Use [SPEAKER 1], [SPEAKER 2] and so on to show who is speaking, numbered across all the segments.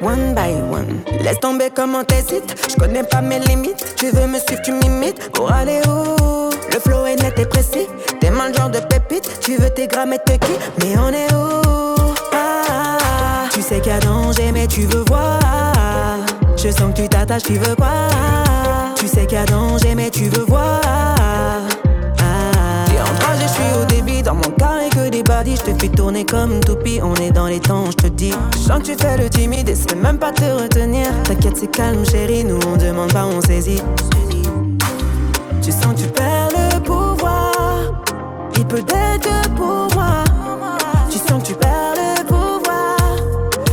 [SPEAKER 1] One by one, laisse tomber comment t'hésites. J'connais pas mes limites. Tu veux me suivre, tu m'imites. Pour aller où Le flow est net et précis. T'es mal le genre de pépite. Tu veux tes grammes et te qui Mais on est où Ah, ah, ah. Tu sais qu'il y a danger, mais tu veux voir. Je sens que tu t'attaches, tu veux quoi Tu sais qu'il y a danger, mais tu veux voir. T'es en train, je suis au débit, dans mon carré que des badis, j'te fais tourner comme toupie, on est dans les temps, j'te dis. Je sens que tu fais le timide et c'est même pas te retenir. T'inquiète, c'est calme, chérie, nous on demande pas, on saisit. Tu sens que tu perds le pouvoir. Il peut d'être pour moi. Tu sens que tu perds le pouvoir.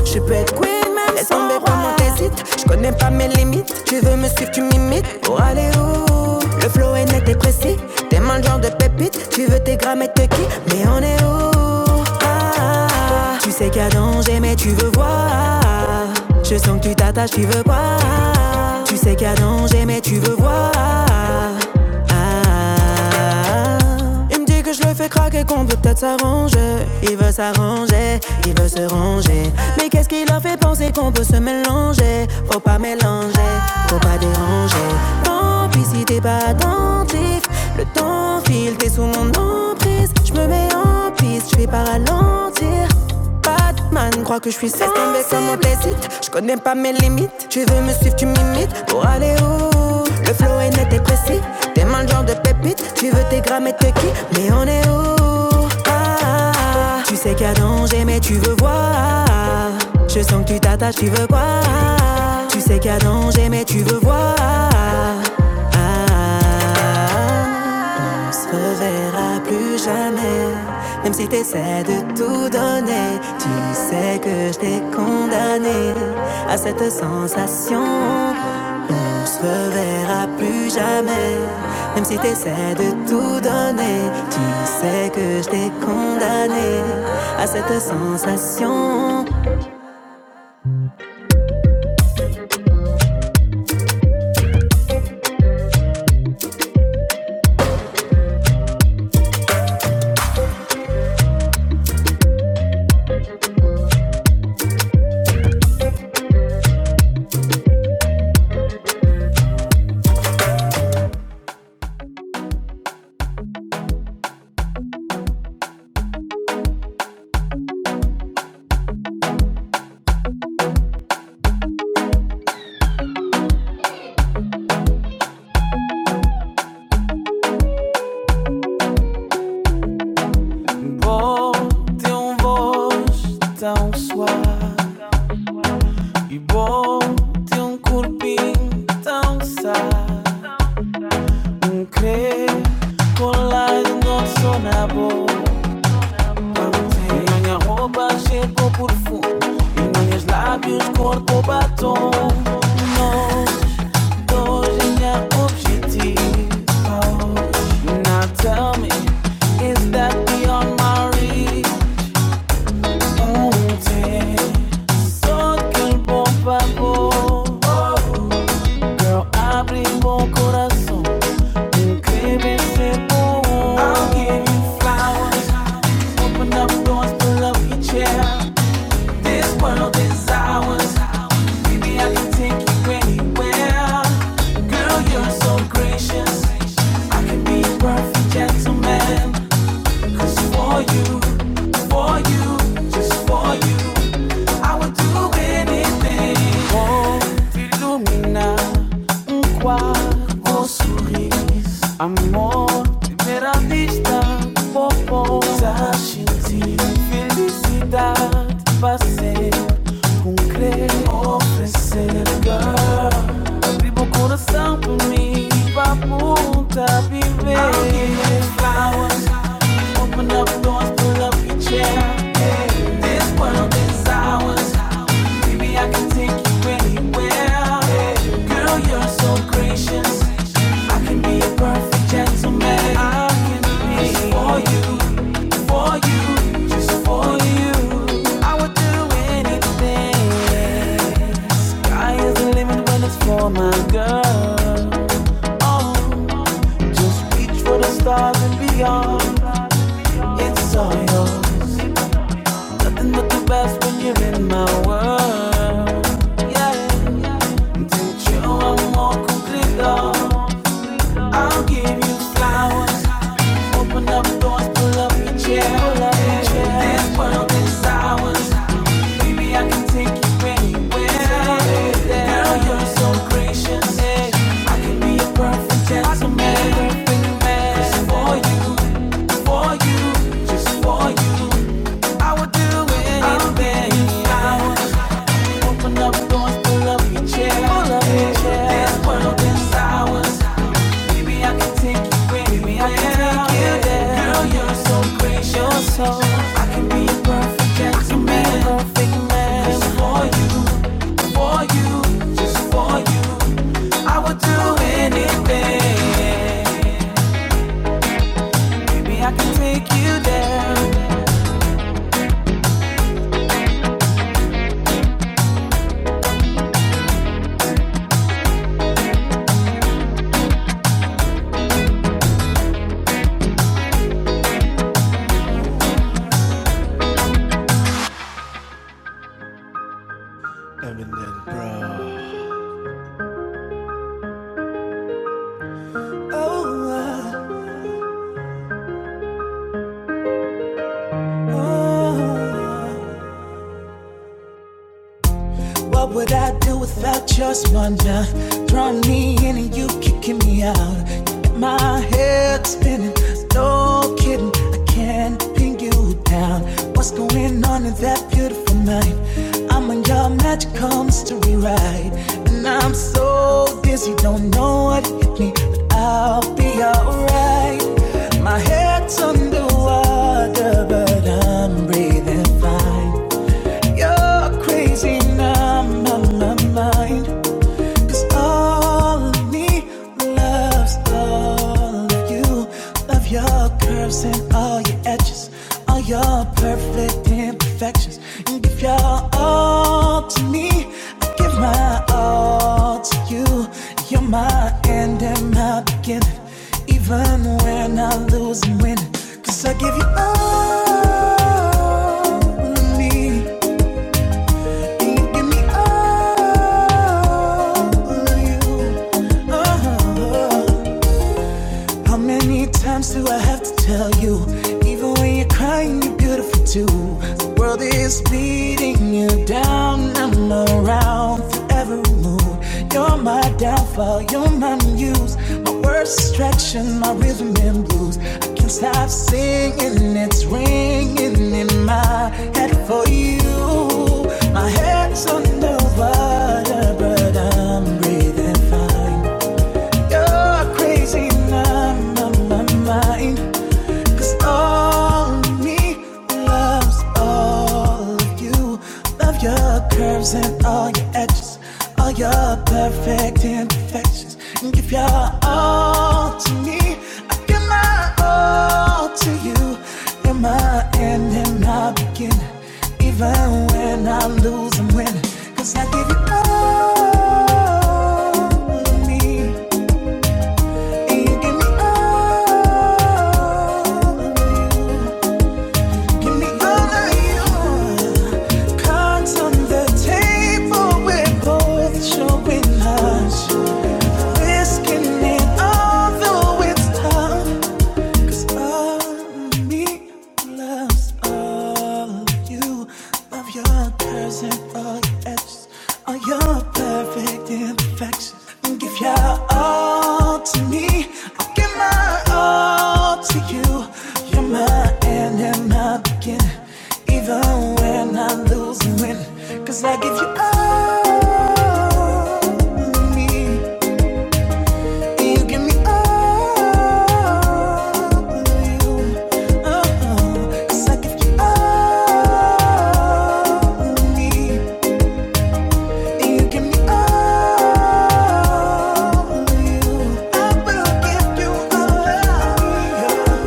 [SPEAKER 1] Je peux être queen, même Laisse sans tomber roi. comment t'hésites. Je connais pas mes limites. Tu veux me suivre, tu m'imites. Pour aller où Le flow est net et précis. T'es mal genre de pépite. Tu veux tes grammes et te qui Mais on est où Ah, ah, ah. Tu sais qu'il y a danger, mais tu veux voir. Je sens que tu t'attaches, tu veux quoi Tu sais qu'il y a danger, mais tu veux voir. Ah, ah, ah. Il me dit que je le fais craquer, qu'on peut peut-être s'arranger. Il veut s'arranger, il veut se ranger. Mais qu'est-ce qui leur fait penser qu'on peut se mélanger? Faut pas mélanger, faut pas déranger. Tant pis si t'es pas attentif. Le temps file, t'es sous mon emprise. Je me mets en piste, je fais pas ralentir bad man que je suis sensible comme mon t'hésite Je connais pas mes limites Tu veux me suivre tu m'imites Pour aller où Le flow est net et précis T'es mal le genre de pépite Tu veux tes grammes et te qui Mais on est où Ah, ah, ah. Tu sais qu'il y a danger mais tu veux voir Je sens que tu t'attaches tu veux quoi Tu sais qu'il y a danger mais tu veux voir Ah, ah, ah ah, On se reverra plus jamais, même si t'essaies de tout donner. Tu sais que je t'ai condamné à cette sensation. On se reverra plus jamais, même si t'essaies de tout donner. Tu sais que je t'ai condamné à cette sensation. Bom, tem um voz tão suave. E bom ter um tão sad Um crer com lá de nosso na E minha roupa chegou por fundo E meus lábios corpo batom Nós dois em objetivo Now tell me Is that beyond my reach? Um ter Só que bom favor Girl, abrimos corazón. Baby, simple. I'll give you flowers. Open up doors, pull up your chair. This world is ours. Baby, I can take you anywhere. Girl, you're so gracious. I can be a perfect gentleman. 'Cause for you, for you, just for you, I would do anything. Oh, Illumina non qua o sorris Amor, primera vista, popo Sașinti, felicitat, passei Com oferecer, girl Abriu o coração por mim, papunta, viver I'll give you flowers, open up doors, pull up your chair this world is ours. Baby, I can take you anywhere. Girl, you're so gracious. I can be a perfect gentleman. I can be for you, for you, just for you. I would do anything. Sky is the limit when it's for my girl. Oh, just reach for the stars and beyond. It's all yours. Nothing but the best when you're in my world. Yeah. Take you one more complete I'll give you flowers. Open up doors, pull up your chair. This world is ours. Baby, I can take you anywhere. Girl, you're so gracious. I can be a perfect gentleman. Just for you, for you, just for you. I would do anything. I'm not going to love you, chair. I can take you anywhere. I can take you. so gracious. You're so- I can be a perfect gentleman. Just for you, for you, just for you. I would do anything. Baby, I can take you there. Eminem, bro. Oh, oh, oh. What would I do without your wonder? Drawing me in and you kicking me out. You got my head spinning. No kidding, I can't pin you down. What's going on in that beautiful night? I'm on your magical mystery ride, and I'm so dizzy, don't know what hit me, but I'll be alright. My head's underwater, but I'm breathing fine. You're crazy now, my, my mind. Cause all of me loves all of you. Love your curves and all your edges, all your perfect imperfections. You give your all to me, I give my all to you. You're my end and my beginning, even when I lose and win. Cause I give you all of me. Give me all of you. Uh-huh. How many times do I have to tell you? Even when you're crying, you're beautiful too. The world is beating you down. I'm around for every mood. You're my downfall, you're my muse. My worst distraction, my rhythm and blues. I can't stop singing, it's ringing in my head for you. My head's under water, but I'm breathing fine. You're crazy in my, my, my mind. 'Cause Cause all me loves all of you. Love your curves and all your edges, all your perfect imperfections. And give your all to me. I give my all to you. You're my end and my beginning. Even when I lose and win. 'cause I give you all of me. You give me all. Give me all that you Cards on the table, we're both showing us. Risking it all, though it's tough loves all me, loves all you, love your curves and all your edges, all your perfect imperfections. Give your all to me, i give my all to you. You're my end and my beginning, even when I lose and I give you all. of me. You give me all of you. Uh-uh. 'Cause I you all of me. You give me all of you. I will give you all of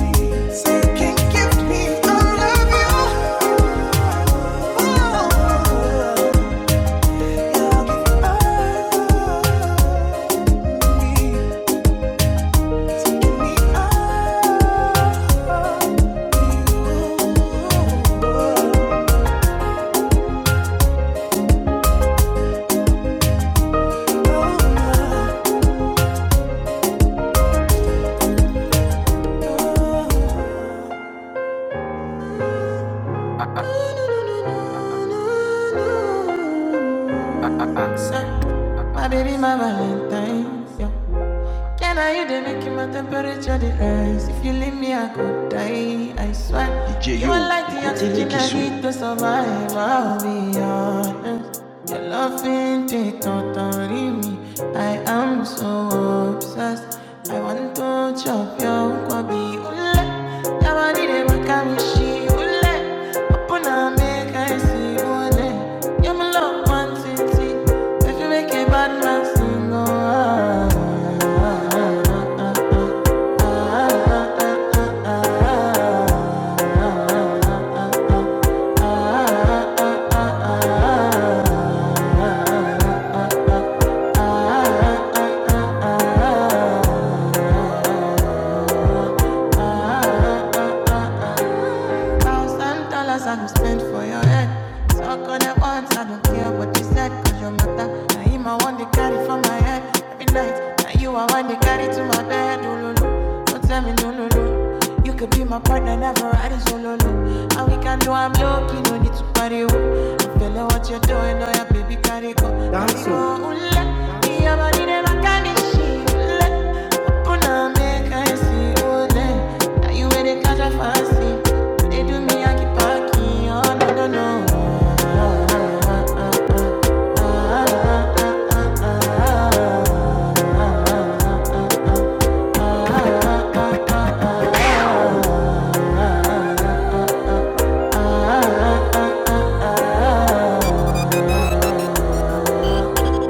[SPEAKER 1] me. So you all of you. Oh, give all of My baby, my Valentine's, yeah. Can I you they make my temperature the rise? If you leave me, I could die. I swear. DJ You are like the oxygen I need to survive. I'll be honest. Your love ain't it, don't worry me. I am so obsessed. I want to chop your kwabi ule. Now I need a wakamishi ule. Upon make I see one. You're my love one city. If you make a bad man sing, oh, ah, ah, ah, ah, ah, ah, ah. Thousand dollars I don't spend for your head. Talk on it once, I don't care what you said. Cause your mother, now him I want to carry for my head. Every night, now you I want to carry to my bed. Ooh, lulu. Don't tell me no, no, no. You could be my partner, never riding solo. And we can do a Look, you no need to party. oh. I feel like what you're doing, oh yeah, baby, carry go. Dance oh. They do me, I keep packing, oh, no, no, no.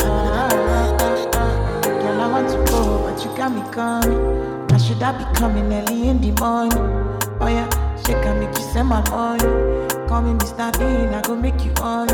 [SPEAKER 1] Ah, Girl, I want to go, but you got me coming. I should I be coming early in the morning? Oh yeah, she I make you send my money. Call me Mr. Bean, I go make you on.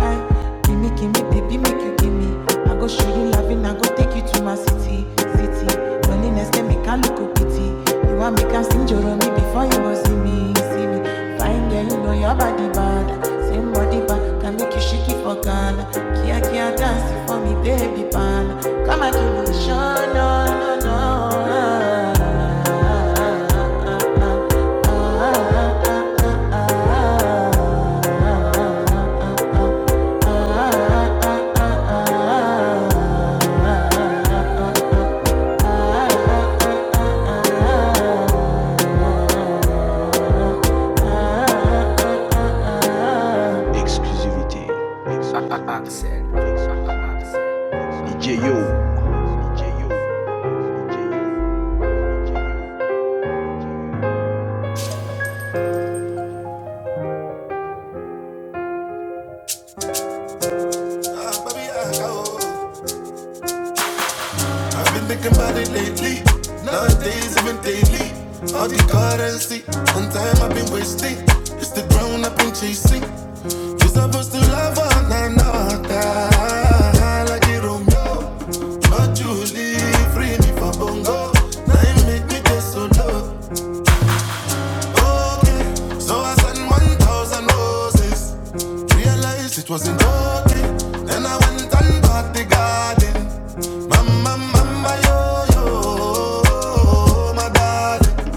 [SPEAKER 1] Hey, give me, give me, baby, make you give me. I go show you loving, I go take you to my city, city. Loneliness can make a look pity. You want me I sing Joromi before you go see me, see me. Fine girl, you know your body bad. Same body bad can make you shake it for Ghana. Kia Kia dance for me, baby pan. Come and give me shine, no, no, no. Ah, ah, ah, ah, ah, ah, ah, ah, ah, ah, ah. Ah, ah, oh. I've been thinking about it lately. Nowadays, even daily. All the currency. One time I've been wasting. It's the ground I've been chasing. You're supposed to love her, nah, nah, nah. Like a Romeo. not Julie, free me from bongo. Now you make me just so low okay. So I sent 1,000 roses. Realized it wasn't okay. Then I went and bought the garden. Mama, mama, yo, yo, my darling.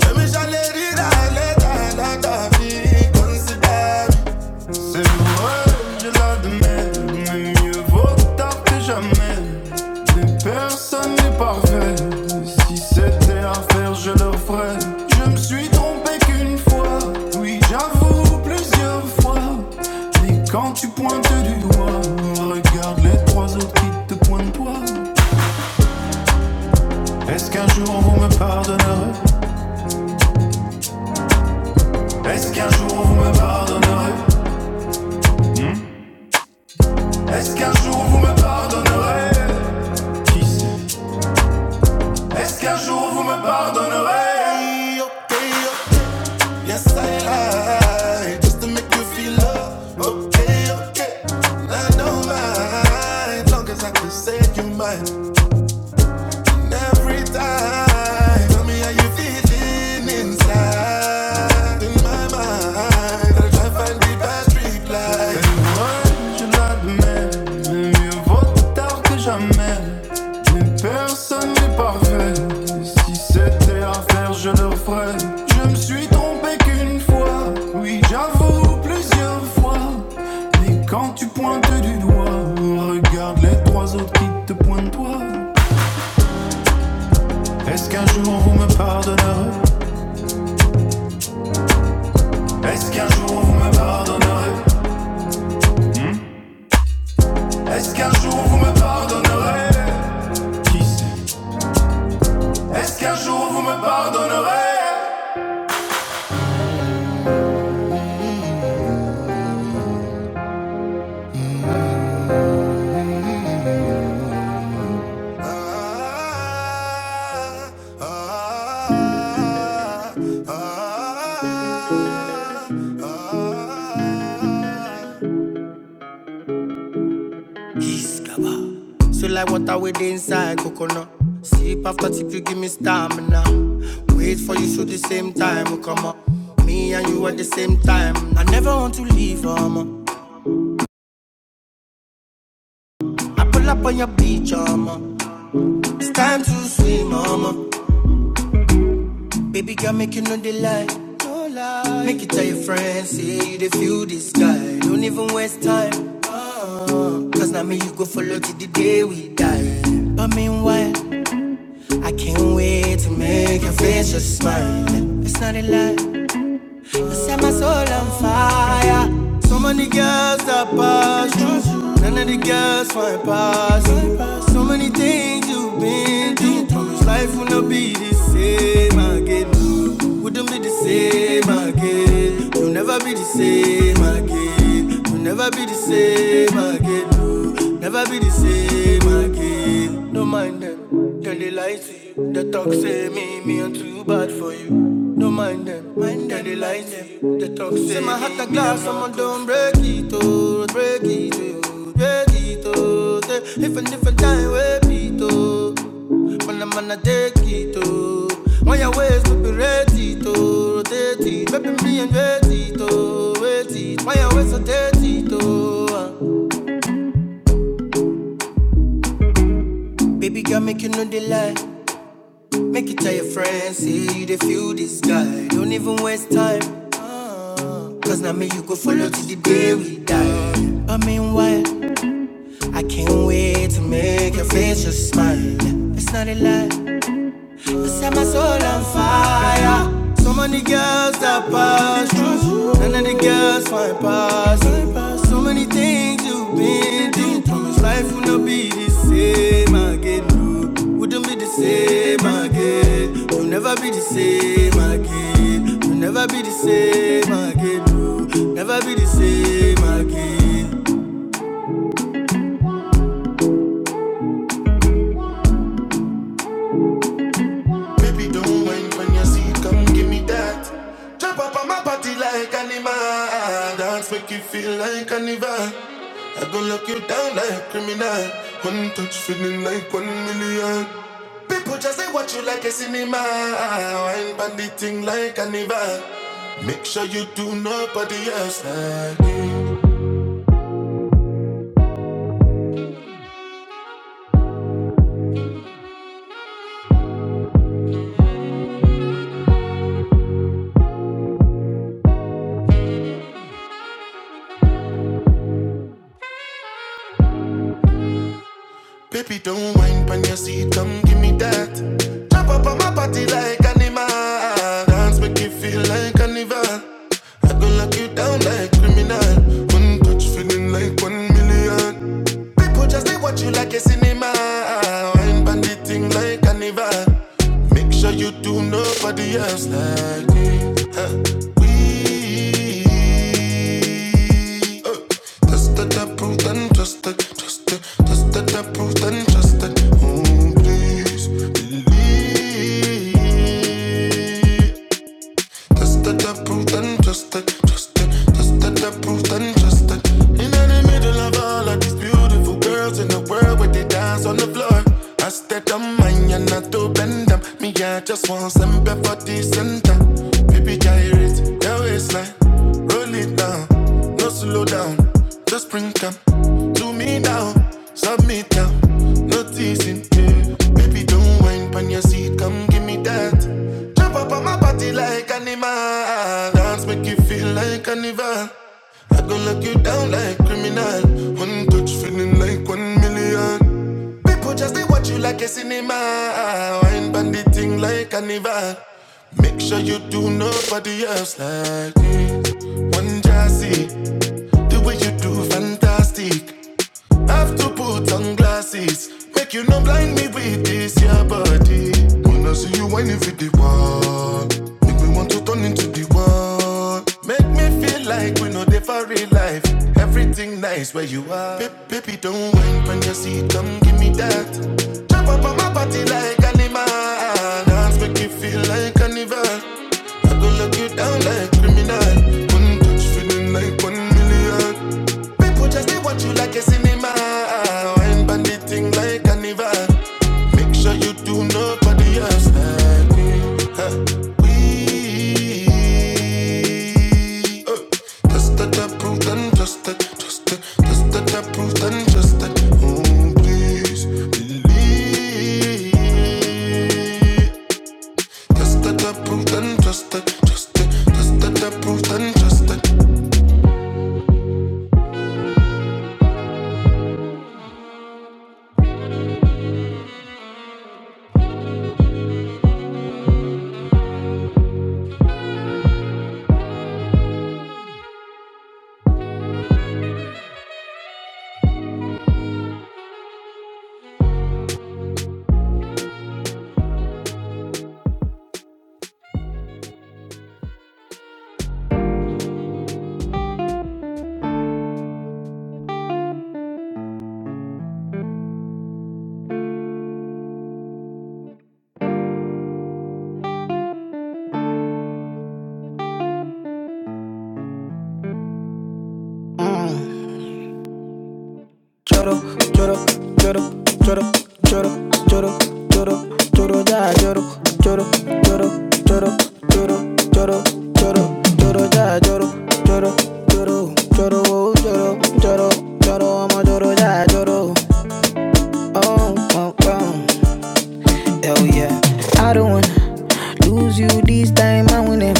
[SPEAKER 1] Je me chalerai dans les talents, ta vie, considère. C'est pour elle, je la demande, mais mieux vaut tard que jamais. Les personnes n'est parfait, si c'était à faire, je le ferais. Je me suis trompé qu'une fois, oui, j'avoue plusieurs fois. Et quand tu pointes du doigt, regarde les trois autres qui te pointent toi. Est-ce qu'un jour vous me pardonnerez Est-ce qu'un jour vous me pardonnerez Est-ce qu'un jour vous me pardonnerez Qui sait Est-ce qu'un jour vous me pardonnerez? Okay, okay, yes I lied just to make you feel love. Okay, okay, I don't mind long as I can say you mine every time. Tell me how you feeling inside. In my mind, I try to find the best reply. Et moi, je la mais mieux vaut tard que jamais. Mais personne n'est parfait. Si c'était à faire, je le ferais. Je me suis trompé qu'une fois, oui, j'avoue plusieurs fois. Et quand tu pointes du doigt, regarde les trois autres qui te pointent toi. Est-ce qu'un jour vous me pardonnerez Est-ce qu'un jour vous me pardonnerez Est-ce qu'un jour vous me pardonnerez Qui sait Est-ce qu'un jour vous me pardonnerez Ah, ah, ah, ah, ah, ah, ah. Discover. So like water with inside coconut. Sip after sip, you give me stamina. Wait for you, so the same time we come up. Me and you at the same time. I never want to leave, mama. I pull up on your beach, mama. It's time to swim, mama. Baby girl, make you know the light. No lie. Make it tell your friends, say you they feel this guy. Don't even waste time. Uh, Cause now me you go follow till the day we die. But meanwhile, I can't wait to make your face just smile. It's not a lie, I set my soul on fire. So many girls that pass you, none of the girls find pass you. So many things you've been through, promise life will not be the same again. Wouldn't be the same again. You'll never be the same again. You'll never be the same again. never be the same again. Don't mind them, tell the lies to you. The talk say me, me I'm too bad for you. Don't mind them, mind tell the lies to you. The talk say, say my heart a glass, I'ma don't break it, oh, break it, oh, break it, oh. Say, if a different time, we beat, oh. When I'm gonna take it, oh. When your ways will be ready, to rotate it. Baby, me and ready, to wait it. When your ways are dirty, Oh, ah. Baby girl, make you know the lie. Make you tell your friends, see they feel this guy. Don't even waste time. Cause now me you go follow to the day we die. But meanwhile, I can't wait to make your face just smile. It's not a lie. I set my soul on fire. So many girls that pass through, none of the girls find pass. So many things you've been through. Promise life will not be the same again. No, wouldn't be the same again. You'll never be the same again. You'll never be the same again. No, never be the same again. Baby, don't mind when you see, it, come give me that. Jump up on my body like animal. Dance make you feel like carnival. I go lock you down like criminal. One touch feeling like one million. People just say watch you like a cinema. Wine bandit thing like carnival. Make sure you do nobody else. Baby, don't whine on your seat, come give me that. Jump up on my body like animal. Dance make you feel like carnival. I go lock you down like criminal. One touch feeling like one million. People just they watch you like a cinema. Wine on the thing like carnival. Make sure you do nobody else like me. Huh. We Tested, approved, and trusted, trusted, tested, approved, and trusted. Oh, please. Tested, approved, and trusted, trusted. Tested, approved, and trusted. In the middle of all of these beautiful girls in the world where they dance on the floor. I stayed on mine and I do bend them. Me, I just want some before the center. Baby, gyrate your waistline. Roll it down, no slow down. Just bring them to me now, submit now. No teasing, yeah. Baby, don't whine Pan your seat, come give me that. Jump up on my body like animal. Dance make you feel like carnival. I gon' lock you down like criminal. One touch feeling like one million. People just they watch you like a cinema. Wine pan the thing like carnival. Make sure you do nobody else like me. One jazzy, the way you do fantastic. Have to put on glasses. Make you no blind me with this your body. When I see you whining for the wall, make me want to turn into the wall. Make me feel like we know the for real life. Everything nice where you are. Baby, don't whine when you see, come give me that. Pop on my body like animal. Dance make you feel like carnival. I go lock you down like criminal. One touch feeling like one million. People just they watch you like a cinema. Wine bandit thing like carnival. Make sure you do nobody else like me. Uh, just that approved and just that, just that, just that approved and just that. Oh please, just that approved and just that, just that, just that approved and just that. Choro, choro, choro, choro, lloro, lloro, lloro, ama choro, yeah, lloro. Oh, oh, oh, oh yeah. I don't wanna lose you this time, I win it.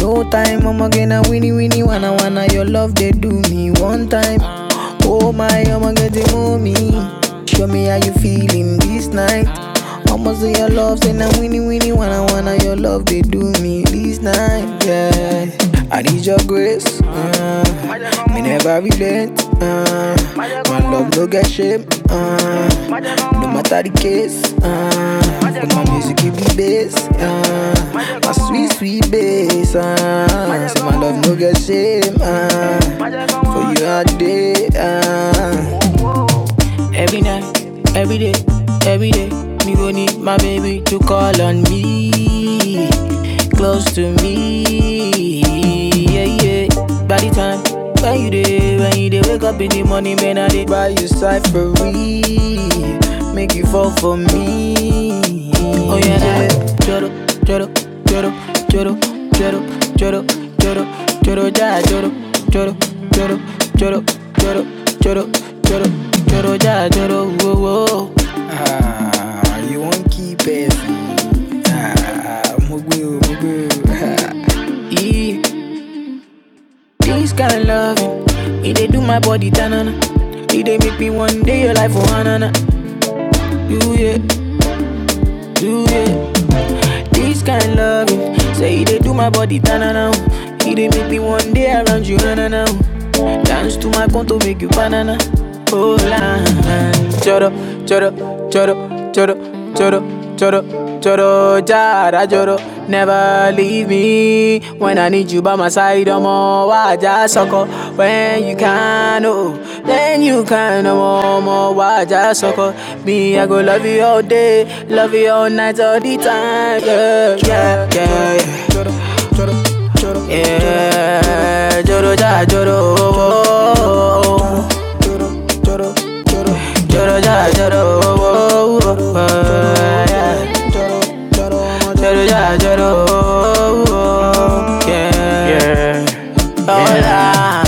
[SPEAKER 1] No time, I'm going to get a winnie winnie wanna wanna your love they do me one time. Oh my, I'ma get the mommy. Show me how you feeling this night. I'ma say your love, Say I'm winnie winnie wanna wanna your love they do me this night. Yeah, I need your grace. uh. Never relent, uh, my love no get shame, uh, no matter the case, uh, my music give me bass, uh, my sweet sweet bass, uh, say my love no get shame, uh, for you are day, uh, you don't need to call on me, close to me, yeah yeah, by the time when you day, when you day wake up in the morning, man I dey Make you fall for me. Yeah. choro, choro, choro, choro, choro, choro, choro, joro, ja, choro, choro, choro, choro, choro, choro, choro, choro, ja, choro, whoa, whoa. Yeah. This kind of love, it they do my body tanana. It they make me one day your life for oh, hanana. Do it, do it. This kind loving, say they do my body tanana. He they make me one day around you now. Dance to my conto, make you banana. Oh la, choro, choro, choro, choro, choro, choro, choro, jara, choro. Never leave me when I need you by my side. I'm all why I just suck up when you can. Oh, and you kinda want more, why just sucker? Me, I go love you all day, love you all night, all the time. Yeah, yeah, yeah, yeah. Yeah, Joro ja, Joro, oh, oh, oh. Joro ja, Joro, oh, oh, oh, yeah. Joro ja, Joro, oh, oh, oh, yeah. Yeah. Hola,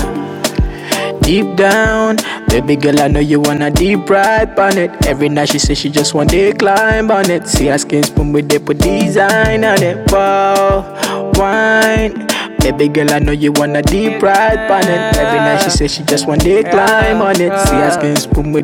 [SPEAKER 1] deep down. Baby girl, I know you wanna deep ride on it. Every night she says she just want to climb on it. See her skin spoon with they put design on it. Wow, wine. Baby girl, I know you wanna deep ride on it. Every night she says she just want to climb on it. See her skin spoon with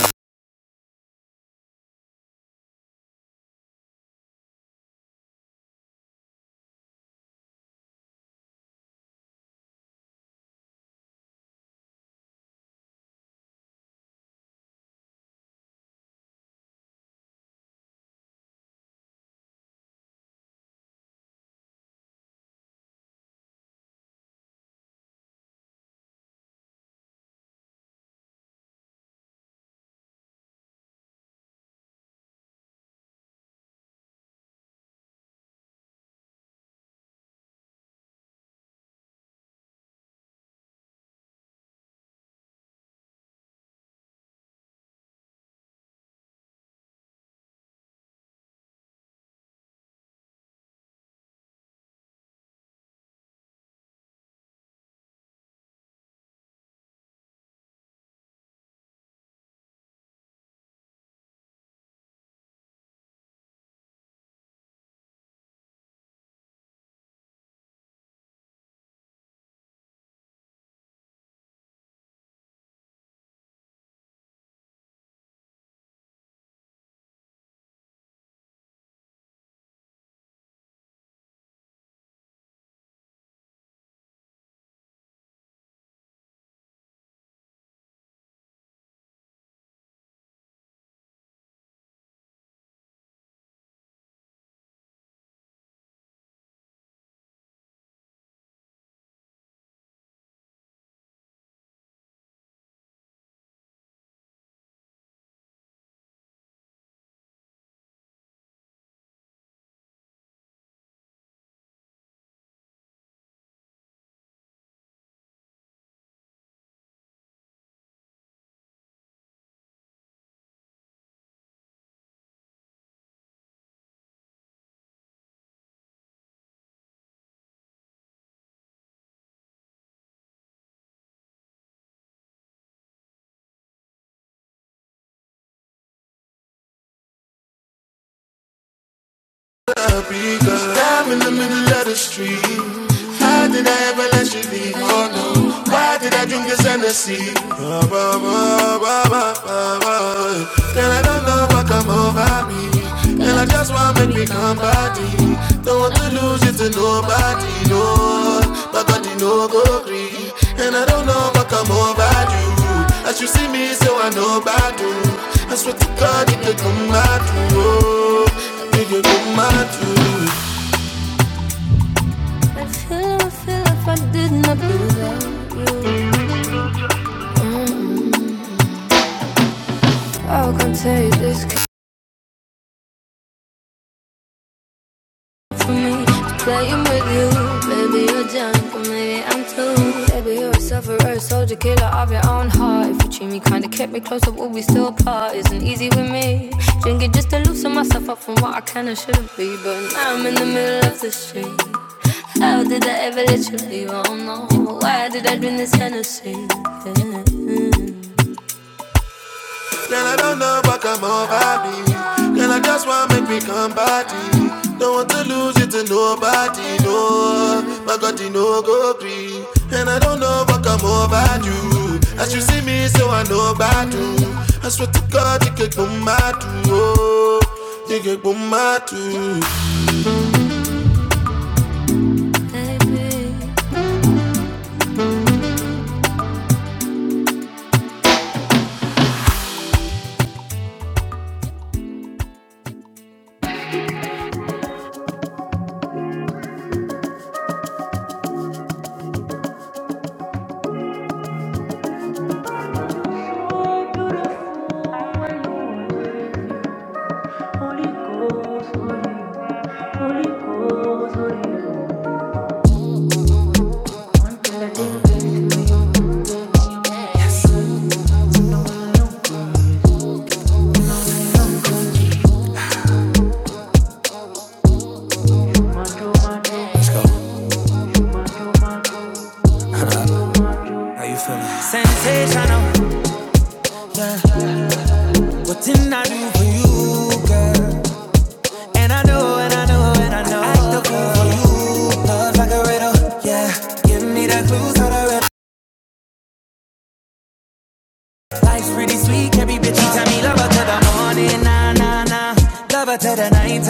[SPEAKER 1] Africa. I'm in the middle of the street. How did I ever let you leave? Oh no, why did I drink this Hennessy? Ba, ba, ba, ba, ba, ba, ba. Girl, I don't know what come over me. Girl, I just want to make me come party. Don't want to lose you to nobody, no. But body no go green. And I don't know what come over you. As you see me, so I know bad you. I swear to God, it could come mad you. Oh, it could come mad you. I feel, I feel if I did not do that, you. How can I take this for me. to Playing with you, maybe you're drunk, or maybe I'm too. Maybe you're a sufferer, soldier, killer of your own heart. If you treat me kinda, kept me closer, would we still part? Isn't easy with me. Drinking just to loosen myself up from what I can and shouldn't be. But now I'm in the middle of the street. How did I ever let you leave? I don't know. Why did I drink this Hennessy? Yeah. Girl, I don't know what come over me. Girl, I just want to make me come party. Don't want to lose you to nobody, no. My God, you know go free. And I don't know what come over you. As you see me, so I know about you. I swear to God, you get boom my too. Oh, you get boom my too. Baby. How you feeling? Sensational. What didn't I do for you? And I know, and I know, and I know. I act the fool for you. Love like a red's pretty sweet. Every bitch you tell me love her till the morning, nah, nah. Love her till the night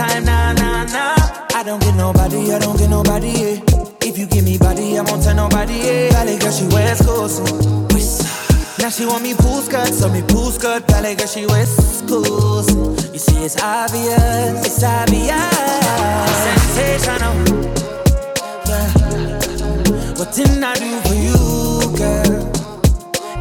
[SPEAKER 1] nah, nah. I don't get nobody, I don't get nobody, yeah. If you give me body, I won't tell nobody, yeah. Valley girl, she wears coats. Now she want me pool skirt, so me pool skirt. Valley girl, she wears schools. You see, it's obvious, it's obvious. Sensational. What didn't I do for you, girl?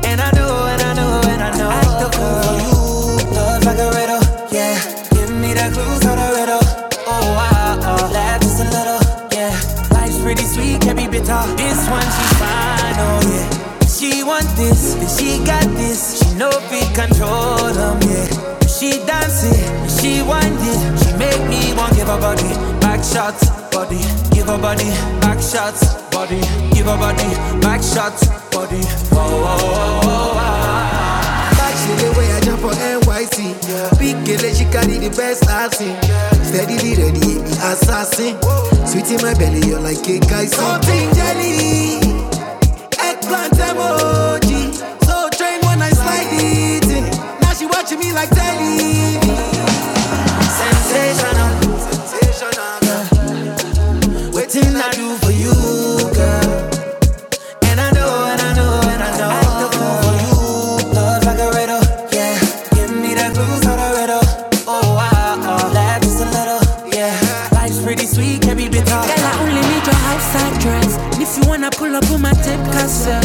[SPEAKER 1] And I know, and I know, and I know. I Act the fool for you, love like a riddle, yeah. Give me the clues to the riddle. Oh wow, oh, laugh just a little, yeah. Life's pretty sweet, can't be bitter. This one she's fine, oh yeah. She want this, and she got got this. She know if we control them, yeah. When She dance it, when she wind it. She make me want give her body, back shots, body. Give her body, back shots, body. Give her body, back shots, body. Oh, oh, oh, oh, ah. Back she the way I jump for NYC. Big girl, she carry the best I've seen. yeah. Steadily ready, the assassin. Whoa. Sweet in my belly, you're like cake, guy. Something jelly. Eggplant emoji. So train when I slide it in. Now she watching me like television. Sensational. Sensational. Waiting I do for you. And I know, and I know, and I know. I act the buzz like a riddle. me that blues or the riddle. Oh, wow, oh, laugh just a little, yeah. Life's pretty sweet, can't be bitter. Girl, I only need your outside dress. And if you wanna pull up on my tape cassette,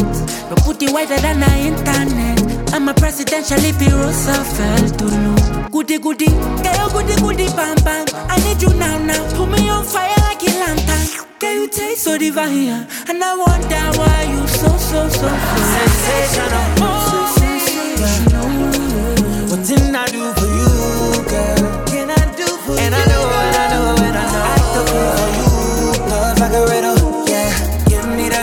[SPEAKER 1] your booty wider than the internet. I'm a presidential if you Roosevelt to know. Goody goody, girl, goody goody, bam bam. I need you now, now. Put me on fire like a lantern. Girl, you taste so divine, and I wonder why you so so so so sensational. Oh, sensational. Nothing I do for you, girl. Can I do for and you? And I know, and I know, and I know. I do for you, love like a riddle. Yeah, give me that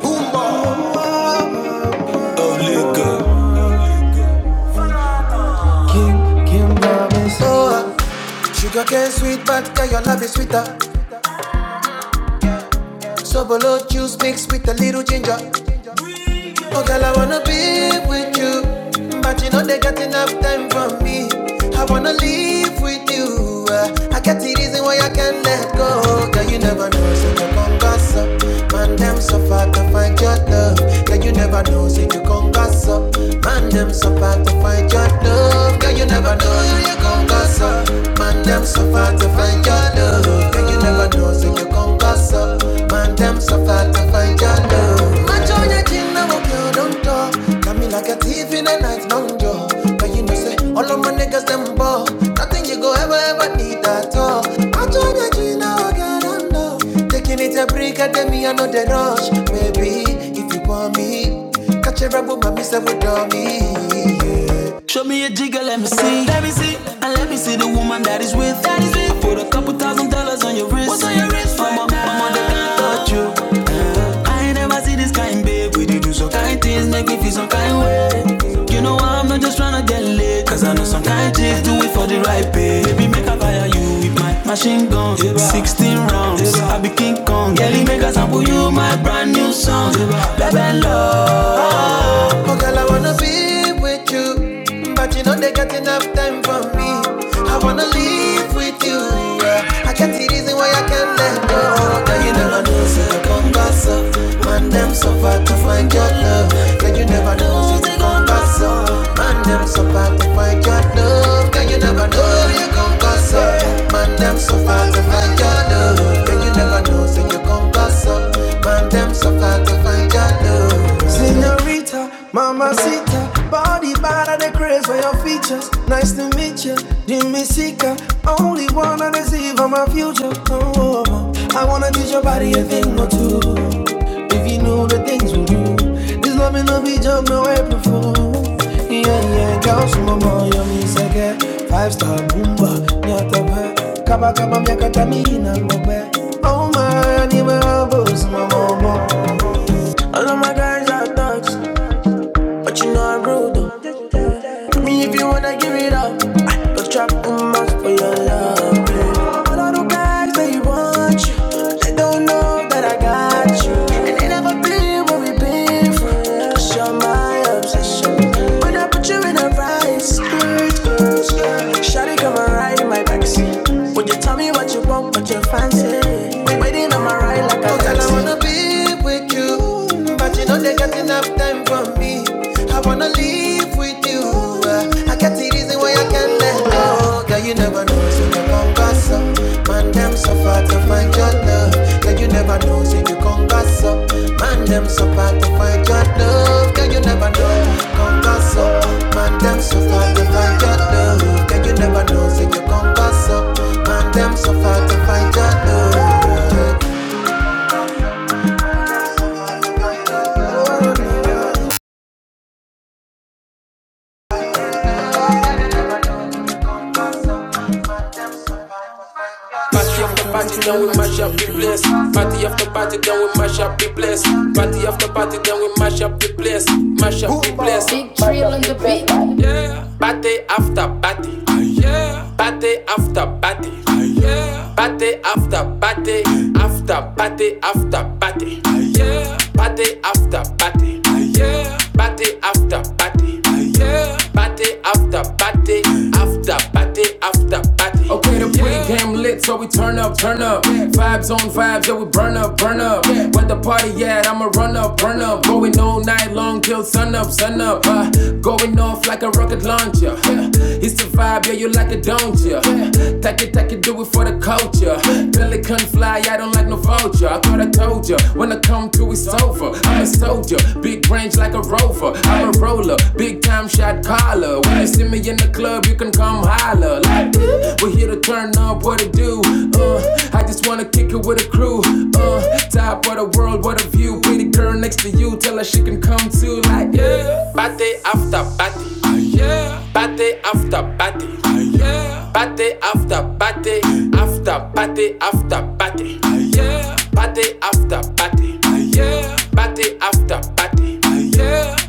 [SPEAKER 1] boom boom. Oh, sugar cane sweet, but your love is sweeter. So below juice mixed with a little ginger. Oh, girl, I wanna be with you. But you know they got enough time for me. I wanna live with you. Uh, I get the reason why I can't let go. Girl, you never know, so you come gas up. Man, them so far to find your love. Girl, you never know, so you come gas up. Man, them so far to find your love. Girl, you never know, so you come gas up. Man, them so far to find your love. Girl, you and you never know, say you come pass up. Man, them so far to find your love. Match on your chin, now I kill, don't talk. Tell me like a thief in the night, long jaw. But you know, say, all of my niggas, them ball. Nothing you go ever, ever need at all. Match join your chin, now I get on love. Taking it a break, I tell me I know the rush. Maybe if you want me, catch a rebel, my miss, I would me. Yeah me a jigger, let me see. Let me see. And let me see the woman that is with. That is with. I put a couple thousand dollars on your wrist. What's on your wrist? Mama, right now? mama, they can't touch you. I ain't never see this kind, babe. We did do some kind things, make me feel some kind way. You know I'm not just tryna get laid, cause I know some kind chicks do it for the right pay. Baby, make I fire you with my machine gun, 16 rounds. I be King Kong, girl, make a sample you my brand new song, Blah blah love. Oh, girl, I wanna be with you, but you know they got enough time for me. I wanna live with you yeah. I can't see reason why I can't let go. Girl, you never know, say you come back so. Man, them suffer to find your love. Girl, you never know, say you come back so. Man, them suffer to find your love. Girl, you never know, say you come back so. Man, them suffer to find your love. Girl, you never know, say you come back so. Man, them suffer to find your love. Senorita, mama body body out of the craze for your features, nice to meet you. Jimmy Seeker, only wanna deceive on my future. Oh, I wanna teach your body a thing or two. If you know the things we do, this love ain't no be joke, no April Fool. Yeah, yeah, girl, some of my yummy sake. Five star boomba, nyata pe. Kaba kaba miaka tamina ngobe. Oh my, I need my elbows, my mama. All of my guys are thugs but you know I'm rude though. Me if you wanna give it up, but drop the mouth for your love. babe. All of the guys they want you, they don't know that I got you, and they never been what we been through. Cause you're my obsession, when I put you in a vice. Shawty come and ride in my backseat. Would you tell me what you want, what you fancy? Waiting on my ride like Oh, a girl, I wanna be with you, but you know they got enough time for me. I wanna live with you. uh, I got the reason why I can't let go. Oh, girl, you never know, so you come congrats up. Man, them so far to find your love. Girl, you never know, so you come congrats up. Man, them so far to find your love. Girl, you never know, come congrats up. Man, them so far to find your love. Girl, you never know, so you come pass up. Party after party. ah yeah. Party after party. ah yeah. Party after party. yeah. After party after party. ah yeah. Party after party. ah yeah. Party after party. ah yeah. Party after party. yeah. After party after party. Okay, the pregame lit, so we turn up, turn up. Yeah. Vibes on vibes, yeah, we burn up, burn up. Where the party at? I'ma run up, burn up. Going all night long till sun up, sun up. Uh, going off like a rocket launch around you. It's the vibe, yeah, you like it, don't you? Take it, take it, do it for the culture. Till it couldn't fly, I don't like no vulture. I thought I told you, when I come to, it's over. I'm a soldier, big range like a rover. I'm a roller, big time shot caller. When you see me in the club, you can come holler. Like, we're here to turn up, what to do? Uh, I just wanna kick it with a crew. Uh, top of the world, what a view. Pretty girl next to you, tell her she can come too. Like, yeah. Party after party. Oh yeah. Party after party. Party after party. After party after party. Party after party. Party after party.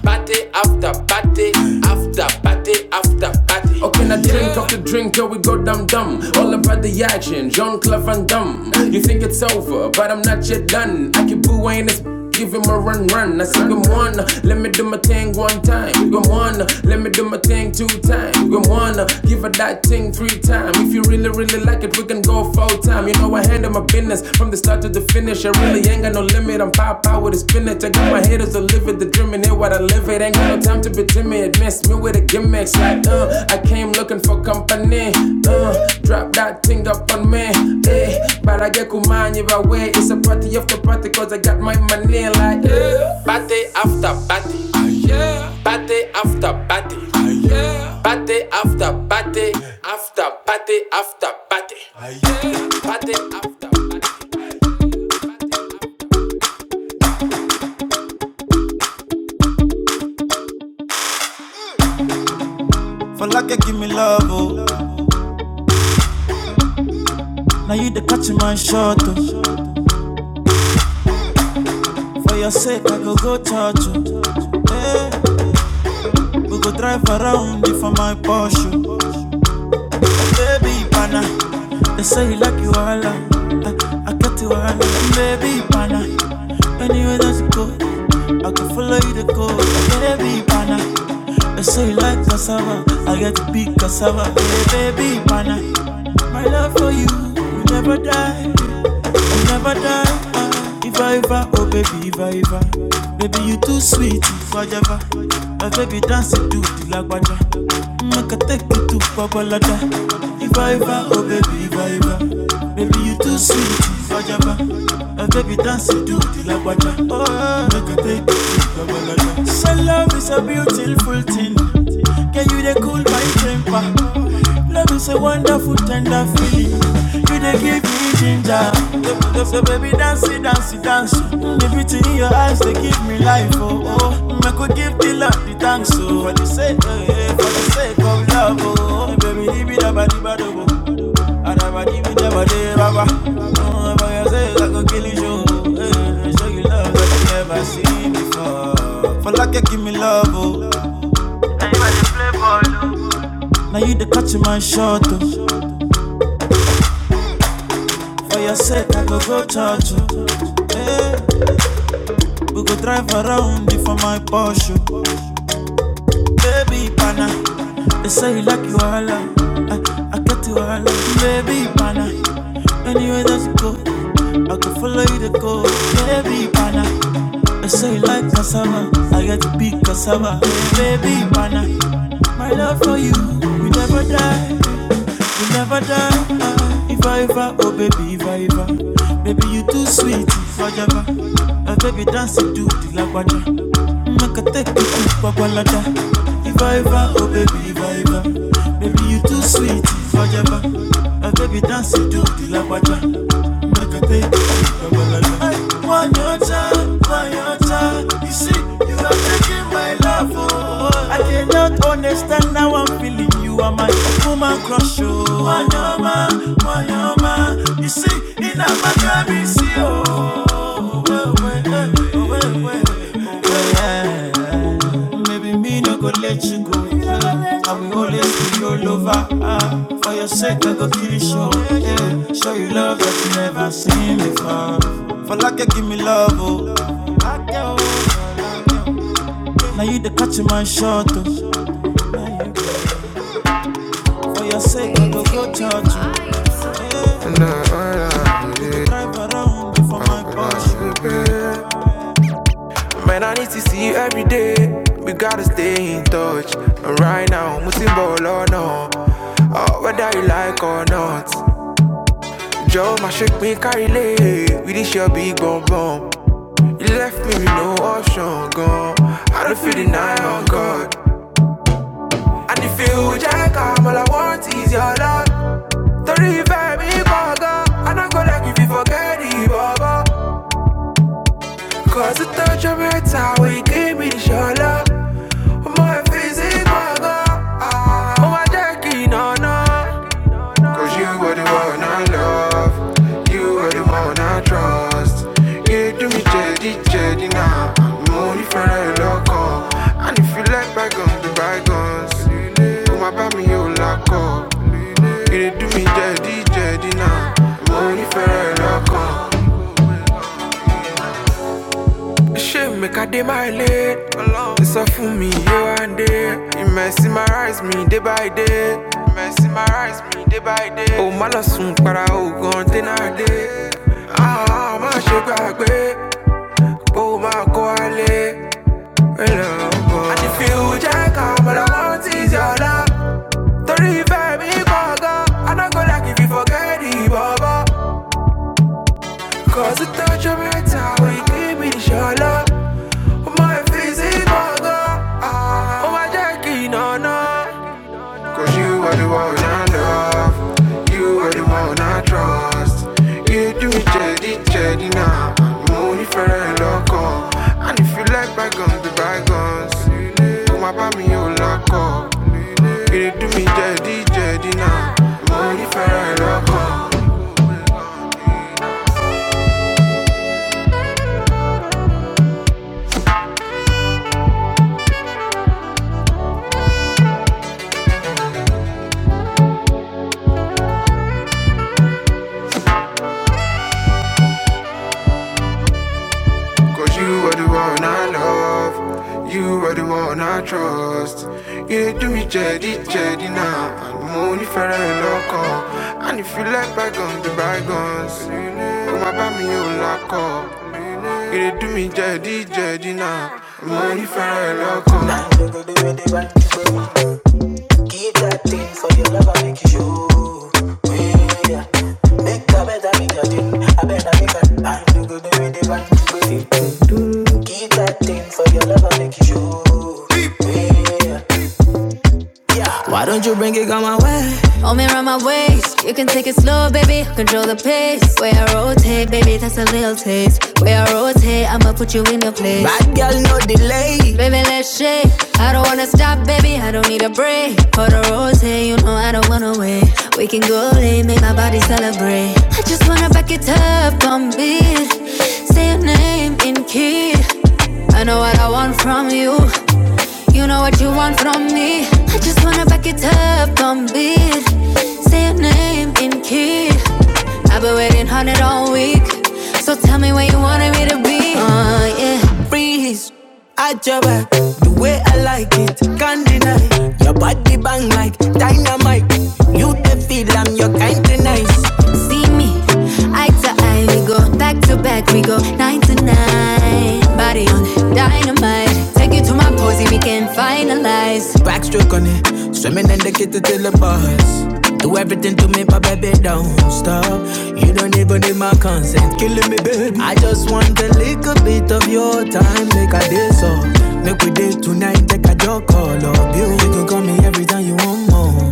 [SPEAKER 1] Party after party. After party after party. Oh, can I drink off the drink Yo, we go dum dum. All about the action, Jean Claude Van Damme. You think it's over, but I'm not yet done. I keep booing this. Give him a run, run. I say, come on, let me do my thing one time. Come on, let me do my thing two time. Come on, give her that thing three time. If you really, really like it, we can go full time. You know, I handle my business from the start to the finish. I really ain't got no limit. I'm pow pow with a spinach. I got my haters to live it. The dream in here while I live it. Ain't got no time to be timid. Mess me with a gimmick. Like, uh, I came looking for company. Uh, drop that thing up on me. Eh, but I get kumani if I way. It's a party after party cause I got my money. Like, yeah. Party after party. Ah, yeah. Party after party. Ah, yeah. Party after party. After party after party. Party after party. For like I give me love, oh. Now you the catch my shot, oh. For your sake, I go go touch oh. Hey, we go drive around you for my Porsche. oh. Baby, pana. They say you like you all I, I got you all Baby, pana. Anywhere that you go, I can follow you to go. Baby, pana. They say you like cassava. I got to big cassava. Hey, baby, pana. My love for you, you never die. You never die. ah. Iva Iva, oh baby Iva Iva, baby you too sweet Iva Java, my baby dance it to the lagwaja. make a take you to Babalada. Iva Iva, oh baby Iva Iva, baby you too sweet Iva Java, my baby dance it to the lagwaja. oh make a take you to Babalada. So love is a beautiful thing, can you dey cool my temper? Love is a wonderful, tender feeling. You dey give me ginger. So, so baby, dance, it, dance, it, dance. Mm, The beauty in your eyes, they give me life. Oh, oh. Make we give the love, the thanks. Oh, for the sake, eh, eh, for the sake of love. Oh, oh. Hey, baby, leave it up, leave it up, Adaba dibi daba up, baba. Oh, if I say I go kill you, show. Eh, show you love that you never seen before. For like you give me love, oh. Now you the catch my shot, oh. For your sake, I go go church. oh. Hey, we go drive around for my Porsche. oh. Baby pana, they say you like you all. I, I get you all. Baby pana, anyway that you go, I go follow you to go. Baby pana, they say you like cassava. I get to big cassava. Baby pana, my love for you, we never die. You never done. Uh, if I ever, oh baby, if I ever. Baby, you too sweet, forever. Uh, baby, dance to do the lagwaja. Make a take it to Pagwalada. If I ever, oh baby, if I ever. Baby, you too sweet, forever. Uh, baby, dance to do the lagwaja. Make a take it to Pagwalada. I want your time, want your time. You see, you are making my life, oh. I cannot understand how I'm feeling. You are my woman crush, oh. Wanyama, wanyama. You see, in a matter, see, oh. Oh, well, well, eh, oh, well, well yeah. Maybe me no go let you go. Yeah. I will always be your lover. ah. ah. For your sake, I go kill you show. Yeah. Show you love that you never seen before. For like you give me love, oh. Now you the catch my shot, oh. For your sake, I go go charge you. Yeah. Drive around before my Porsche. Man, I need to see you every day. We gotta stay in touch. And right now, Musim ball or no. Uh, whether you like or not. Joe, my shake me carry lay. We this your big bum bum. You left me with no option, gone. I don't feel the night on God. And if you jack up, all I want is your love. Don't revive me, bugger. And I'm gonna give you forget it, bugger. Cause the touch of your time we give me your love My face is physical Oh my jerky no no Cause you were the one I love You were the one I trust You do me jedi jedi now I'm only for a loco And if you like bygones be bygones Come about me you lock up You do me jedi jedi now I'm only for a loco Shame make a day my late. It's all for me here and there. It mesmerize me day by day. You Mesmerize me day by day. Oh, my love soon para o gan ten a day. Ah, má ṣe gbàgbé. Oh, má kó alẹ́. Hello. And if you check out, all I want is your love. Torí ìfẹ́ mi kọ̀ọ̀kan. I am not gonna if you forget it, baba. Cause the touch of your tongue when you give me the your love Oh my face is burger Oh my jerky, no, no Cause you are the one I love You are the one I trust You do me jelly, jelly now money for a loco And if you like bygones, be bygones Come up on me, you loco You do me Cause you are the one I love, you are the one I trust. You do me jaddy, jaddy now. and I'm only for a loco. And if you like bygones, the bygones. Come up by me, you lock up. You do me jaddy, jaddy now. i for a loco. Hey, I'm baby, let's shake. I don't wanna stop, baby. I don't need a break. For the rose, hey, you know I don't. We. Say your name in key. I know what I want from you. You know what you want from me. I just wanna back it up, don't beat. Say your name in key. I've been waiting on it all week. So tell me where you wanted me to be. Uh, yeah. Freeze, I jab it the way I like it, can't deny. Your body bang like dynamite. You the feel I'm your kind of nice. See me, eye to eye, we go back to back, we go nine to nine. Body on it, dynamite. Take you to my posy, we can finalize. Backstroke on it, swimming in the kitchen till the bars. Do everything to me, my baby, don't stop. You don't even need my consent, killing me, baby. I just want a little bit of your time, make a day so. Make we day tonight, take a joke, all of you. You can call me every time you want more.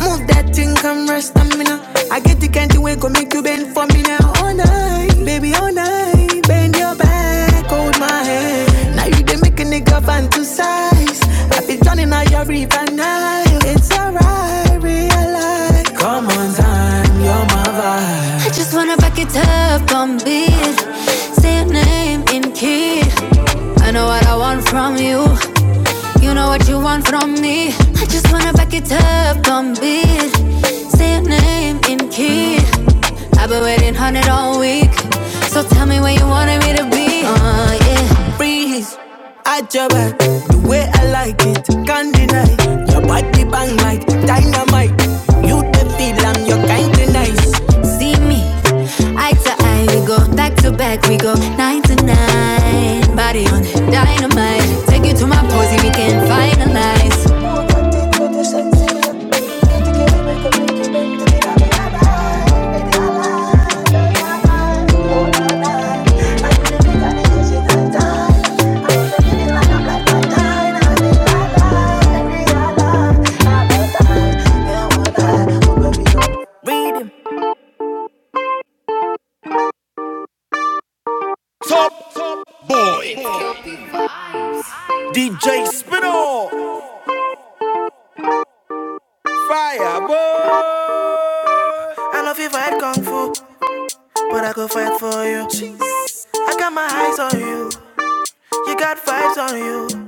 [SPEAKER 1] Move that thing, come rest stamina. I get the kind of way go make you bend for me now. All night, baby, all night. Bend your back, hold my hand. Now you they make a nigga fantasize. I be drowning out your river Nile. It's alright, realize. Come on, time, you're my vibe. I just wanna back it up on beat. Say your name in key. I know what I want from you. You know what you want from me. I just wanna back it up, don't beat. Say your name in key. I've been waiting on it all week. So tell me where you wanted me to be. Uh, yeah. Freeze, at your back. The way I like it, can't deny. Your body bang like dynamite. You the feel you am kind of nice. See me, eye to eye, we go back to back, we go. night nine. Body on dynamite. Take you to my posy, we can finalize. Read Fire, boy. I love you fight kung fu, but I go fight for you. Jeez. I got my eyes on you, you got vibes on you.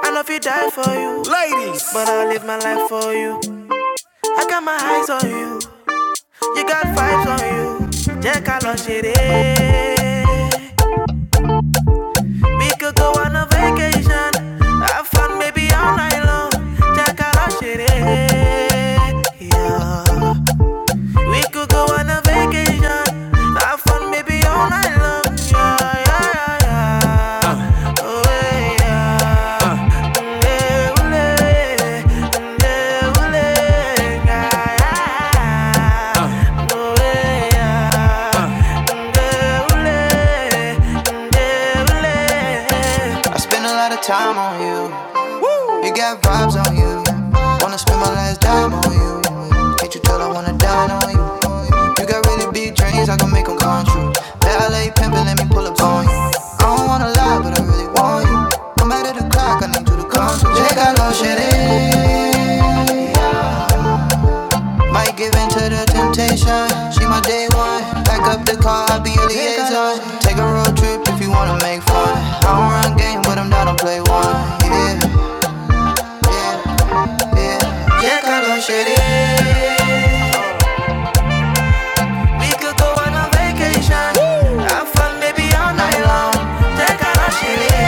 [SPEAKER 1] I love you die for you, Ladies, but I'll live my life for you. I got my eyes on you, you got vibes on you. Jẹ́ ká lọ ṣeré. We could go on a vacation. Have fun maybe all night long. Check out our shit. eh, Yeah. We could go on a vacation. Have fun maybe all night long. Yeah, yeah, yeah, yeah. Oh, eh, yeah. Nde ule, nde ule, yeah. Oh, eh, yeah. Nde ule, nde Giving to the time, she my day one. Back up the car, I'll be your liaison. Take a road trip if you wanna mine. I don't run game, but I'm down to play one. Yeah, yeah, color shitty. You go on a vacation. Have fun, baby, all night long. Take a road shitty.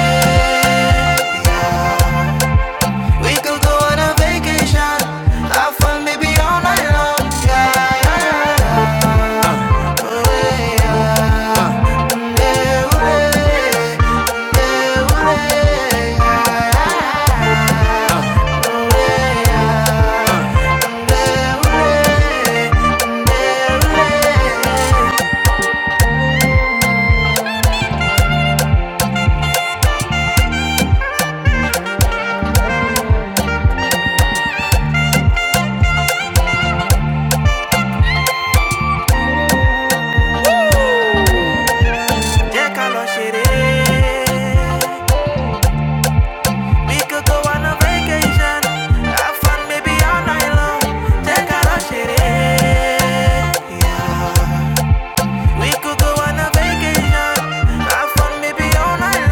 [SPEAKER 1] We could go on a vacation. Have fun, baby, all night long. Yeah, yeah, yeah. Take a road shitty. We could go on a vacation. Have fun, maybe all night long. Take a rush, it is. Yeah. We could go on a vacation. Have fun, maybe all night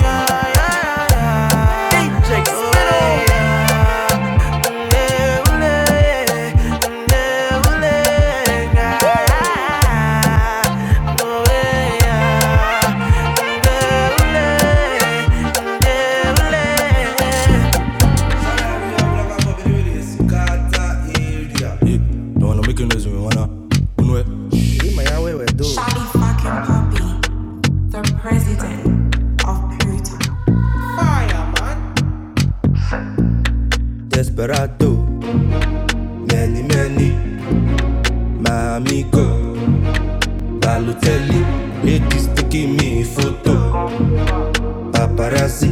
[SPEAKER 1] Yeah, yeah, yeah. DJ Spinner. Oh, yeah. Ule, Yeah, yeah. Oh, yeah. Don't wanna make you noise, me wanna run away. Be my way, we Desperado, many, many, my amigo. Balotelli, ladies taking me photo. Paparazzi,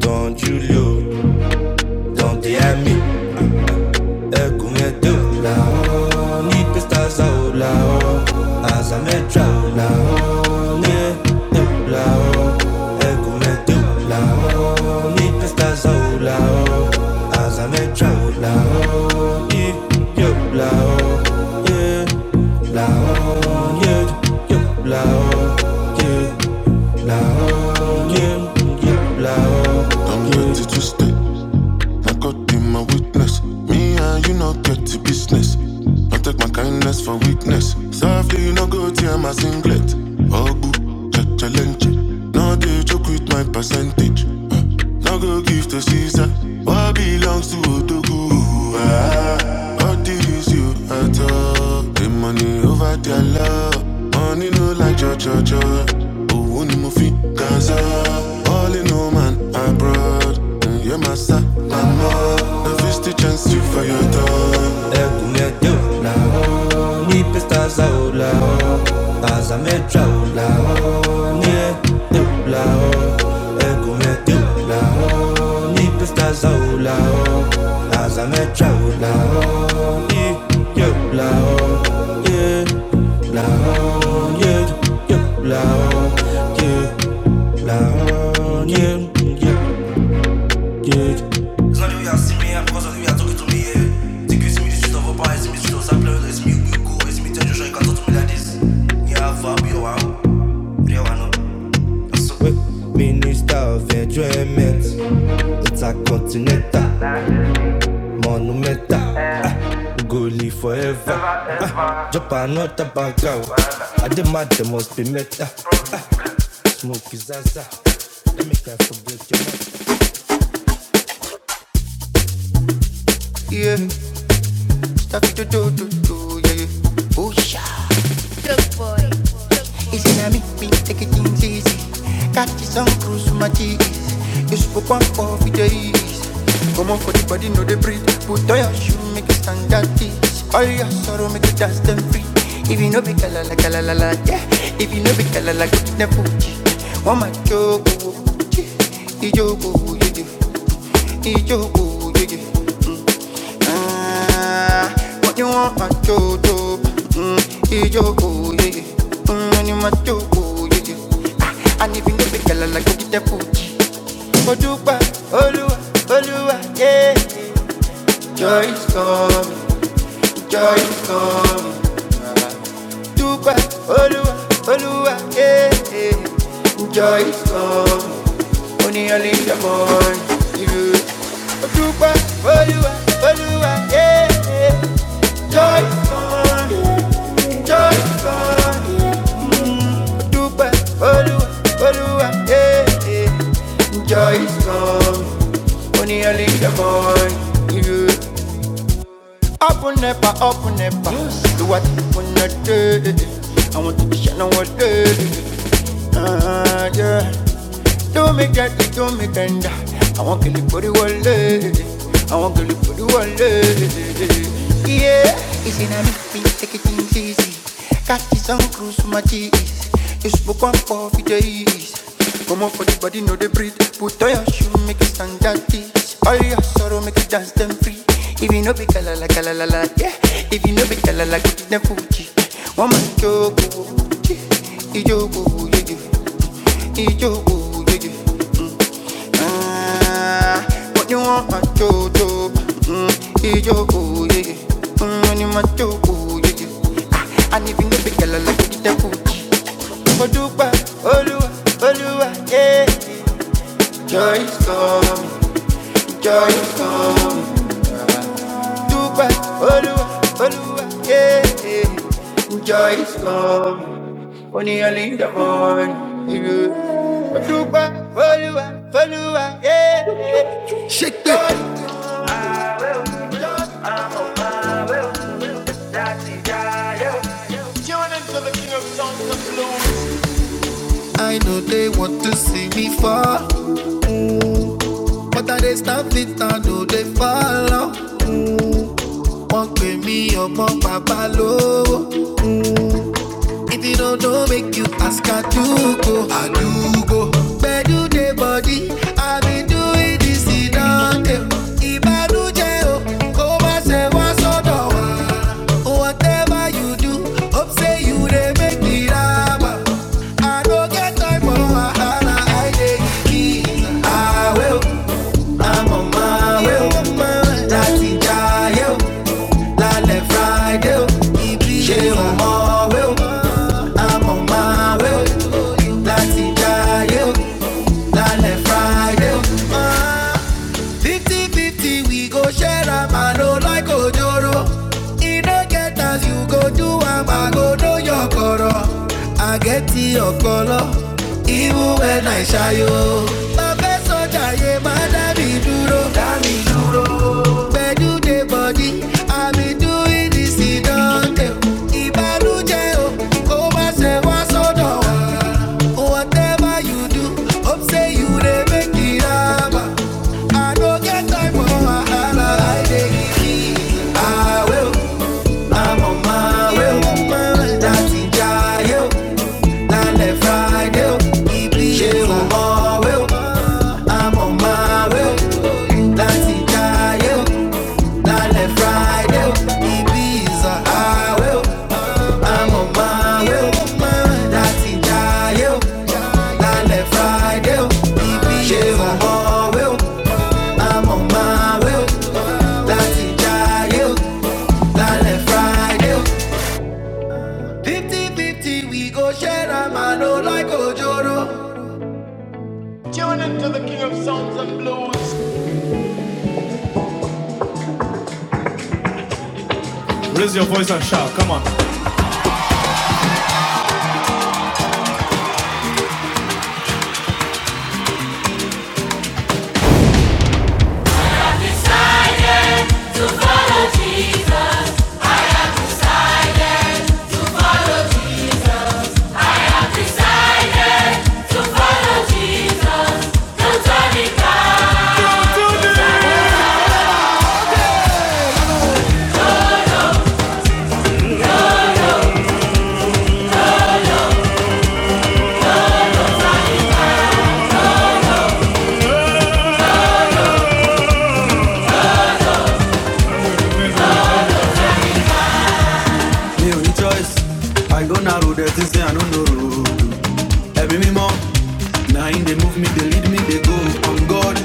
[SPEAKER 1] don't you look, don't they? I'm ready to stay. Now God be my witness. Me and you no get to business. I take my kindness for weakness. Softly, you no go tear my singlet. Ogu, cha challenge. No they joke with my percentage. Uh, no go give to Caesar. What belongs to Odogu? Ah, all these you at all. The money over their love. Money no like cho cho cho. Owó ni mo fi Gaza. All in all man abroad. And you're my star, my mom. The fish teach and see for your dog. Ecco mi addio la Ni per sta sola Asa la Ni e tu la la Asa la Ni yo e Zanyo ya simi ya kwa zanyo ya toki to me ye Tiki simi dis chito vopa, simi chito sa ple E simi gwi go, e simi tenjo sho e kanto to me like this Ni a fa bi yo wang, ri yo wano Aso we style Drop another bag out I did my demos be meta Smoke is zaza Let me can't forget your mouth Yeah, stuck to do do do, yeah. Oh, yeah. It's in a me, me, take it things easy. Catch you some cruise with my cheese. You spoke one for the days. Come on for the body, no they breathe. Put on your shoe, make it stand that is. All your sorrow, make it dust them free. If you know be kalala, kalala, la, yeah. If you know be kalala, go to the fuji. One my joke, I joke, ijogo, yeah, yeah. ijogo, yeah, yeah. Mm. Ah, what you want, my jojo? Mm, ijoko, yeah. Mm, you my joko, yeah. Ah, and if you know girl, like you get Gucci. Odupa, Olúwa, Olúwa, yeah. Joy is coming, joy is coming dúpẹ́ olúwa olúwa yeah, yeah. joy is come only only the morning You. dúpẹ́ olúwa olúwa yeah, yeah. joy is come joy is come Mm, dúpẹ́ olúwa yeah, yeah. joy is come only only the morning irú. Open Up and never, up and never. Do what you wanna do. I want to be shining all day. Ah, yeah. Do me get it, do me tender. I want to live for the whole day. I want to live for the whole day. Yeah. It's in a me, take it easy. catch this on cruise for my cheese. You smoke one for the days. Come on for the body, no they breathe. Put on your you make us stand that teach. All your sorrow make us dance them free. If you know be kalala kalala la, yeah. If you know be kalala, give it them fuji. One man jogo, ijogo, ijogo, ijogo, ijogo. Ah, what you want, my jojo? Mm, ijogo, yeah. yeah. Mm, when you my jogo, yeah. yeah. Ah, and if you know be kalala, give it them fuji. Odupa, Olúwa, Olúwa, yeah. Joy is coming joy is coming. Dúpẹ́ Olúwa Olúwa yeah. Joy is coming. Only early in the morning. yeah. Dúpẹ́ Olúwa Olúwa yeah. Shake that. I know they want to see me fall, but I they stop it. I know they follow. will Wọ́n pè mí ọmọ bàbá lówó, If you don't know, make you ask I do go. I do go. Bedu the body. i been doing this in Dante. Ìbànújẹ́ o, koma ṣe wá soda wa. Whatever you do, hope say you dey make it happen. I don't get time for wahala, I dey kiss. I will. I'm on my way, o. láti jayé o, lálẹ́ Friday o, ṣé o mọ̀ wé o? I'm on my way, o. láti jayé o, lálẹ́ Friday o fifty fifty we go share am i no like ojoro e no get as you go do am i go know your koro i get your color, even when i ṣayo. bàbá sọjà yẹ má dá mi dúró. dá mi dúró. pẹ̀lú dé bọ̀dí àmì dúró. I will I'm on my way, o, láti jayé o, lálẹ́ Friday o, on my way. i I'm on my way, o, láti jayé o, lálẹ́ Friday keep it on my way. i I'm on my way. keep it on left Friday o, Ibiza highway. Tune into the King of Sounds and Blues. mi ò choice i go narrow They say i no know road ẹ̀mí mímọ́ na him dey move me they lead me they go on god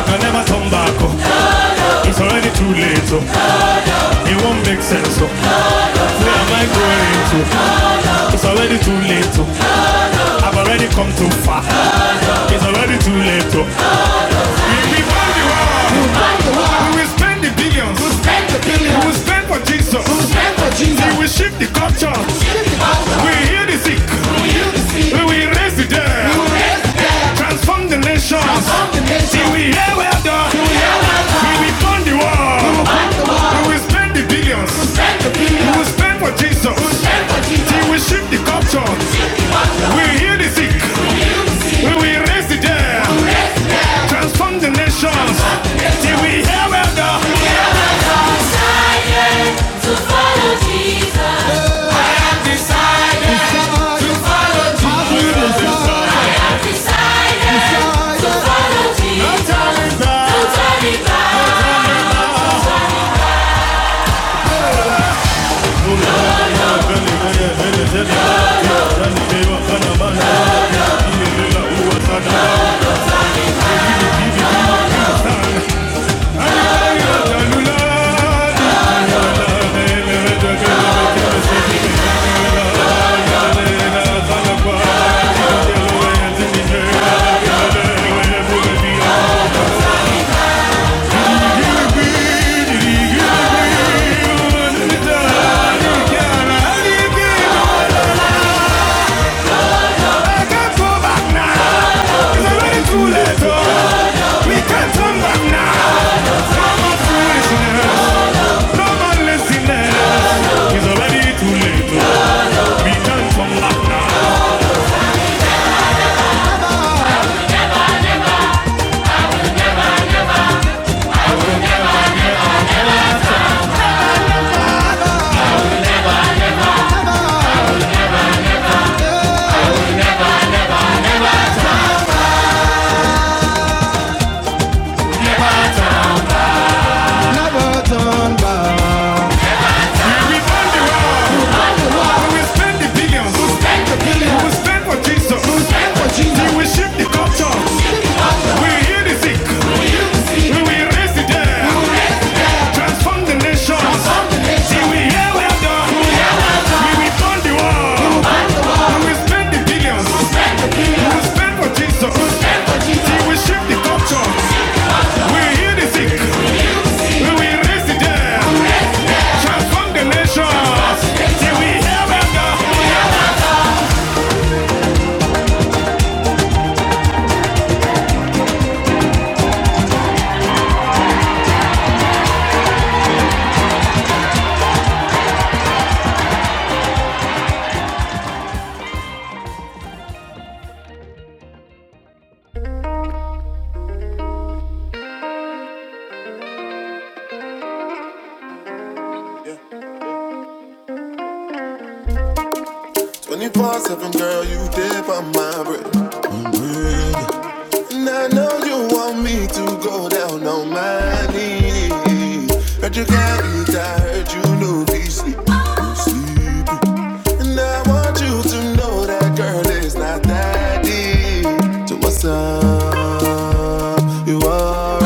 [SPEAKER 1] I can never turn back, oh. it's already too late, oh. it won't make sense, oh. where am I going to? It's already too late, oh. I've already come too far, it's already too late. Oh. We will won the world. we will spend the billions, We will spend the billions. we will spend for Jesus, Who spent for Jesus. we will shift the culture, we will heal the sick, we will raise the dead, Transform the nation. Till we hear well done. we well will fund the world. We will spend the billions. We will spend for Jesus. Till we shift the culture. We will heal the sick. We will raise the dead. Transform the nation. Till we hear well done. I can't go back now. It's already too late. oh. We can't turn back now. No more foolishness. No It's already too late. oh. We can't turn back now. Never turn back. We found the road. He will spend the billions. He will spend the billions. He will spend for Jesus. He will spend for Jesus. He will shift the culture. We will heal the sick. We will heal the sick. We will raise the dead. We will raise the dead. Transform the nation. Transform the nation. He will heal the done. well We will turn the world. He will spend the billions. He will spend. for Jesus. He will spend for Jesus. He will shift the culture. We will heal the sick. We will raise the dead. Transform the nation. He will heal the done. 24 7, girl, you there by my bread. And I know you want me to go down on my knees. Heard you got it, I heard you know be sleep. And I want you to know that girl is not that deep. So what's up? You alright?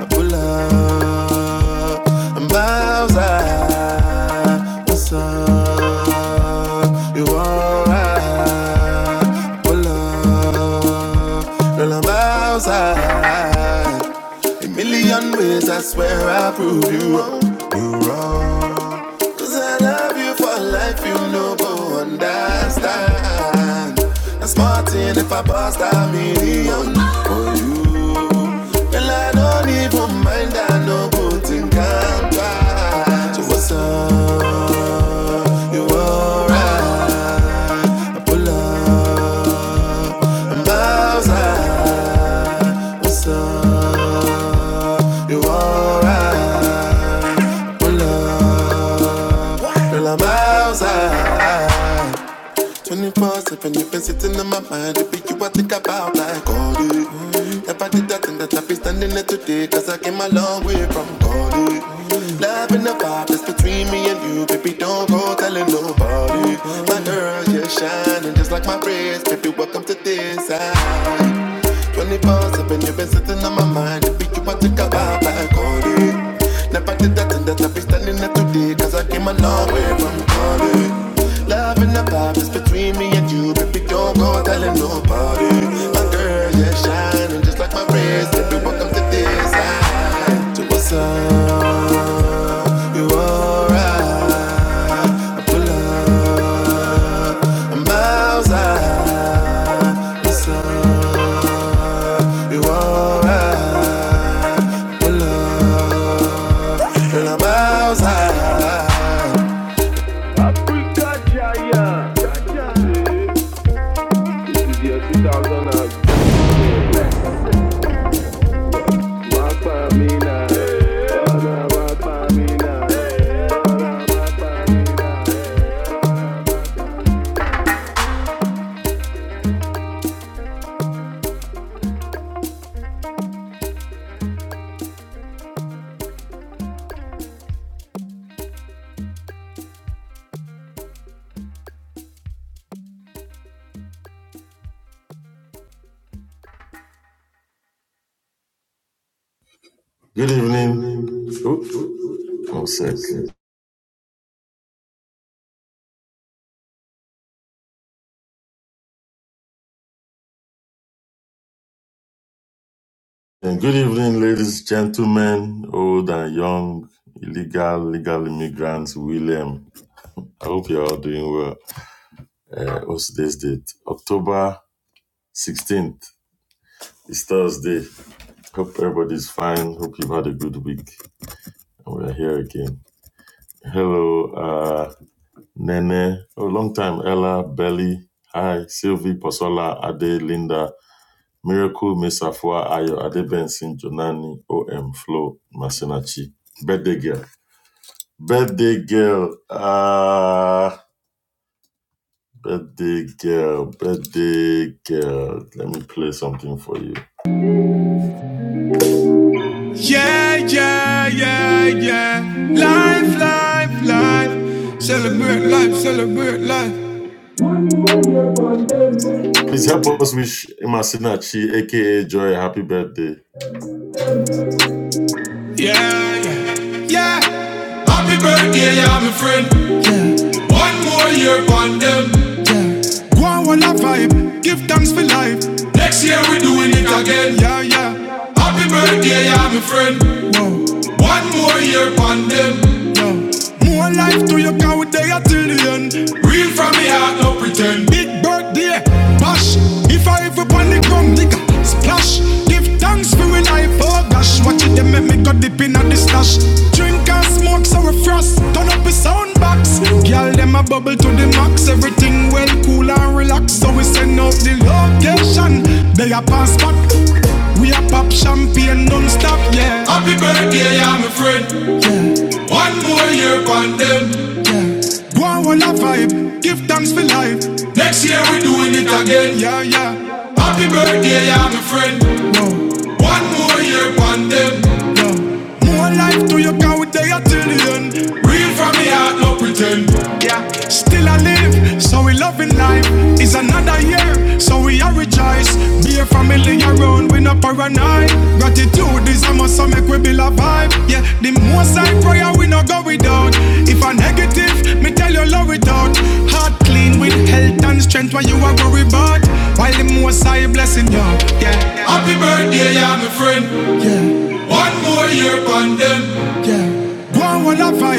[SPEAKER 1] I pull up. I'm outside. What's up? You alright? pull up. I'm outside. A million ways I swear I prove you wrong. You wrong. Cause I love you for life, you know, go understand. That's Martin if I bust a million for you. Girl, I don't even mind, I know go think I'm twice. So what's up? You alright? Pull up outside. What's up? You alright? Pull up. Girl, I'm outside. 24 7, you've been sitting in my mind. It be you I think about like all day. If I did that, then that I'd be standing there today. Cause I came a long way from God. Love in the vibe that's between me and you. Baby, don't go telling nobody. My girl, you're shining just like my wrist. Baby, welcome to this side. 24 7, you've been sitting on my mind. If you want to take a vibe, I call you. Never did that and that I be standing here today. Cause I came a long way from calling. Love and the vibe is between me and you. Baby, don't go telling nobody. My girl, yeah, shining just like my wrist. If you welcome to this side. To what's up, you alright. I pull up, I'm outside. What's up, you alright. i Pull up. I'm
[SPEAKER 2] Good evening. Oops, And good evening, ladies, gentlemen, old and young, illegal, legal immigrants, William. I hope you're all doing well. Uh, what's today's date? October 16th. It's Thursday. Hope everybody's fine. Hope you've had a good week. And we're here again. Hello, uh, Nene. Oh, long time. Ella, Belly. Hi, Sylvie, Posola, Ade, Linda. Miracle Miss Afua Ayo Adebensin Jonani OM Flo Masinachi. Birthday girl. Birthday girl. Ah, uh, birthday girl. Birthday girl. Let me play something for you.
[SPEAKER 1] Life, life,
[SPEAKER 2] Please help us wish Masinachi, aka Joy, happy birthday.
[SPEAKER 1] Yeah, yeah, yeah. Happy birthday, yeah, my friend. One more year on them. Go on, one vibe. Give thanks for life. Next year we doing it again. Yeah, yeah. Happy birthday, yeah, my friend. Whoa, One more year on them. yo. More life to your count we there till the end. Real from me heart, no pretend. Big birthday, bash, Happy birthday, I'm a friend. One upon them. Go on, one a vibe. Give thanks for life. Next year we're doing it again. Yeah, yeah. Happy birthday, I'm a friend. One more year upon them. More life till the end. Real from the heart, no pretend. Yeah, still I live, so we loving life. It's another year, so we are rejoice. Be a family around, we no paranoid. Gratitude is a must, so make we build a vibe. Yeah, the most I prayer, we no go without. If a negative, me tell you love it out. Heart clean with health and strength, what you are worried about. While the most I blessing you. Happy birthday, yeah, my friend. One more year upon them. Yeah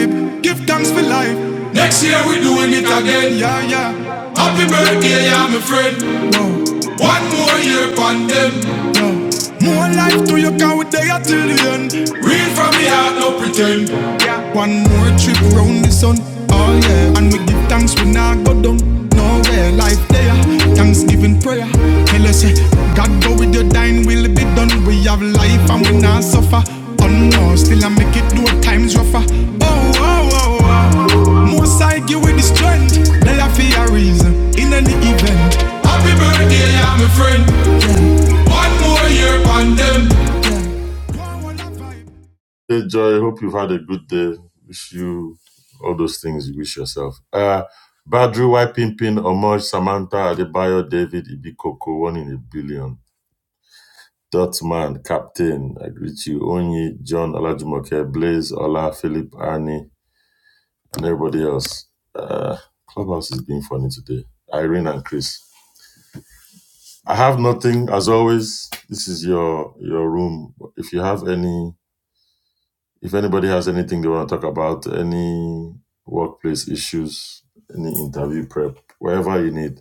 [SPEAKER 1] vibe. Give thanks for life. Next year we doing it again. Yeah, yeah. Happy birthday, yeah, my friend. One more year on them. No. More life to you Can we there till the end. Real from the heart, no pretend. Yeah. One more trip round the sun. Oh yeah. And we give thanks we nah go down. Nowhere life there. Thanksgiving prayer. Tell us, eh, God go with your dying will be done. We have life and we nah suffer. Oh no, still I make it two times rougher. Oh, oh, oh, oh. Most I give with the strength. They are for a reason. In any event. Yeah, my friend. One more year on them.
[SPEAKER 2] Hey Joy, hope you've had a good day. Wish you all those things you wish yourself. Uh Badru, Y Pimpin, Omoj, Samantha, Adebayo, David, Ibikoko, one in a billion. Dortmund captain Avdiït Onyi, John Olajumoke, Blaze, Ola Philip Arnie, and everybody else. Uh, Clubhouse is being funny today. Irene and Chris. I have nothing as always. This is your your room. If you have any if anybody has anything they want to talk about, any workplace issues, any interview prep, wherever you need,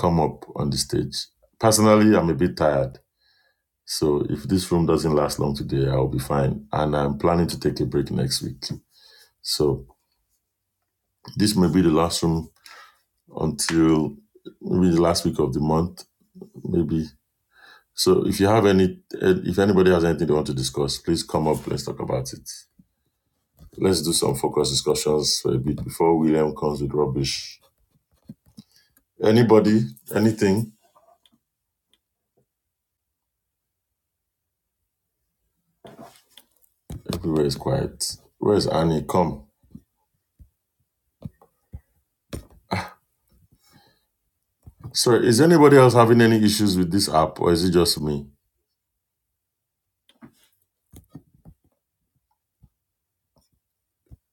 [SPEAKER 2] come up on the stage. Personally, I'm a bit tired. So if this room doesn't last long today, I'll be fine. And I'm planning to take a break next week. So this may be the last room until maybe the last week of the month, maybe. So if you have any, eh, if anybody has anything they want to discuss, please come up. Let's talk about it. Let's do some focus discussions for a bit before William comes with rubbish. Anybody, anything, everywhere is quiet. Where's Annie? Come. Sorry, is anybody else having any issues with this app or is it just me?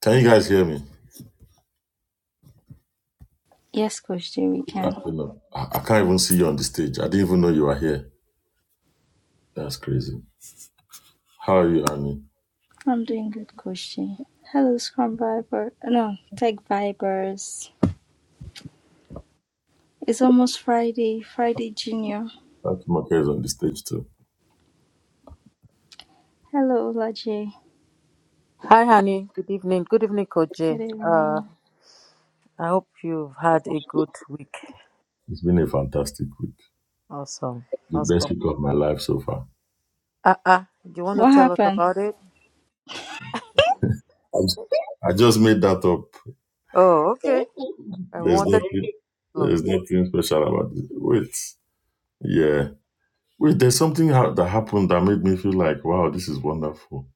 [SPEAKER 2] Can you guys hear me?
[SPEAKER 3] Yes, Coach J, we
[SPEAKER 2] I
[SPEAKER 3] can.
[SPEAKER 2] don't know. I, I can't even see you on the stage. I didn't even know you were here. That's crazy. How are you, Annie?
[SPEAKER 3] I'm doing good, Coach J. Hello, Scrum Viber. No, Tech Vibers. It's almost Friday, Friday Junior.
[SPEAKER 2] Thank you, Mark, is on the stage too.
[SPEAKER 3] Hello, Ola J.
[SPEAKER 4] Hi, honey. Good evening. Good evening, Coach
[SPEAKER 3] Good
[SPEAKER 4] Jay. Uh,
[SPEAKER 3] evening.
[SPEAKER 4] I hope you've had a good week.
[SPEAKER 2] It's been a fantastic week.
[SPEAKER 4] Awesome.
[SPEAKER 2] The best
[SPEAKER 4] Awesome.
[SPEAKER 2] week of my life so far.
[SPEAKER 4] Uh uh. Do you want to
[SPEAKER 3] What
[SPEAKER 4] tell us
[SPEAKER 3] happened?
[SPEAKER 4] about it?
[SPEAKER 2] I'm, s- I just made that up.
[SPEAKER 4] Oh, okay. I
[SPEAKER 2] There's
[SPEAKER 4] wanted to
[SPEAKER 2] nothing.
[SPEAKER 4] flow.
[SPEAKER 2] There's nothing special about it. Wait, yeah. Wait, there's something ha- that happened that made me feel like, wow, this is wonderful.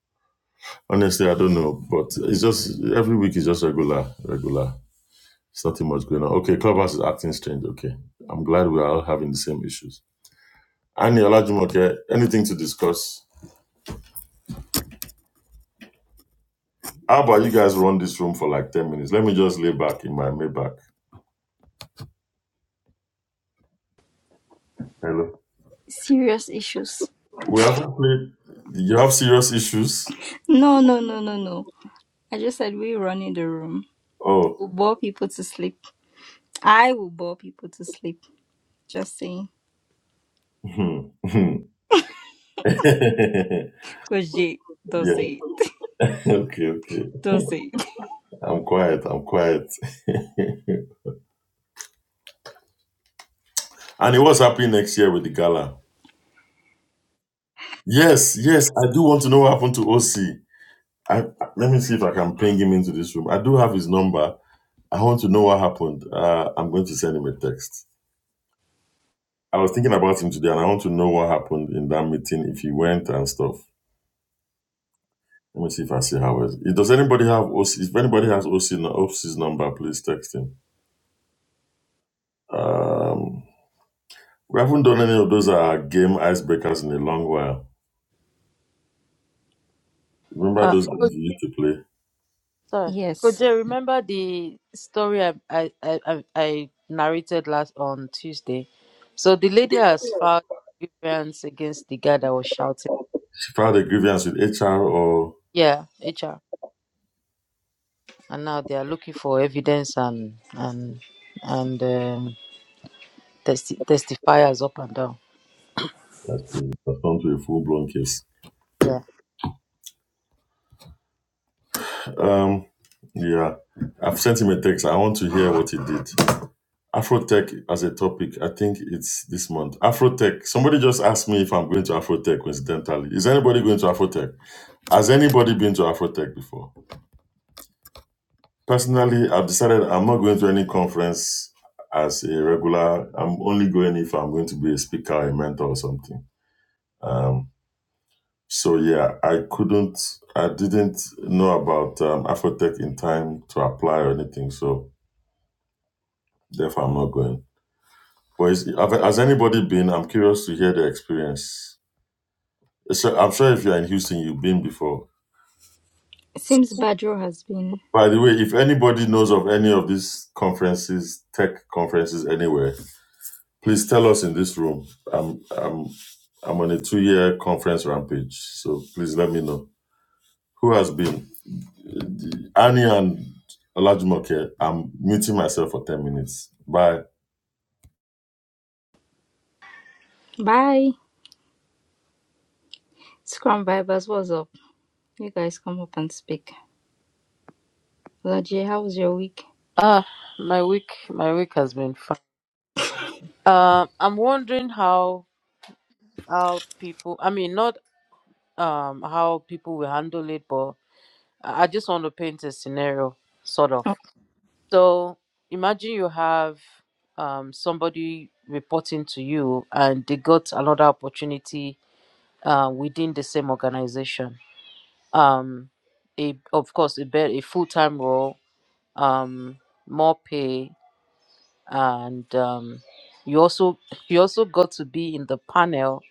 [SPEAKER 2] Honestly, I don't know, but it's just every week is just regular, regular. There's nothing much going on. Okay, Clubhouse is acting strange. Okay, I'm glad we are all having the same issues. Aniola Jumoke, anything to discuss? How about you guys run this room for like 10 minutes? Let me just lay back in my Maybach. Hello.
[SPEAKER 3] Serious issues.
[SPEAKER 2] We haven't played. You have serious issues?
[SPEAKER 3] No, no, no, no, no. I just said we run in the room.
[SPEAKER 2] Oh.
[SPEAKER 3] We'll bore people to sleep. I will bore people to sleep. Just saying.
[SPEAKER 2] hmm, hmm. yeah.
[SPEAKER 3] Coach J, don't say it.
[SPEAKER 2] Okay, okay.
[SPEAKER 3] Don't say it.
[SPEAKER 2] I'm quiet. I'm quiet. and it was happening next year with the gala. Yes, yes. I do want to know what happened to OC. I, let me see if I can ping him into this room. I do have his number. I want to know what happened. Uh, I'm going to send him a text. I was thinking about him today, and I want to know what happened in that meeting if he went and stuff. Let me see if I see how it. is. Does anybody have OC? If anybody has OC nu- OC's number, please text him. Um, we haven't done any of those uh, game icebreakers in a long while. Remember
[SPEAKER 4] Uh,
[SPEAKER 2] those games
[SPEAKER 4] Coach,
[SPEAKER 2] we used to play?
[SPEAKER 4] sorry. Coach
[SPEAKER 3] Yes.
[SPEAKER 4] Jay, remember the story I, I, I, I I narrated last on Tuesday? So the lady has filed grievance against the guy that was shouting.
[SPEAKER 2] She filed a grievance with HR, or
[SPEAKER 4] Yeah, HR. And now they are looking for evidence and and and um, testi- testifiers up and down.
[SPEAKER 2] that's it. That's gone to a full blown case.
[SPEAKER 4] Yeah.
[SPEAKER 2] Um, yeah, I've sent him a text. I want to hear what he did. Afrotech as a topic, I think it's this month. Afrotech. Somebody just asked me if I'm going to Afrotech coincidentally. Is anybody going to Afrotech? Has anybody been to Afrotech before? Personally, I've decided I'm not going to any conference as a regular. I'm only going if I'm going to be a speaker, a mentor, or something. Um, so yeah, I couldn't, I didn't know about um, Afrotech in time to apply or anything. So therefore, I'm not going. But is, have- has anybody been? I'm curious to hear the experience. So I'm sure if you're in Houston, you've been before.
[SPEAKER 3] It seems Badro has been.
[SPEAKER 2] By the way, if anybody knows of any of these conferences, tech conferences anywhere, please tell us in this room. I'm I'm I'm on a two-year conference rampage, so please let me know who has been. Annie and Olajumoke. I'm muting myself for ten minutes. Bye.
[SPEAKER 3] Bye. Scrum Vibers, what's up? You guys come up and speak. Lajie, how was your week?
[SPEAKER 4] Ah, my week, my week has been fun. Um, I'm wondering how how people. I mean, not um how people will handle it, but I I just want to paint a scenario, sort of.
[SPEAKER 3] Oh,
[SPEAKER 4] So imagine you have um somebody reporting to you, and they got another opportunity uh, within the same organization. Um, a of course a bet a full time role. Um, more pay and um, you also you also got to be in the panel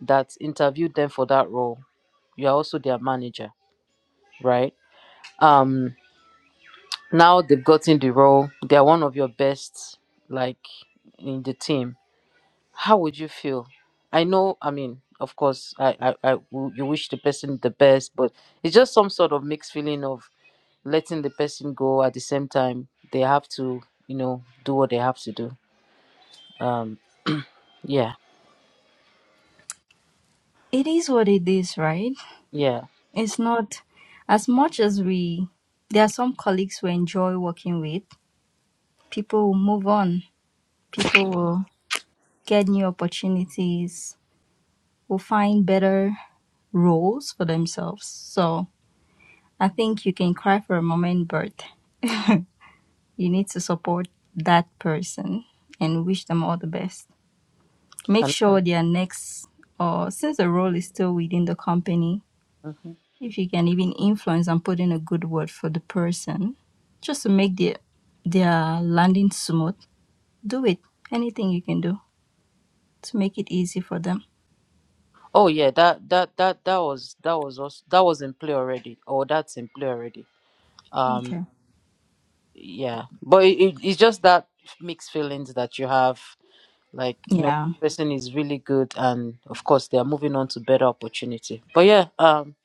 [SPEAKER 4] that interviewed them for that role. You are also their manager, right? Um, now they've gotten the role. They are one of your best, like in the team. How would you feel? I know. I mean, of course, I, I, I w- you wish the person the best, but it's just some sort of mixed feeling of letting the person go at the same time. They have to, you know, do what they have to do. Um, yeah,
[SPEAKER 3] It is what it is, right?
[SPEAKER 4] yeah.
[SPEAKER 3] It's not as much as we. There are some colleagues we enjoy working with. People will move on. People will get new opportunities. Will find better roles for themselves. So I think you can cry for a moment, but you need to support that person and wish them all the best. Make sure their next, or since the role is still within the company,
[SPEAKER 4] Mhm.
[SPEAKER 3] if you can even influence and put in a good word for the person just to make the, their landing smooth do it anything you can do to make it easy for them
[SPEAKER 4] Oh yeah, that that that that was that was also, that was in play already, or that's in play already. Um,
[SPEAKER 3] okay
[SPEAKER 4] yeah, but it, it, it's just that mixed feelings that you have, like you know,
[SPEAKER 3] yeah
[SPEAKER 4] person is really good, and of course they are moving on to better opportunity. But yeah, um,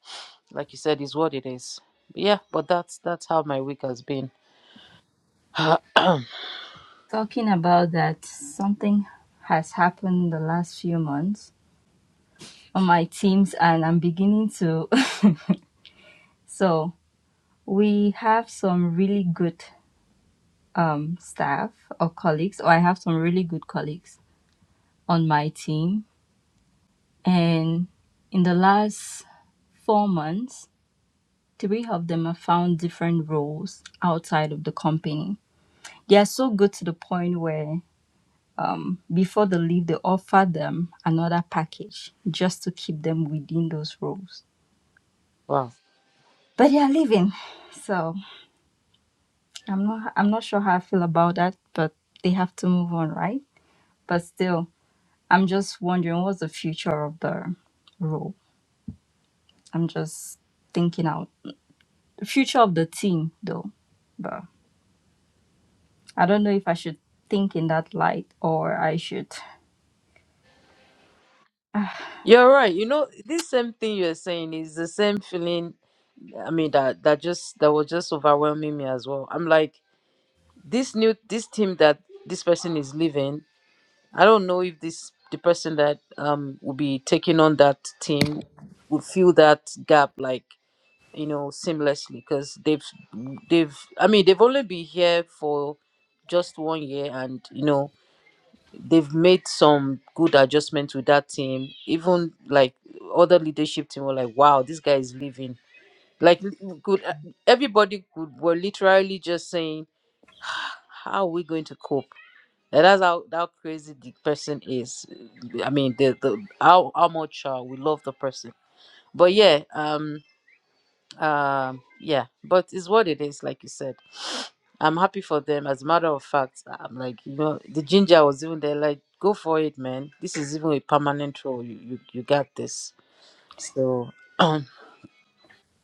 [SPEAKER 4] like you said, is what it is. yeah, but that's that's how my week has been.
[SPEAKER 3] talking about that something has happened in the last few months on my teams and i'm beginning to so we have some really good um, staff or colleagues or i have some really good colleagues on my team and in the last Four months. three of them have found different roles outside of the company. They are so good to the point where um, before they leave, they offer them another package just to keep them within those roles.
[SPEAKER 4] wow.
[SPEAKER 3] But they are leaving, so I'm not. I'm not sure how I feel about that. But they have to move on, right? But still, I'm just wondering what's the future of the role. I'm just thinking out the future of the team, though. But. I don't know if I should think in that light or I should. Ah,
[SPEAKER 4] You're right. You know, this same thing you're saying is the same feeling. I mean, that that just that was just overwhelming me as well. I'm like, this new this team that this person is leaving i don't know if this the person that um will be taking on that team will fill that gap like you know seamlessly because they've they've i mean they've only been here for just one year and you know they've made some good adjustments with that team even like other leadership team were like wow this guy is leaving like could uh, everybody could were literally just saying how are we going to cope and that's how, how crazy the person is. I mean, the, the how how much uh, we love the person. But yeah, um, um, yeah. But it's what it is, like you said. I'm happy for them. As a matter of fact, I'm like, you know, the ginger was even there. Like, go for it, man. This is even a permanent role. You you, you got this. So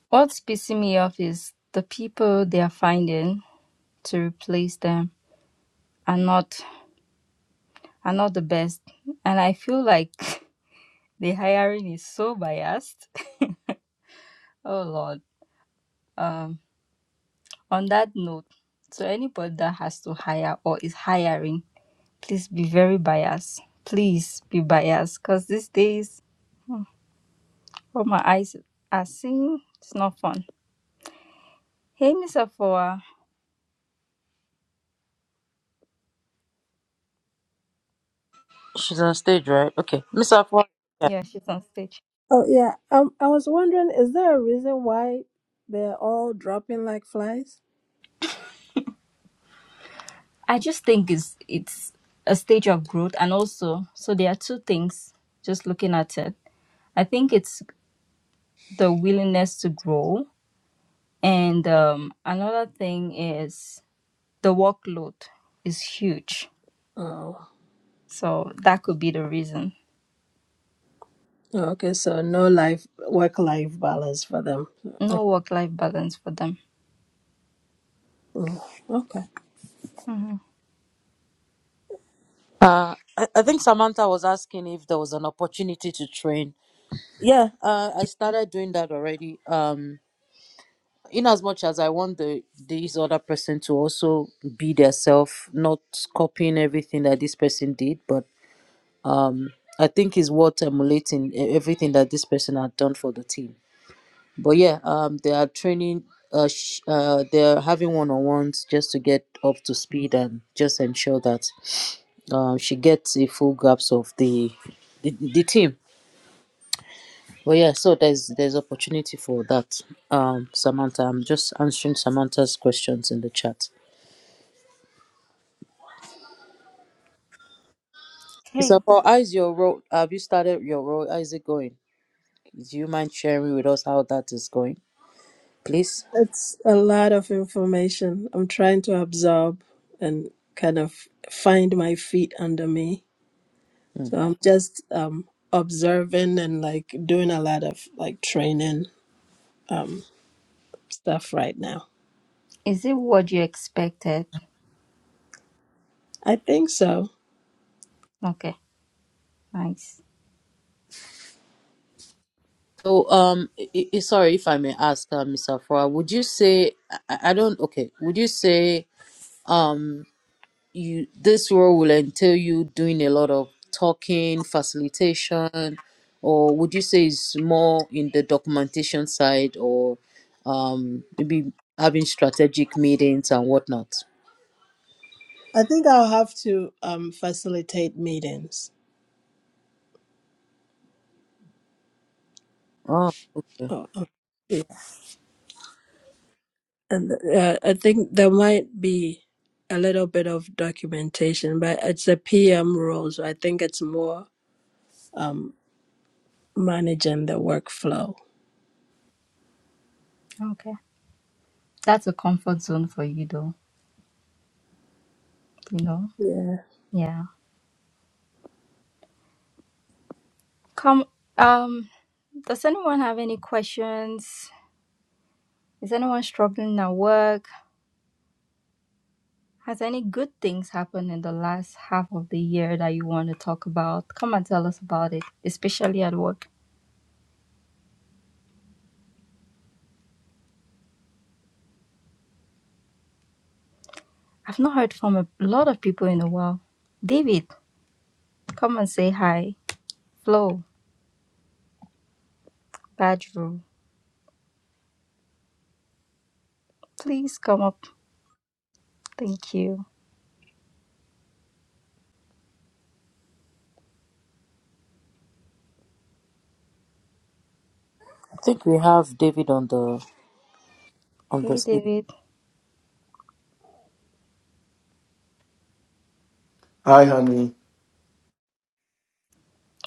[SPEAKER 3] What's pissing me off is the people they are finding to replace them are not are not the best, and I feel like the hiring is so biased. oh Lord. Um. On that note, so anybody that has to hire or is hiring, please be very biased. Please be biased, cause these days what my eyes are seeing, it's not fun. Hey, Miss Afua.
[SPEAKER 4] she's on stage, right? Okay, Miss Afua. Yeah.
[SPEAKER 3] Yeah, she's on stage.
[SPEAKER 5] Oh yeah. Um, I was wondering, is there a reason why they're all dropping like flies?
[SPEAKER 3] I just think it's it's a stage of growth, and also, so there are two things. Just looking at it, I think it's the willingness to grow, and um, another thing is the workload is huge.
[SPEAKER 5] Oh,
[SPEAKER 3] So that could be the reason.
[SPEAKER 5] okay. So no life work-life balance for them. Oh,
[SPEAKER 3] No work-life balance for them.
[SPEAKER 5] oh, okay.
[SPEAKER 3] hmm
[SPEAKER 4] Uh, I, I think Samantha was asking if there was an opportunity to train Yeah, uh, I started doing that already. Um, in as much as I want the this other person to also be their self, not copying everything that this person did, but um, I think is what emulating e- everything that this person had done for the team. But yeah, um, they are training. Uh, sh- uh, they're having one-on-ones just to get up to speed and just ensure that um, she gets a full grasp of the the, the team Well, yeah, so there's there's opportunity for that. Um, Samantha, I'm just answering Samantha's questions in the chat. It's
[SPEAKER 3] Okay,
[SPEAKER 4] about how is your role? Have you started your role? How is it going? Do you mind sharing with us how that is going, please?
[SPEAKER 5] It's a lot of information. I'm trying to absorb and kind of find my feet under me.
[SPEAKER 4] Mm.
[SPEAKER 5] So I'm just um observing and like doing a lot of like training um stuff right now.
[SPEAKER 3] is it what you expected?
[SPEAKER 5] I think so.
[SPEAKER 3] Okay, nice.
[SPEAKER 4] So, um, i i sorry if I may ask, uh, Mr. Afua, would you say I, I I don't okay? Would you say um you this role will entail you doing a lot of talking, facilitation, or would you say it's more in the documentation side or um maybe having strategic meetings and whatnot?
[SPEAKER 5] I think I'll have to um facilitate meetings.
[SPEAKER 4] Oh, okay.
[SPEAKER 5] Oh, oh, yeah. And uh, I think there might be a little bit of documentation, but it's a PM role, so I think it's more um, managing the workflow.
[SPEAKER 3] Okay, that's a comfort zone for you, though. You know,
[SPEAKER 5] Yeah.
[SPEAKER 3] yeah. Come. Um, does anyone have any questions? Is anyone struggling at work? Has any good things happened in the last half of the year that you want to talk about? Come and tell us about it, especially at work. I've not heard from a lot of people in a while. David, come and say hi. Flo, Badru, please come up. Thank you.
[SPEAKER 4] I think we have David on the on the
[SPEAKER 3] Hey,
[SPEAKER 4] stage.
[SPEAKER 3] David,
[SPEAKER 6] Hi, honey.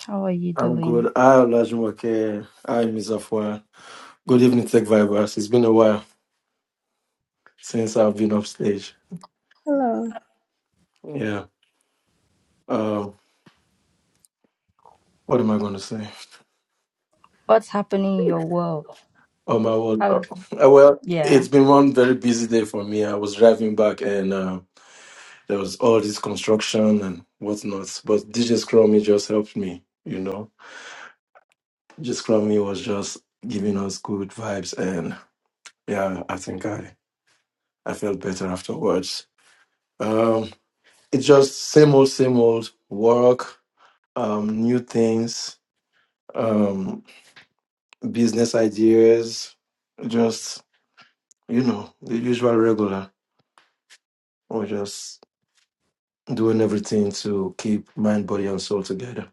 [SPEAKER 3] how are you
[SPEAKER 6] I'm good.
[SPEAKER 3] doing?
[SPEAKER 6] Hi, Olajumoke. Hi, Miss Afua. Good evening, Tech Vibers. It's been a while since I've been off stage.
[SPEAKER 5] Hello.
[SPEAKER 6] Yeah. Um, what am I going to say?
[SPEAKER 3] What's happening in your world?
[SPEAKER 6] Oh, my word.
[SPEAKER 3] How? is,
[SPEAKER 6] Uh, uh, well,
[SPEAKER 3] Yeah,
[SPEAKER 6] it's been one very busy day for me. I was driving back and uh, there was all this construction and whatnot. But DJ Scrummy just helped me, you know. DJ Scrummy was just giving us good vibes. And yeah, I think I, I felt better afterwards. Um, it's just same old, same old work, um, new things, um, business ideas, just, you know, the usual regular. We're just doing everything to keep mind, body, and soul together.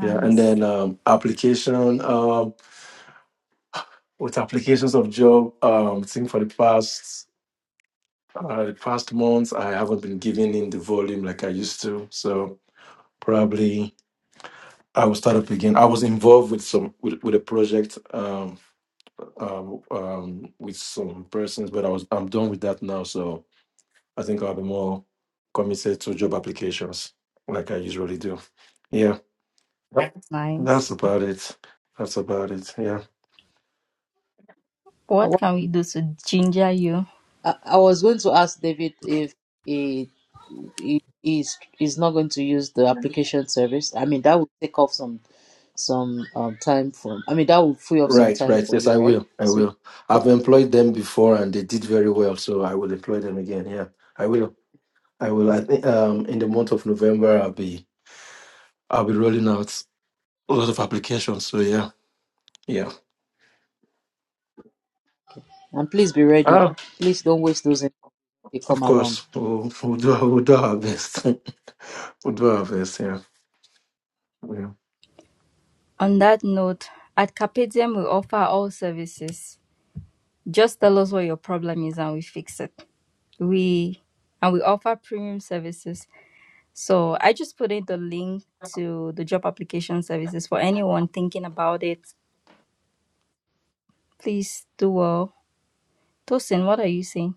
[SPEAKER 6] Yeah. And then um, application, um, with applications of job, um, I think for the past, uh, the past months, I haven't been giving in the volume like I used to. So probably I will start up again. I was involved with some, with, with a project, um, um, um, with some persons, but I was I'm done with that now. So I think I'll be more committed to job applications like I usually do. Yeah,
[SPEAKER 3] nice.
[SPEAKER 6] that's about it. That's about it. Yeah.
[SPEAKER 4] I,
[SPEAKER 3] What
[SPEAKER 4] wa-
[SPEAKER 3] can we do to ginger you?
[SPEAKER 4] I I was going to ask David if he. he, he's he's not going to use the application service. I mean, that would take off some some um, time from. I mean, that would free up some
[SPEAKER 6] Right,
[SPEAKER 4] time
[SPEAKER 6] right.
[SPEAKER 4] for
[SPEAKER 6] Yes, I
[SPEAKER 4] you, right?
[SPEAKER 6] will. I
[SPEAKER 4] So,
[SPEAKER 6] will. I've employed them before and they did very well, so I will employ them again. Yeah. I will. I will. I think um in the month of November I'll be I'll be rolling out a lot of applications. So yeah. Yeah.
[SPEAKER 4] and please be ready.
[SPEAKER 6] Uh,
[SPEAKER 4] Please don't waste those if they come
[SPEAKER 6] of
[SPEAKER 4] along.
[SPEAKER 6] course, we'll, we'll, do, we'll do our best. we'll do our best, yeah. yeah.
[SPEAKER 3] On that note, at Carpedium, we offer all services. Just tell us what your problem is and we fix it. We and we offer premium services. So I just put in the link to the job application services for anyone thinking about it. Please do well. Tosin, what are you saying?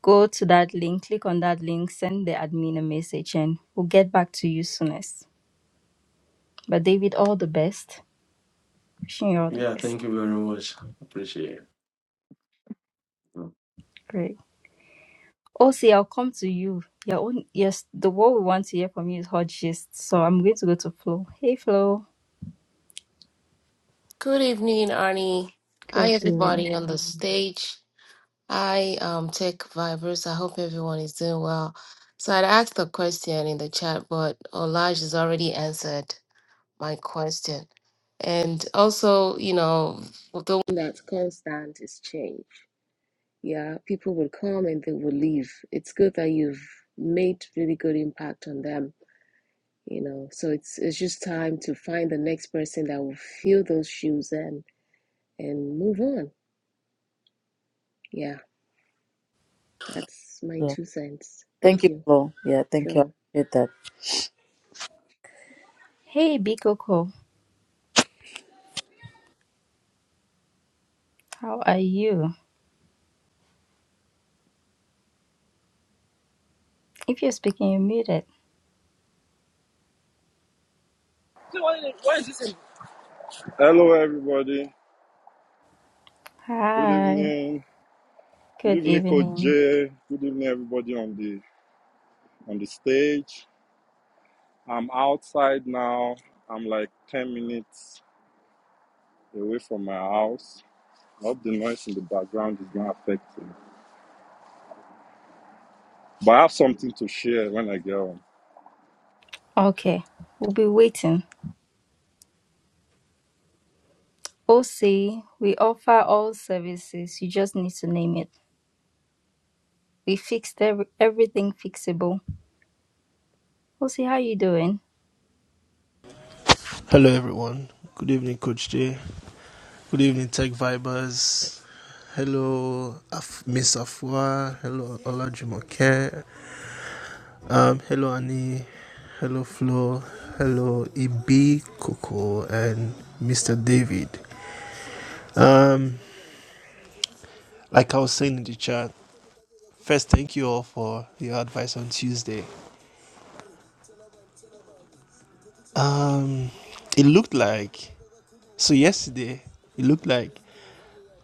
[SPEAKER 3] Go to that link, click on that link, send the admin a message, and we'll get back to you soonest. But David, all the best. Wishing you all the
[SPEAKER 6] Yeah,
[SPEAKER 3] best.
[SPEAKER 6] thank you very much. Appreciate it. Mm.
[SPEAKER 3] Great. Osi, I'll come to you. Your own yes, the what we want to hear from you is hot gist. So I'm going to go to Flo. Hey Flo.
[SPEAKER 7] Good evening, Arnie. Hi,
[SPEAKER 3] Good evening.
[SPEAKER 7] everybody on the stage. Hi, um, Tech Vibers. I hope everyone is doing well. So I'd asked a question in the chat, but Olaj has already answered my question. And also, you know, the one that's constant is change. Yeah, people will come and they will leave. It's good that you've made really good impact on them, you know. So it's it's just time to find the next person that will fill those shoes and and move on Yeah, that's my
[SPEAKER 4] Yeah.
[SPEAKER 7] two cents.
[SPEAKER 4] Thank
[SPEAKER 7] Thank
[SPEAKER 4] you,
[SPEAKER 7] you.
[SPEAKER 4] Flo. Yeah, thank you. I
[SPEAKER 7] Sure.
[SPEAKER 4] appreciate that.
[SPEAKER 3] Hey Big Coco. How are you? If you're speaking, you're muted.
[SPEAKER 8] So why is this in? Hello, everybody. Good
[SPEAKER 3] Hi.
[SPEAKER 8] evening. Good
[SPEAKER 3] Good
[SPEAKER 8] evening, Coach
[SPEAKER 3] evening.
[SPEAKER 8] Jay. Good evening, everybody on the on the stage. I'm outside now. I'm like ten minutes away from my house. I hope the noise in the background is not affecting. But I have something to share when I get home.
[SPEAKER 3] Okay. We'll be waiting. OC, we offer all services. You just need to name it. We fixed every, everything fixable. OC, how you doing?
[SPEAKER 9] Hello, everyone. Good evening, Coach J. Good evening, Tech Vibers. Hello, Af- Miss Afua. Hello, Olajumoke. Um, hello, Annie. Hello, Flo. Hello, EB, Coco, and Mr. David. Um, like I was saying in the chat, first, thank you all for your advice on Tuesday. Um, it looked like so yesterday. It looked like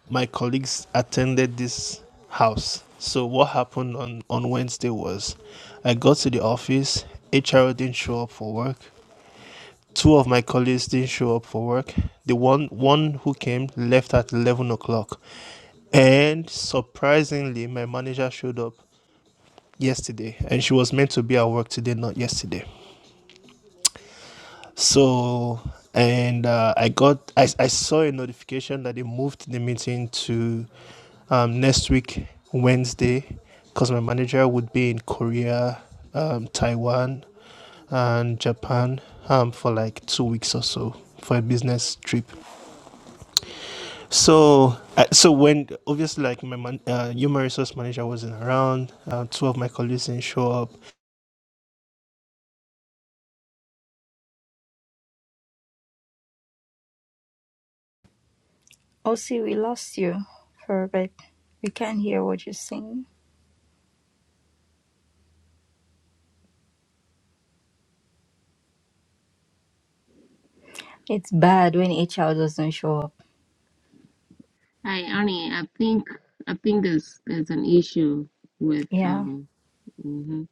[SPEAKER 9] my colleagues attended this house. So what happened on, on Wednesday was I got to the office, HR didn't show up for work. Two of my colleagues didn't show up for work. The one one who came left at eleven o'clock. And surprisingly my manager showed up yesterday and she was meant to be at work today, not yesterday. So and uh, I got I, I saw a notification that they moved the meeting to um, next week, Wednesday, because my manager would be in Korea, um, Taiwan, and Japan um, for like two weeks or so for a business trip. So, uh, so when obviously like my man, uh, human resource manager wasn't around, uh, two of my colleagues didn't show up.
[SPEAKER 3] OC, we lost you for a bit. We can't hear what you're saying. It's bad when a child doesn't show up.
[SPEAKER 7] Hi, Arnie. I think I think there's there's an issue with
[SPEAKER 3] Yeah.
[SPEAKER 7] um. mhm.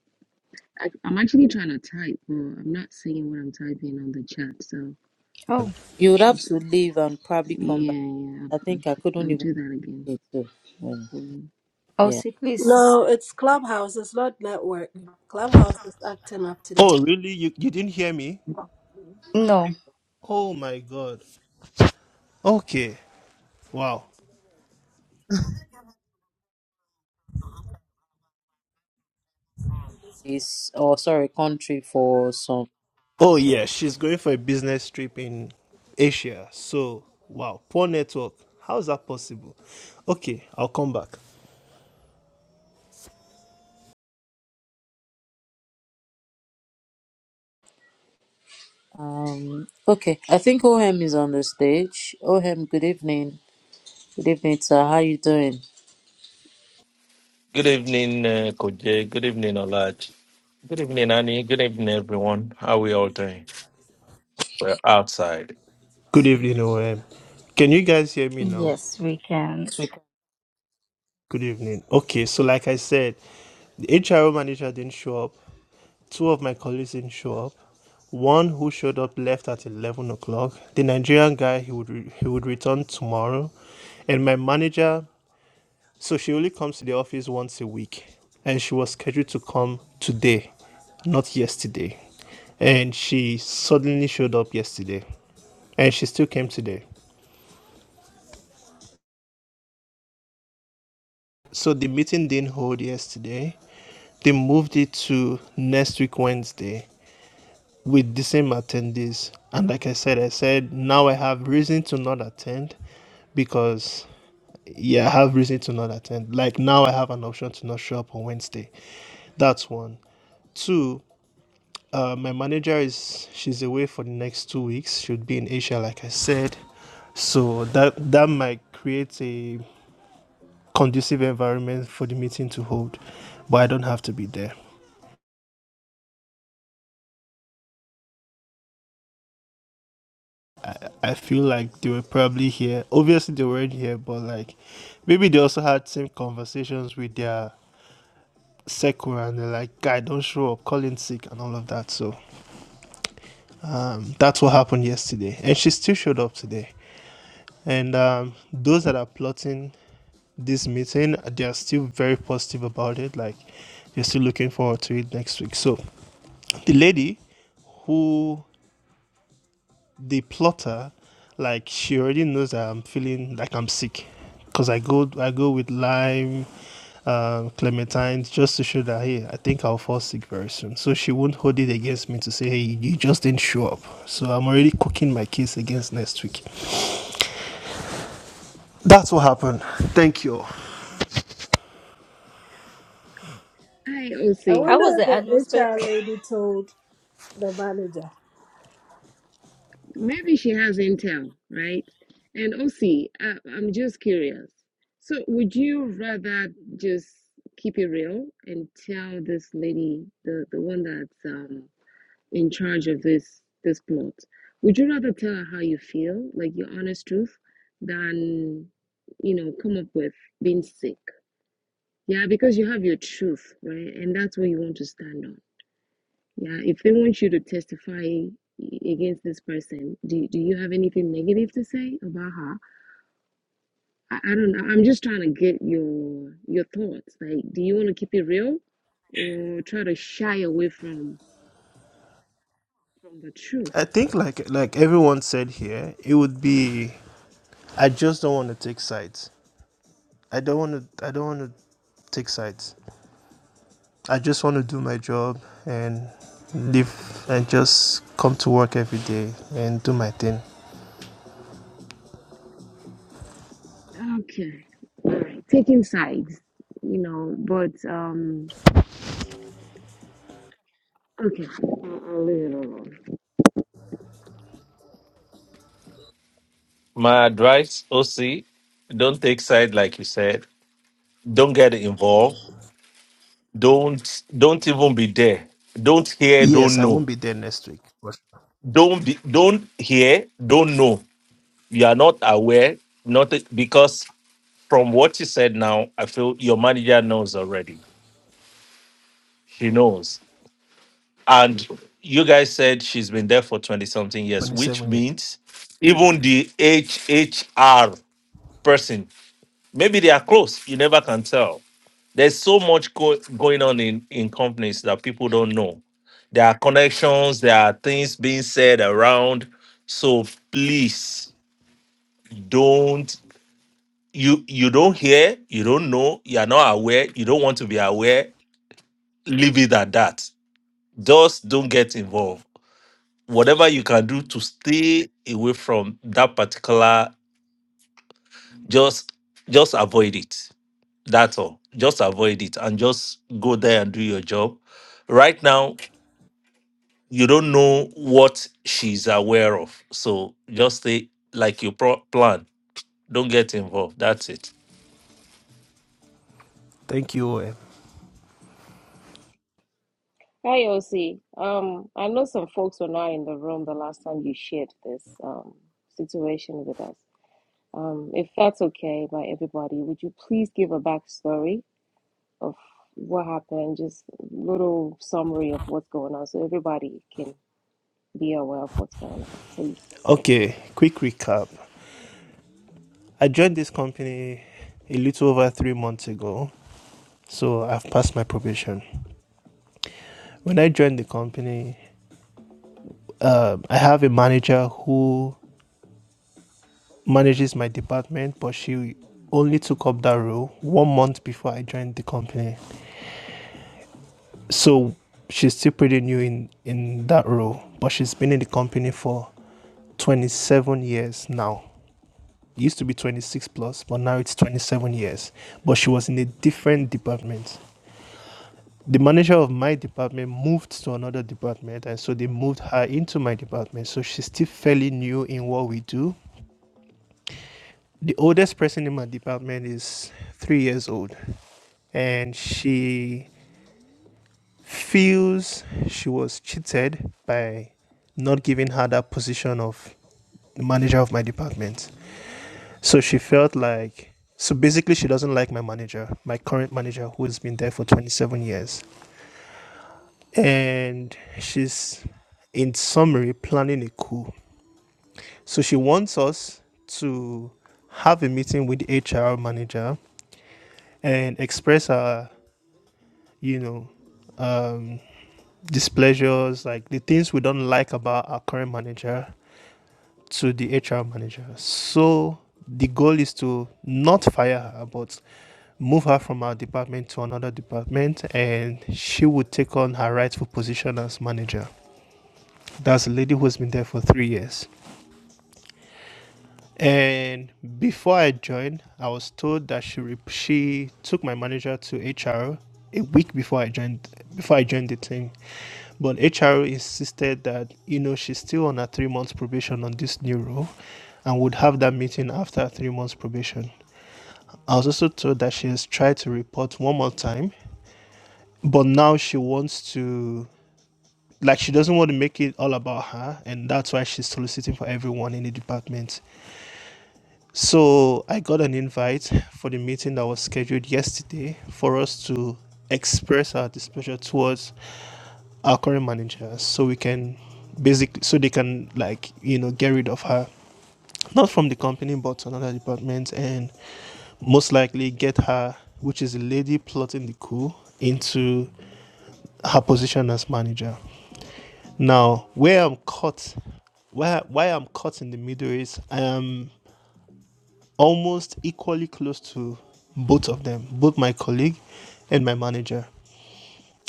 [SPEAKER 7] I, I'm actually trying to type, but I'm not seeing what I'm typing on the chat. So
[SPEAKER 3] Oh,
[SPEAKER 4] You would have to leave and probably come
[SPEAKER 7] yeah,
[SPEAKER 4] back.
[SPEAKER 7] yeah, I'll,
[SPEAKER 4] I think I
[SPEAKER 7] I'll
[SPEAKER 4] couldn't
[SPEAKER 7] I'll
[SPEAKER 4] even
[SPEAKER 7] do that again.
[SPEAKER 4] see it too. Um,
[SPEAKER 7] Um,
[SPEAKER 4] yeah.
[SPEAKER 3] Elsie, please.
[SPEAKER 5] No, it's Clubhouse. It's not network. Clubhouse is acting up today.
[SPEAKER 9] Oh, really? You you didn't hear me?
[SPEAKER 3] No.
[SPEAKER 9] Oh my god. Okay. Wow.
[SPEAKER 4] It's oh sorry, country for some.
[SPEAKER 9] Oh yeah, she's going for a business trip in Asia. So wow, poor network. How is that possible? Okay, I'll come back.
[SPEAKER 4] Um. Okay. I think OM is on the stage. OM, good evening. Good evening, sir. How you doing?
[SPEAKER 10] Good evening, uh, Koje. Good evening, Olaj. Good evening, Annie. Good evening, everyone. How are we all doing? We're outside.
[SPEAKER 9] Good evening, OM. Can you guys hear me now?
[SPEAKER 3] Yes, we can.
[SPEAKER 4] Yes, we can.
[SPEAKER 9] Good evening. Okay, so like I said, the HR manager didn't show up. Two of my colleagues didn't show up. One who showed up left at eleven o'clock. The Nigerian guy he would re- he would return tomorrow, and my manager So she only comes to the office once a week, and she was scheduled to come today, not yesterday. And she suddenly showed up yesterday, and she still came today. So the meeting didn't hold yesterday. They moved it to next week, Wednesday, with the same attendees. And like I said, I said, now I have reason to not attend because yeah, I have reason to not attend. Like now I have an option to not show up on Wednesday. That's one. Two, Uh, my manager is she's away for the next two weeks. She'll be in Asia, like I said. So that that might create a conducive environment for the meeting to hold, but I don't have to be there. I, I feel like they were probably here. Obviously, they weren't here, but like maybe they also had same conversations with their second and they're like, "Guy, don't show up, calling sick and all of that." So um, that's what happened yesterday, and she still showed up today. And um, those that are plotting this meeting. They're still very positive about it. Like they're still looking forward to it next week. So the lady who the plotter, like she already knows that I'm feeling like I'm sick, because I go I go with lime, um, clementine just to show that hey I think I'll fall sick very soon. So she won't hold it against me to say hey you just didn't show up. So I'm already cooking my case against next week. That's what happened. Thank you.
[SPEAKER 7] hi,
[SPEAKER 5] I
[SPEAKER 7] OC.
[SPEAKER 3] How
[SPEAKER 5] wonder
[SPEAKER 3] was
[SPEAKER 5] if
[SPEAKER 3] the
[SPEAKER 5] the
[SPEAKER 3] atmosphere?
[SPEAKER 5] HR lady told the manager.
[SPEAKER 7] Maybe she has intel, right? And OC, I, am just curious. So, would you rather just keep it real and tell this lady, the the one that's um in charge of this this plot, would you rather tell her how you feel, like your honest truth, than you know come up with being sick? Yeah, because you have your truth, right? And that's what you want to stand on. Yeah, if they want you to testify against this person, do do you have anything negative to say about her? I, I don't know. I'm just trying to get your your thoughts. Like, do you want to keep it real or try to shy away from from the truth?
[SPEAKER 9] I think like like everyone said here, it would be I just don't want to take sides. I don't want to. I don't want to take sides. I just want to do my job and live and just come to work every day and do my thing.
[SPEAKER 7] Okay. All right. Taking sides, you know, but um okay. I'll, I'll leave it alone.
[SPEAKER 10] My advice, OC, don't take side like you said. Don't get involved. Don't don't even be there. Don't hear,
[SPEAKER 9] Yes,
[SPEAKER 10] don't
[SPEAKER 9] I won't
[SPEAKER 10] know.
[SPEAKER 9] be there next week.
[SPEAKER 10] Don't be don't hear, don't know. You are not aware, not because from what you said now, I feel your manager knows already. She knows. And you guys said she's been there for 20 something years, which
[SPEAKER 9] 27 years.
[SPEAKER 10] means even the HHR person, maybe they are close. You never can tell. There's so much go- going on in, in companies that people don't know. There are connections, there are things being said around. So please don't you you don't hear, you don't know, you are not aware, you don't want to be aware. Leave it at that. Just don't get involved whatever you can do to stay away from that particular just just avoid it that's all just avoid it and just go there and do your job right now you don't know what she's aware of so just stay like you pro- plan don't get involved that's it
[SPEAKER 9] Thank you. OM.
[SPEAKER 7] Hi, OC. Um, I know some folks were not in the room the last time you shared this um situation with us. Um, if that's okay by everybody, would you please give a backstory of what happened, just little summary of what's going on so everybody can be aware of what's going on, please?
[SPEAKER 9] Okay, quick recap. I joined this company a little over three months ago, so I've passed my probation. When I joined the company, um, I have a manager who manages my department, but she only took up that role one month before I joined the company. So she's still pretty new in, in that role, but she's been in the company for 27 years now. It used to be 26 plus, but now it's 27 years. But she was in a different department. The manager of my department moved to another department, and so they moved her into my department. So she's still fairly new in what we do. The oldest person in my department is three years old. and she feels she was cheated by not giving her that position of the manager of my department. So she felt like so basically she doesn't like my manager, my current manager who has been there for 27 years. And she's in summary planning a coup. So she wants us to have a meeting with the HR manager and express our, you know, um, displeasures, like the things we don't like about our current manager to the HR manager. So the goal is to not fire her, but move her from our department to another department, and she would take on her rightful position as manager. That's a lady who's been there for three years. And before I joined, I was told that she rep- she took my manager to HR a week before I joined before I joined the team. But HR insisted that you know she's still on a three months probation on this new role, and would have that meeting after three months probation. I was also told that she has tried to report one more time, but now she wants to like she doesn't want to make it all about her, and that's why she's soliciting for everyone in the department So I got an invite for the meeting that was scheduled yesterday for us to express our displeasure towards our current manager so we can basically so they can like you know get rid of her not from the company but to another department and most likely get her which is a lady plotting the coup into her position as manager now where i'm caught why why i'm caught in the middle is i am almost equally close to both of them, both my colleague and my manager.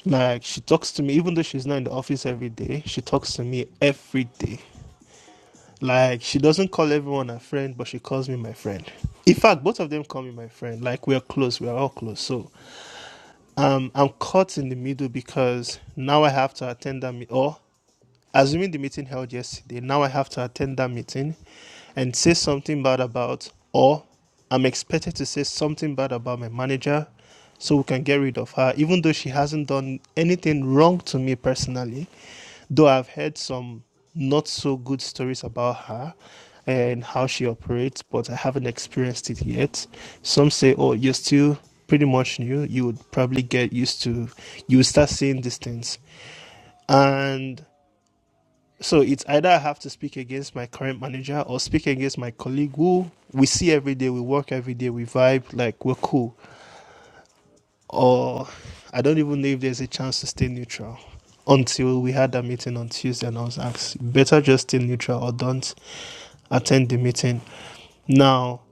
[SPEAKER 9] Like she talks to me, even though she's not in the office every day, she talks to me every day. Like she doesn't call everyone her friend, but she calls me my friend. In fact, both of them call me my friend. Like we're close, we're all close. So um, I'm caught in the middle because now I have to attend that meet. Or Assuming the meeting held yesterday, now I have to attend that meeting and say something bad about, or I'm expected to say something bad about my manager so we can get rid of her, even though she hasn't done anything wrong to me personally, though I've heard some not so good stories about her and how she operates, but I haven't experienced it yet. Some say, oh, you're still pretty much new. You would probably get used to, you would start seeing these things. And so it's either I have to speak against my current manager or speak against my colleague who we see every day, we work every day, we vibe, like we're cool. Or I don't even know if there's a chance to stay neutral until we had that meeting on Tuesday and I was asked, better just stay neutral or don't attend the meeting. Now,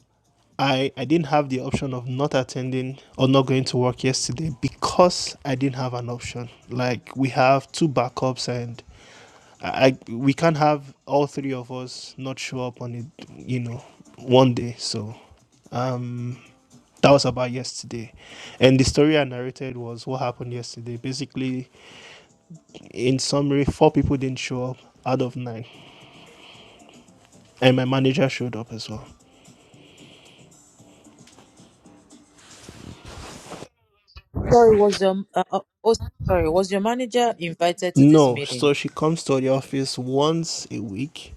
[SPEAKER 9] I, I didn't have the option of not attending or not going to work yesterday because I didn't have an option. Like, we have two backups, and I we can't have all three of us not show up on it, you know, one day. So, um, that was about yesterday, and the story I narrated was what happened yesterday. Basically, in summary, four people didn't show up out of nine, and my manager showed up as well.
[SPEAKER 4] Sorry, was your uh, uh, oh, sorry was your manager invited to this
[SPEAKER 9] No, so
[SPEAKER 4] meeting?
[SPEAKER 9] she comes to the office once a week.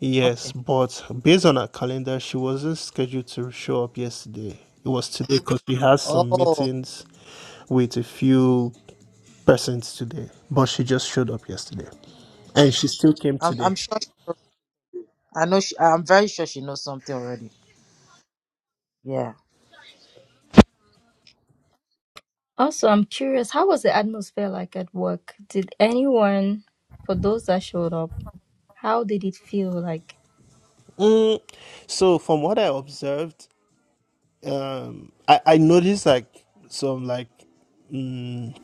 [SPEAKER 9] Yes,
[SPEAKER 4] Okay.
[SPEAKER 9] but based on her calendar, she wasn't scheduled to show up yesterday. It was today because she has some
[SPEAKER 4] Oh,
[SPEAKER 9] meetings with a few persons today, but she just showed up yesterday, and she still came
[SPEAKER 4] I'm
[SPEAKER 9] today.
[SPEAKER 4] I'm sure. She knows. I know. She, I'm very sure she knows something already. Yeah.
[SPEAKER 3] also, I'm curious, how was the atmosphere like at work? Did anyone, for those that showed up, how did it feel like?
[SPEAKER 9] Mm, so from what I observed, um, I, I noticed like some like mm,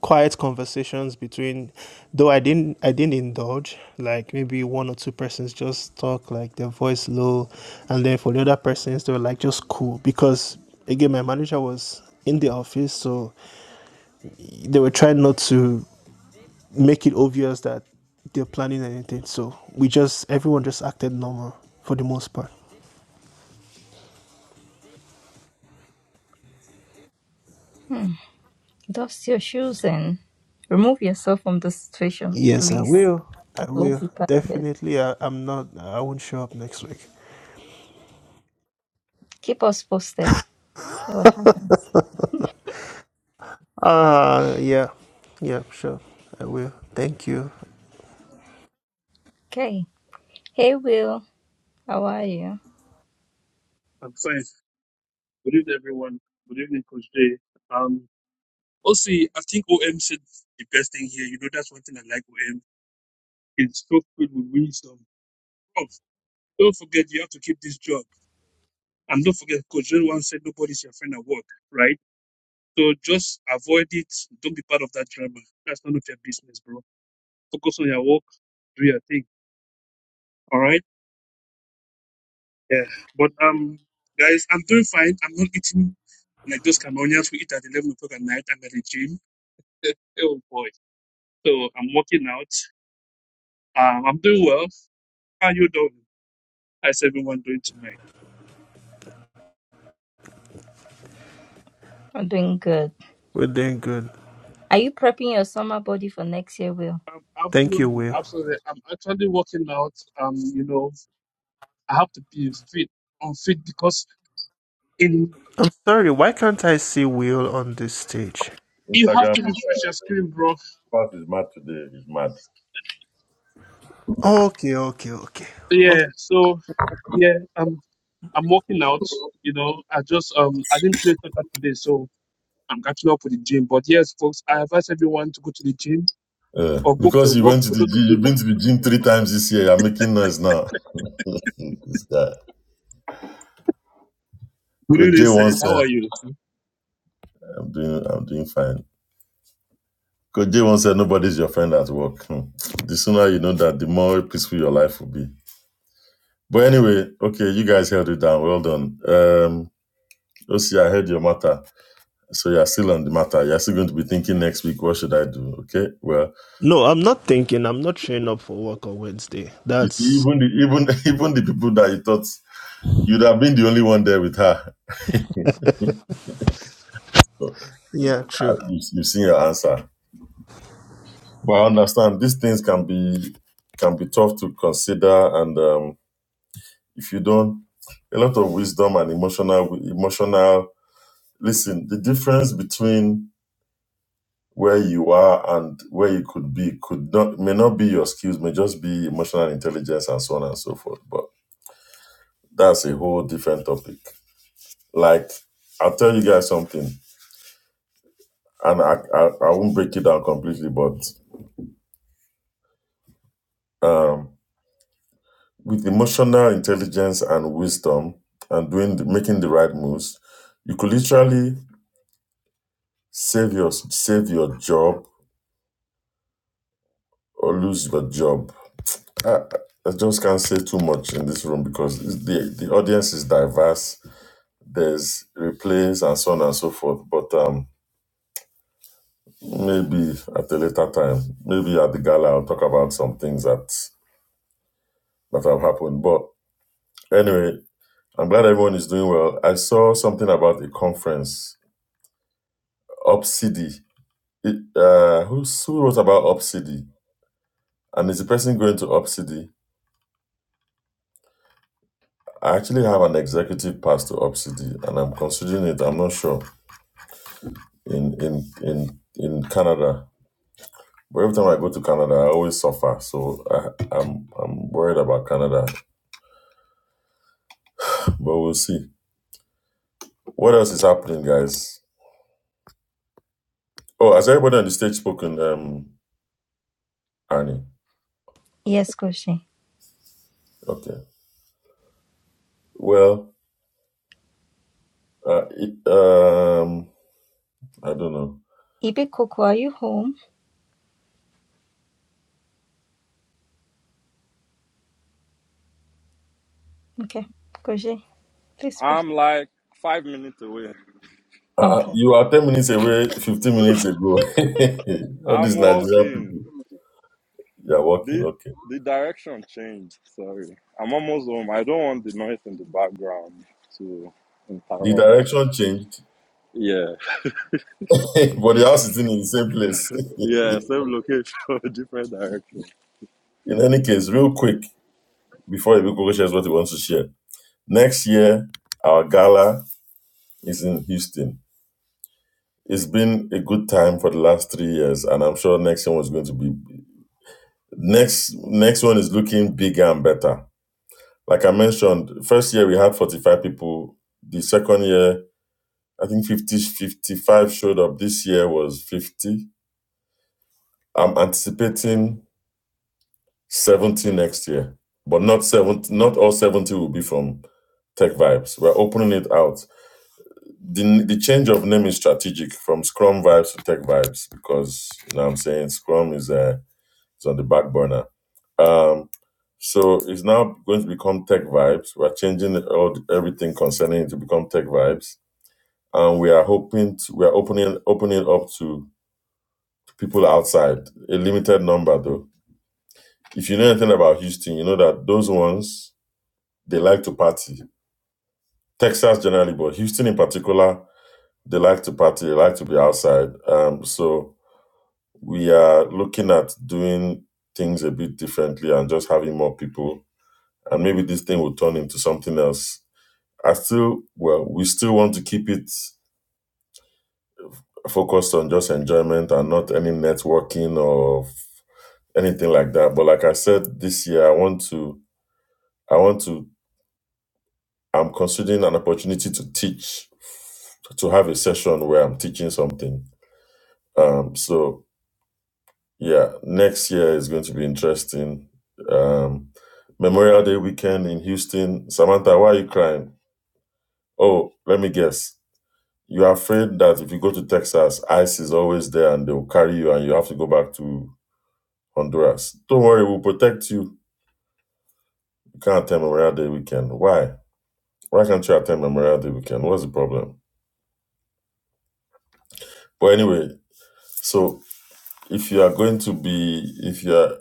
[SPEAKER 9] quiet conversations between, though I didn't I didn't indulge. Like maybe one or two persons just talk like their voice low, and then for the other persons they were like just cool because again my manager was in the office so they were trying not to make it obvious that they're planning anything. So we just everyone just acted normal for the most part.
[SPEAKER 3] Dust your shoes and remove yourself from the situation,
[SPEAKER 9] Yes, I
[SPEAKER 3] please.
[SPEAKER 9] will. I
[SPEAKER 3] We'll
[SPEAKER 9] will
[SPEAKER 3] be part of it.
[SPEAKER 9] definitely. I, I'm not. I won't show up next week.
[SPEAKER 3] Keep us posted. What happens?
[SPEAKER 9] Uh yeah, yeah, sure. I will. Thank you.
[SPEAKER 3] Okay. Hey, Will. How are you?
[SPEAKER 11] I'm fine. Good evening, everyone. Good evening, Coach Jay. Um, also, I think OM said the best thing here. You know, that's one thing I like OM. It's so filled with wisdom. Oh, don't forget, you have to keep this job. And don't forget, Coach Jay once said nobody's your friend at work, right? So just avoid it. Don't be part of that drama. That's none of your business, bro. Focus on your work. Do your thing. All right? Yeah. But, um, guys, I'm doing fine. I'm not eating like those Cameroonians who eat at 11 o'clock at night. I'm at the gym. oh, boy. So I'm working out. Um, I'm doing well. How you doing? How's everyone doing tonight?
[SPEAKER 3] I'm doing good.
[SPEAKER 9] We're doing good.
[SPEAKER 3] Are you prepping your summer body for next year, Will?
[SPEAKER 11] Um,
[SPEAKER 9] Thank you,
[SPEAKER 11] absolutely,
[SPEAKER 9] Will.
[SPEAKER 11] absolutely. I'm actually working out. Um, you know, I have to be fit on fit because in
[SPEAKER 9] I'm sorry. Why can't I see Will on this stage?
[SPEAKER 11] you have
[SPEAKER 2] Instagram
[SPEAKER 11] to refresh your screen, bro.
[SPEAKER 2] class is mad today. It's mad.
[SPEAKER 9] Okay, okay, okay. Okay.
[SPEAKER 11] Yeah. So yeah, um, I'm working out. You know, I just um, I didn't play soccer today, so I'm catching up with the gym. But yes, folks, I advise everyone to go to the gym
[SPEAKER 2] Uh,
[SPEAKER 11] or go for a
[SPEAKER 2] because you
[SPEAKER 11] walk.
[SPEAKER 2] went to
[SPEAKER 11] For
[SPEAKER 2] the
[SPEAKER 11] those of
[SPEAKER 2] gym,
[SPEAKER 11] you
[SPEAKER 2] you've
[SPEAKER 11] who,
[SPEAKER 2] been to the gym three times this year. You're making noise now. this guy.
[SPEAKER 11] who do
[SPEAKER 2] Coach J
[SPEAKER 11] this, uh,
[SPEAKER 2] once
[SPEAKER 11] how
[SPEAKER 2] said.
[SPEAKER 11] are you?
[SPEAKER 2] I'm doing I'm doing fine. Coach J once said nobody's your friend at work. Hmm. The sooner you know that, the more peaceful your life will be. But anyway, okay, you guys held it down. Well done. Um Osi, I heard your matter. So you're still on the matter. You're still going to be thinking next week, what should I do? Okay. Well,
[SPEAKER 9] No, I'm not thinking. I'm not showing up for work on Wednesday.
[SPEAKER 2] you see,
[SPEAKER 9] That's
[SPEAKER 2] even the even even the people that you thought you'd have been the only one there with her. So,
[SPEAKER 9] yeah,
[SPEAKER 2] uh,
[SPEAKER 9] true.
[SPEAKER 2] you- You've seen your answer. But I understand these things can be can be tough to consider and um, If you don't, a lot of wisdom and emotional emotional. Listen, the difference between where you are and where you could be could not may not be your skills, may just be emotional intelligence and so on and so forth. But that's a whole different topic. Like I'll tell you guys something, and I I, I won't break it down completely, but um, with emotional intelligence and wisdom and doing the, making the right moves, you could literally save your save your job or lose your job. I, I just can't say too much in this room because the the audience is diverse. There's replays and so on and so forth. But um, maybe at a later time, maybe at the gala, I'll talk about some things that that have happened. But anyway, I'm glad everyone is doing well. I saw something about a conference, Obsidy. It, uh, who, who wrote about Obsidy? And is the person going to Obsidy? I actually have an executive pass to Obsidy, and I'm considering it. I'm not sure. in in in in Canada. But every time I go to Canada, I always suffer. So I, I'm I'm worried about Canada, but we'll see. What else is happening, guys? Oh, has everybody on the stage spoken, um, Annie?
[SPEAKER 3] Yes, Kushi.
[SPEAKER 2] Okay. Well, uh, it, um, I don't know.
[SPEAKER 3] Ibi Coco, are you home? Okay, Kushi, please first.
[SPEAKER 8] I'm like five minutes away.
[SPEAKER 2] Uh, uh,
[SPEAKER 3] Okay.
[SPEAKER 2] you are ten minutes away, fifteen minutes ago. All
[SPEAKER 8] I'm
[SPEAKER 2] these Nigerian people,
[SPEAKER 8] walking.
[SPEAKER 2] you are walking.
[SPEAKER 8] The
[SPEAKER 2] Okay.
[SPEAKER 8] the direction changed. Sorry. I'm almost home. I don't want the noise in the background to
[SPEAKER 2] The
[SPEAKER 8] interrupt.
[SPEAKER 2] direction changed,
[SPEAKER 8] Yeah.
[SPEAKER 2] but the house is still in the same place.
[SPEAKER 8] Yeah, same location, different direction.
[SPEAKER 2] in any case, real quick, before Ebiko shares what he wants to share. Next year, our gala is in Houston. It's been a good time for the last three years, and I'm sure next one is going to be next. Next one is looking bigger and better. Like I mentioned, first year we had 45 people. The second year, I think 50 55 showed up. This year was 50. I'm anticipating 70 next year, but not 70. Not all 70 will be from Tech Vibes. We're opening it out the the change of name is strategic from Scrum Vibes to Tech Vibes because you know what I'm saying Scrum is uh is on the back burner. Um, so it's now going to become Tech Vibes. We're changing all everything concerning it to become Tech Vibes, and we are hoping to, we are opening opening up to people outside. A limited number though. If you know anything about Houston, you know that those ones they like to party. Texas generally, but Houston in particular, they like to party. They like to be outside. Um, so we are looking at doing things a bit differently and just having more people. And maybe this thing will turn into something else. I still, well, we still want to keep it focused on just enjoyment and not any networking or anything like that. But like I said, this year I want to, I want to, I'm considering an opportunity to teach, to have a session where I'm teaching something. Um, so Yeah, next year is going to be interesting. Um, Memorial Day weekend in Houston. Samantha, why are you crying? Oh, let me guess. You're afraid that if you go to Texas, ICE is always there and they'll carry you and you have to go back to Honduras. Don't worry, we'll protect you. You can't attend Memorial Day weekend. Why? Why can't you attend Memorial Day weekend? What's the problem? But anyway, so if you are going to be, if you are,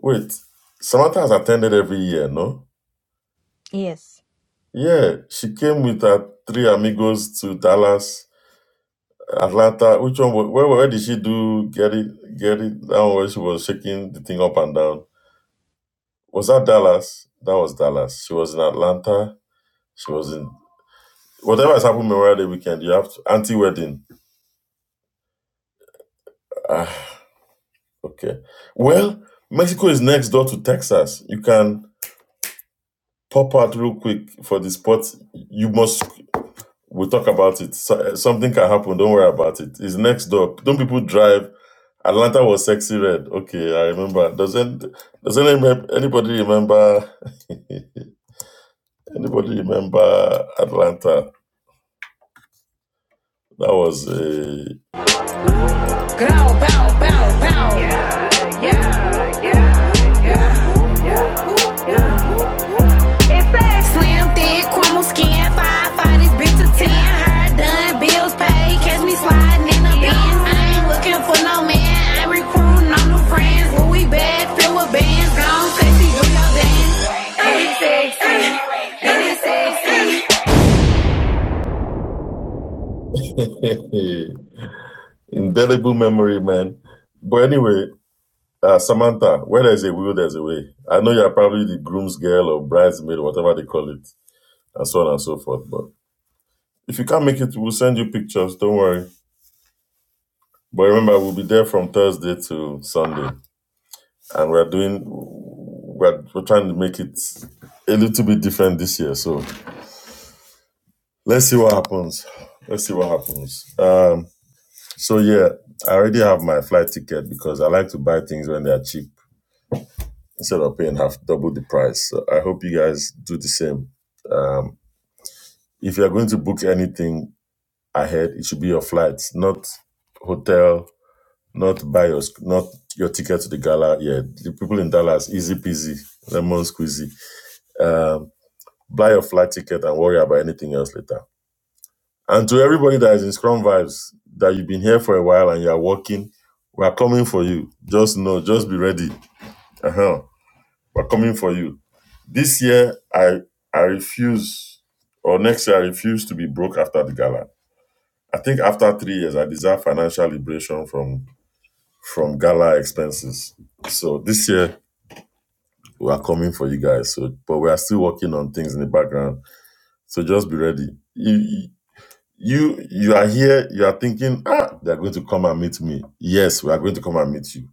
[SPEAKER 2] wait, Samantha has attended every year, no?
[SPEAKER 3] Yes.
[SPEAKER 2] Yeah, she came with her three amigos to Dallas, Atlanta. Which one? wa- Where, where did she do? Get it, get it. That one where she was shaking the thing up and down. Was that Dallas? That was Dallas. She was in Atlanta. She was in whatever has happened Memorial Day weekend. You have to anti wedding. Ah, okay. Well, Mexico is next door to Texas. You can pop out real quick for the spot. You must. We'll talk about it. So, something can happen. Don't worry about it. It's next door. Don't people drive? Atlanta was sexy red. Okay, I remember. Doesn't doesn't any- anybody remember anybody remember Atlanta? That was a
[SPEAKER 1] Those pay can in
[SPEAKER 2] indelible memory, man. But anyway, uh, Samantha, where there's a will, there's a way. I know you're probably the groom's girl or bridesmaid, whatever they call it, and so on and so forth. But if you can't make it, we'll send you pictures. Don't worry. But remember, we'll be there from Thursday to Sunday. and we're doing we're, we're trying to make it a little bit different this year so let's see what happens let's see what happens um so yeah i already have my flight ticket because i like to buy things when they are cheap instead of paying half double the price so i hope you guys do the same um if you're going to book anything ahead it should be your flights not hotel not buy your not your ticket to the gala yeah the people in dallas easy peasy lemon squeezy Um. buy your flight ticket and worry about anything else later. And to everybody that is in Scrum Vibes, that you've been here for a while and you're working, we're coming for you. Just know, just be ready. Uh-huh. We're coming for you. This year, I I refuse, or next year, I refuse to be broke after the gala. I think after three years, I deserve financial liberation from from gala expenses. So this year, we are coming for you guys. So, but we are still working on things in the background. So just be ready You, You you are here, you are thinking, ah, they are going to come and meet me. Yes, we are going to come and meet you.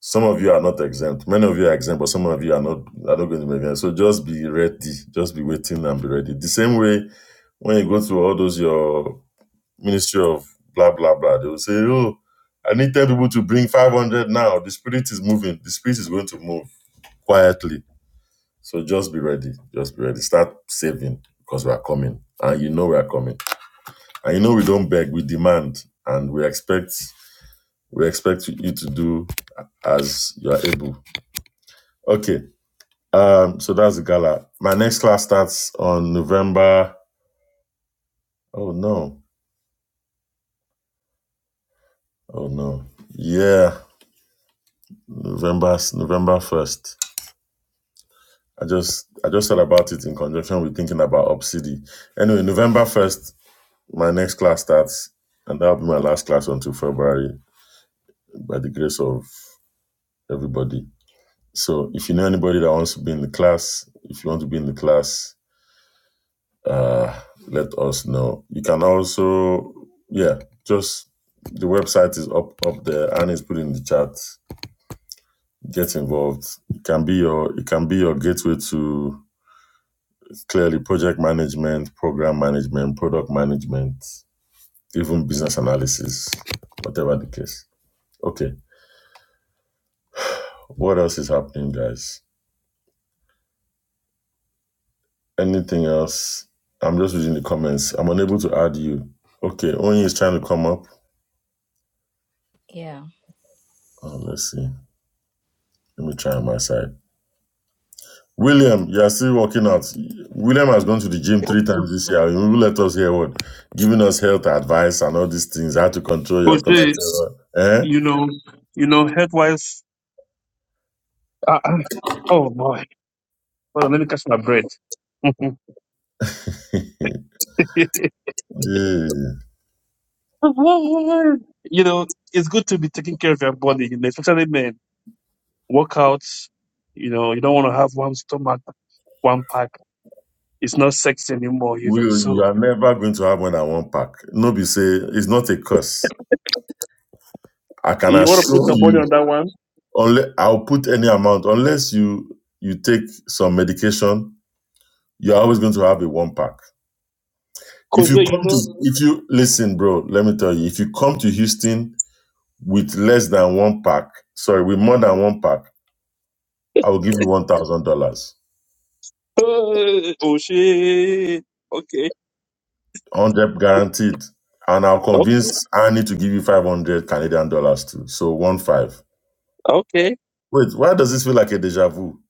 [SPEAKER 2] Some of you are not exempt. Many of you are exempt, but some of you are not are not going to be exempt. So just be ready. Just be waiting and be ready. The same way when you go to all those your ministry of blah blah blah, they will say, Oh, I need 10 people to bring 500 now. The spirit is moving. The spirit is going to move quietly. So just be ready. Just be ready. Start saving because we are coming. And you know we are coming. And you know we don't beg, we demand, and we expect we expect you to do as you are able. Okay. Um, so that's the gala. My next class starts on November. Oh no. Oh no. Yeah. November November first. I just I just thought about it in conjunction with thinking about Obsidi. Anyway, November first, my next class starts, and that'll be my last class until February by the grace of everybody. So if you know anybody that wants to be in the class, if you want to be in the class, uh, let us know. You can also, yeah, just the website is up up there and it's put in the chat. Get involved. It can be your it can be your gateway to clearly project management, program management, product management, even business analysis, whatever the case. Okay. What else is happening, guys? Anything else? I'm just reading the comments. I'm unable to add you. Okay, Onyi is trying to come up.
[SPEAKER 3] Yeah.
[SPEAKER 2] Oh, let's see. Let me try on my side. William, you are still working out. William has gone to the gym three times this year. You let us hear what? Giving us health advice and all these things, how to control your
[SPEAKER 11] Jose,
[SPEAKER 2] cholesterol. Eh?
[SPEAKER 11] You know, you know, health wise. Uh, uh, oh boy, hold on, let me catch my breath. you
[SPEAKER 2] Yeah.
[SPEAKER 11] know, it's good to be taking care of your body, you know, especially men. Workouts, you know, you don't want to have one stomach, one pack. It's not sexy anymore, you know.
[SPEAKER 2] Will, you
[SPEAKER 11] So
[SPEAKER 2] are never going to have more than one pack. Nobody say it's not a curse. I can
[SPEAKER 11] you want to put
[SPEAKER 2] assure
[SPEAKER 11] your money on
[SPEAKER 2] you.
[SPEAKER 11] that one?
[SPEAKER 2] Unless I'll put any amount, unless you you take some medication You're always going to have a one pack. If
[SPEAKER 11] Cause
[SPEAKER 2] you
[SPEAKER 11] then, you
[SPEAKER 2] come to,
[SPEAKER 11] know,
[SPEAKER 2] if you listen, bro, let me tell you, if you come to Houston with less than one pack, sorry, with more than one pack, I will give you one thousand dollars,
[SPEAKER 11] oh shit. Okay,
[SPEAKER 2] hundred guaranteed, and I'll
[SPEAKER 11] okay,
[SPEAKER 2] convince Annie to give you five hundred Canadian dollars too. So one five.
[SPEAKER 11] okay.
[SPEAKER 2] Wait, why does this feel like a deja vu?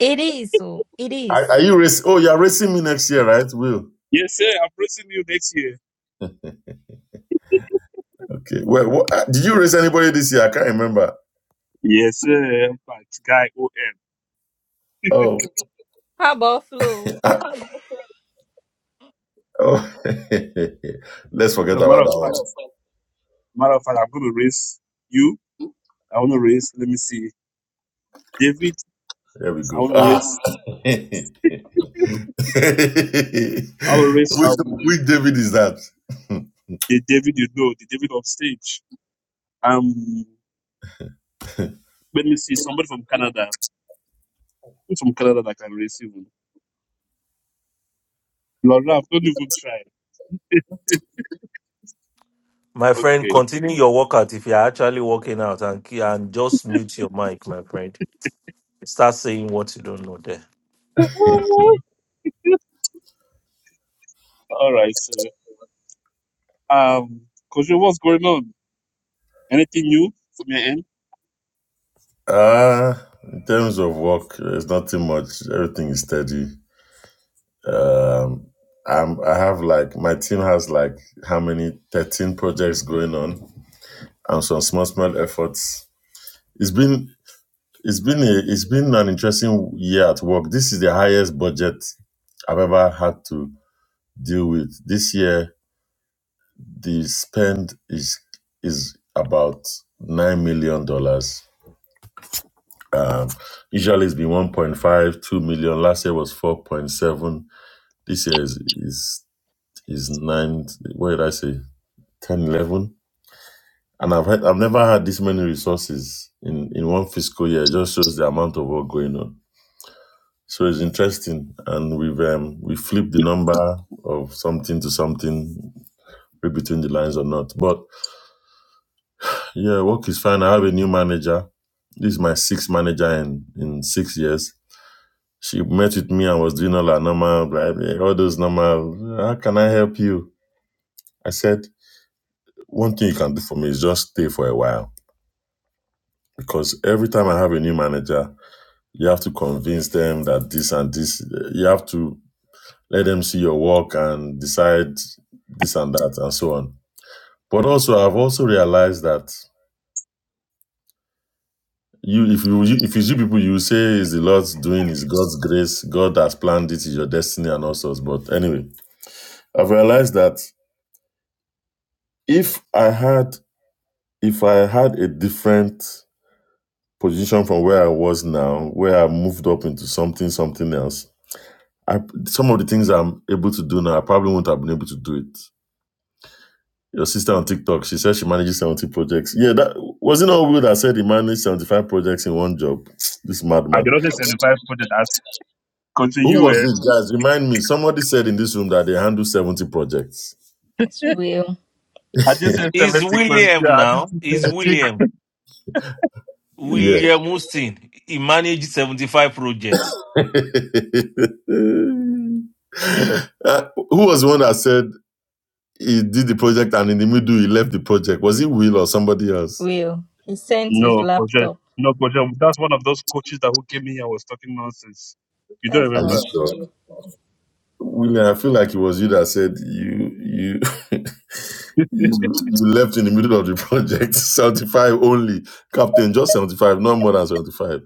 [SPEAKER 3] It is. Oh, it
[SPEAKER 2] Are, are
[SPEAKER 3] is.
[SPEAKER 2] you race? Oh, you're racing me next year, right, Will?
[SPEAKER 11] Yes, sir. I'm racing you next year.
[SPEAKER 2] Okay. Well, what, uh, did you race anybody this year? I can't remember.
[SPEAKER 11] Yes, sir. I'm back. Guy O M.
[SPEAKER 2] Oh,
[SPEAKER 3] How about Flo?
[SPEAKER 2] oh. let's forget
[SPEAKER 11] A matter
[SPEAKER 2] about
[SPEAKER 11] of
[SPEAKER 2] that
[SPEAKER 11] fact.
[SPEAKER 2] one.
[SPEAKER 11] Matter of fact, I'm going to raise you. I want to raise, let me see, David.
[SPEAKER 2] There we
[SPEAKER 11] I
[SPEAKER 2] go.
[SPEAKER 11] want to
[SPEAKER 2] Ah.
[SPEAKER 11] raise,
[SPEAKER 2] Which,
[SPEAKER 11] I will raise um
[SPEAKER 2] which David is that?
[SPEAKER 11] the David you know, the David on stage. Um, let me see, somebody from Canada. Who's from Canada that can raise you? Laura, don't even try.
[SPEAKER 10] my friend
[SPEAKER 11] Okay.
[SPEAKER 10] continue your workout if you're actually working out and, ke- and just mute your mic my friend start saying what you don't know there
[SPEAKER 11] All right, sir. um, Kojo, what's going on? Anything new from your end?
[SPEAKER 2] Uh, in terms of work, there's not too much. Everything is steady. Um, I'm, I have like, my team has like how many? 13 projects going on and some small, small efforts. It's been, it's been a, it's been an interesting year at work. This is the highest budget I've ever had to deal with. This year, The spend is is about nine million dollars. Um, usually it's been one point five, two million. Last year was 4.7. This year is is is nine. What did I say? 10, 11. And I've had, I've never had this many resources in in one fiscal year. It just shows the amount of work going on. So it's interesting, and we've um, we flipped the number of something to something read between the lines or not. But Yeah, work is fine. I have a new manager. This is my sixth manager in, in six years. She met with me and was doing all her normal, blah, all those normal, how can I help you? I said, one thing you can do for me is just stay for a while. Because every time I have a new manager, you have to convince them that this and this, eh, you have to let them see your work and decide this and that and so on. But also, I've also realized that You, if you, if it's you see people, you say it's the Lord's doing, it's God's grace, God has planned it, it's your destiny and all sorts. But anyway, I've realized that if I had, if I had a different position from where I was now, where I moved up into something, something else, I, some of the things I'm able to do now, I probably wouldn't have been able to do it. Your sister on TikTok, she said she manages 70 projects. Yeah, that wasn't all we that said he managed 75 projects in one job. This
[SPEAKER 11] I
[SPEAKER 2] madman.
[SPEAKER 11] did not just certify for the that. Kojo,
[SPEAKER 2] Who
[SPEAKER 11] you
[SPEAKER 2] was it, guys? Remind me. Somebody said in this room that they handle 70 projects.
[SPEAKER 3] It's Will.
[SPEAKER 11] I just said
[SPEAKER 10] is
[SPEAKER 11] 70. con- Yeah,
[SPEAKER 10] william
[SPEAKER 11] I
[SPEAKER 10] now
[SPEAKER 11] just said
[SPEAKER 10] is
[SPEAKER 11] 70.
[SPEAKER 10] william
[SPEAKER 2] Yeah.
[SPEAKER 10] William Houston, he managed 75 projects.
[SPEAKER 2] Uh, Who was the one that said he did the project and in the middle he left the project? Was it Will or somebody else?
[SPEAKER 3] Will. He sent his
[SPEAKER 11] No, Koje.
[SPEAKER 3] laptop.
[SPEAKER 11] No, Koje. That's one of those coaches that who came here was talking nonsense. You don't
[SPEAKER 3] That's
[SPEAKER 2] Are you
[SPEAKER 3] not
[SPEAKER 11] remember?
[SPEAKER 2] sure?
[SPEAKER 3] true.
[SPEAKER 2] William, I feel like it was you that said you you you, you left in the middle of the project. 75 only. Captain, just 75, not more than 75.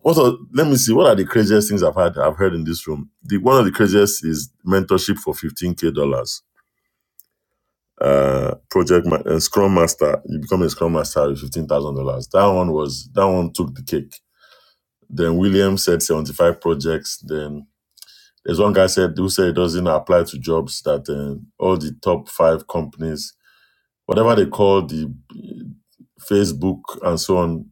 [SPEAKER 2] What are, let me see, what are the craziest things I've had I've heard in this room? The one of the craziest is mentorship for 15k dollars. uh project ma- uh, scrum master you become a scrum master with fifteen thousand dollars that one was that one took the cake then william said 75 projects then there's one guy said who said it doesn't apply to jobs that uh, all the top five companies whatever they call the uh, facebook and so on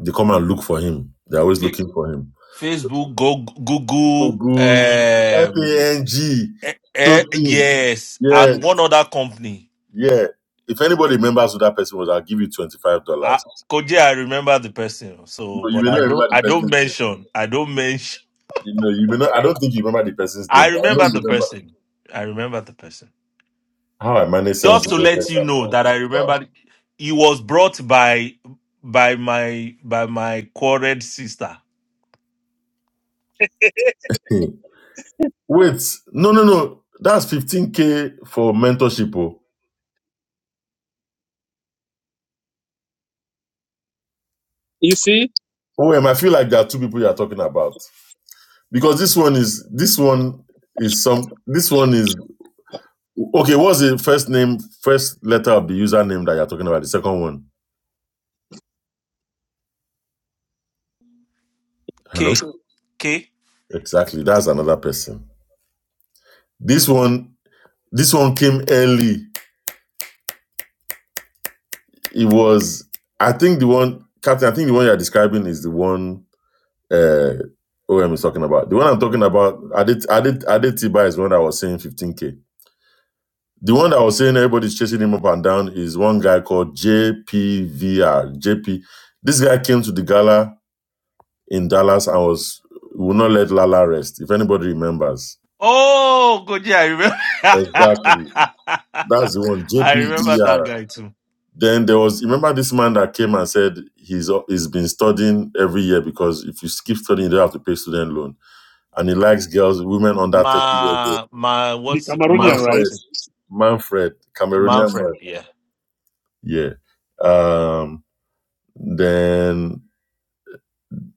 [SPEAKER 2] they come and look for him they're always
[SPEAKER 10] Eh,
[SPEAKER 2] looking for him
[SPEAKER 10] Facebook, Go- Google,
[SPEAKER 2] google
[SPEAKER 10] um,
[SPEAKER 2] f-a-n-g
[SPEAKER 10] eh,
[SPEAKER 2] those
[SPEAKER 10] eh, yes,
[SPEAKER 2] yeah
[SPEAKER 10] and one other company.
[SPEAKER 2] yeah if anybody remembers who that person was i'll give you $25
[SPEAKER 10] I, Koje, I remember the person, so
[SPEAKER 2] No, you
[SPEAKER 10] but
[SPEAKER 2] may
[SPEAKER 10] I
[SPEAKER 2] not
[SPEAKER 10] don't.
[SPEAKER 2] remember the
[SPEAKER 10] I don't
[SPEAKER 2] person's name.
[SPEAKER 10] mention. I don't mention.
[SPEAKER 2] You know, you may not. I don't think you remember the person's
[SPEAKER 10] I
[SPEAKER 2] name, but I know
[SPEAKER 10] remember
[SPEAKER 2] you
[SPEAKER 10] the
[SPEAKER 2] remember
[SPEAKER 10] person. I remember the person.
[SPEAKER 2] how I managed seventy
[SPEAKER 10] Just to let
[SPEAKER 2] projects.
[SPEAKER 10] you
[SPEAKER 2] and-
[SPEAKER 10] know that I
[SPEAKER 2] Wow.
[SPEAKER 10] remember, he was brought by by my by my quarried sister.
[SPEAKER 2] Wait, no, no, no. That's fifteen k for mentorship. Oh,
[SPEAKER 11] You see?
[SPEAKER 2] OM, I feel like there are two people you are talking about because this one is this one is some. This one is okay. What's the first name? First letter of the username that you're talking about. The second one. Hello.
[SPEAKER 10] K K.
[SPEAKER 2] Exactly. That's another person. This one. This one came early. It was, I think the one, Captain, I think the one you're describing is the one uh, OM is talking about. The one I'm talking about, I did, I did, I did Tiba is the one that was saying 15K. The one that was saying everybody's chasing him up and down is one guy called J P V R. J P. This guy came to the gala in Dallas and was, will not let Lala rest, if anybody remembers.
[SPEAKER 10] Oh, good. Yeah, I remember.
[SPEAKER 2] Exactly. That's the one,
[SPEAKER 10] I remember
[SPEAKER 2] JPVR.
[SPEAKER 10] that guy too.
[SPEAKER 2] Then there was remember this man that came and said he's he's been studying every year because if you skip studying, you don't have to pay student loan. And he likes girls, women under thirty years old.
[SPEAKER 10] Ma, ma,
[SPEAKER 11] The
[SPEAKER 10] what's ma
[SPEAKER 11] Cameroonian, right?
[SPEAKER 2] Manfred,
[SPEAKER 10] something?
[SPEAKER 2] Manfred, Cameroonian man.
[SPEAKER 10] Manfred, yeah.
[SPEAKER 2] Yeah. Um. Then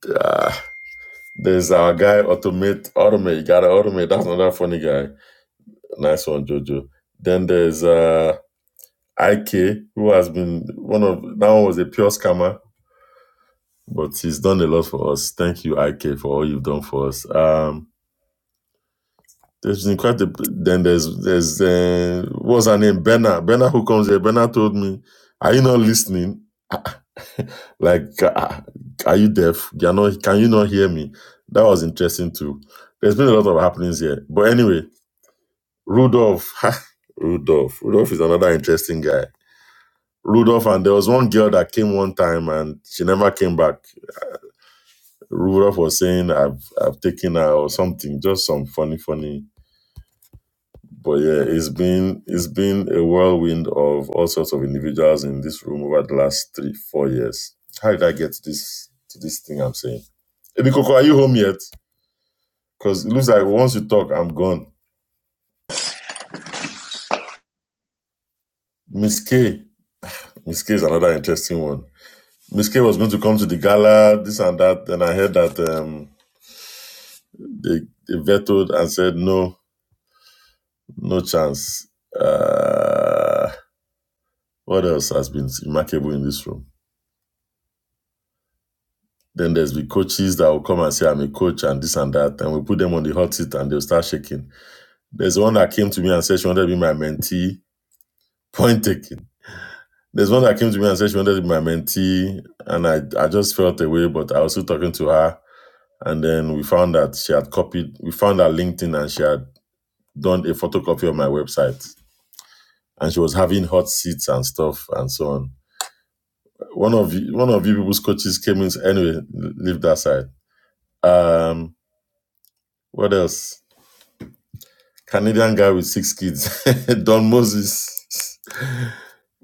[SPEAKER 2] uh, there's our guy automate automate. You gotta automate. That's another funny guy. Nice one, Jojo. Then there's uh Ik who has been one of that one was a pure scammer But he's done a lot for us. Thank you, IK, for all you've done for us. Um, there's been quite a, then there's there's uh, what's her name? Benna. Benna who comes here. Benna told me, Are you not listening? Like ah, are you deaf? you not, can you not hear me? That was interesting too. There's been a lot of happenings here. But anyway, Rudolph. Rudolph. Rudolph is another interesting guy. Rudolph, and there was one girl that came one time and she never came back. Rudolph was saying I've I've taken her or something, just some funny, funny. But yeah, it's been it's been a whirlwind of all sorts of individuals in this room over the last three, four years. How did I get to this to this thing I'm saying? Ebikoko, are you home yet? Because it looks like once you talk, I'm gone. Miss K. Miss K is another interesting one. Miss K was going to come to the gala, this and that. Then I heard that um, they, they vetoed and said no, no chance. Uh, What else has been remarkable in this room? Then there's the coaches that will come and say, I'm a coach and this and that. And we put them on the hot seat and they'll start shaking. There's one that came to me and said she wanted to be my mentee. Point taken. There's one that came to me and said she wanted to be my mentee. And I, I just felt away, but I was still talking to her. And then we found that she had copied, we found her LinkedIn and she had done a photocopy of my website. And she was having hot seats and stuff and so on. One of one of you people's coaches came in. Anyway, leave that side Um, what else? Canadian guy with six kids, Don Moses.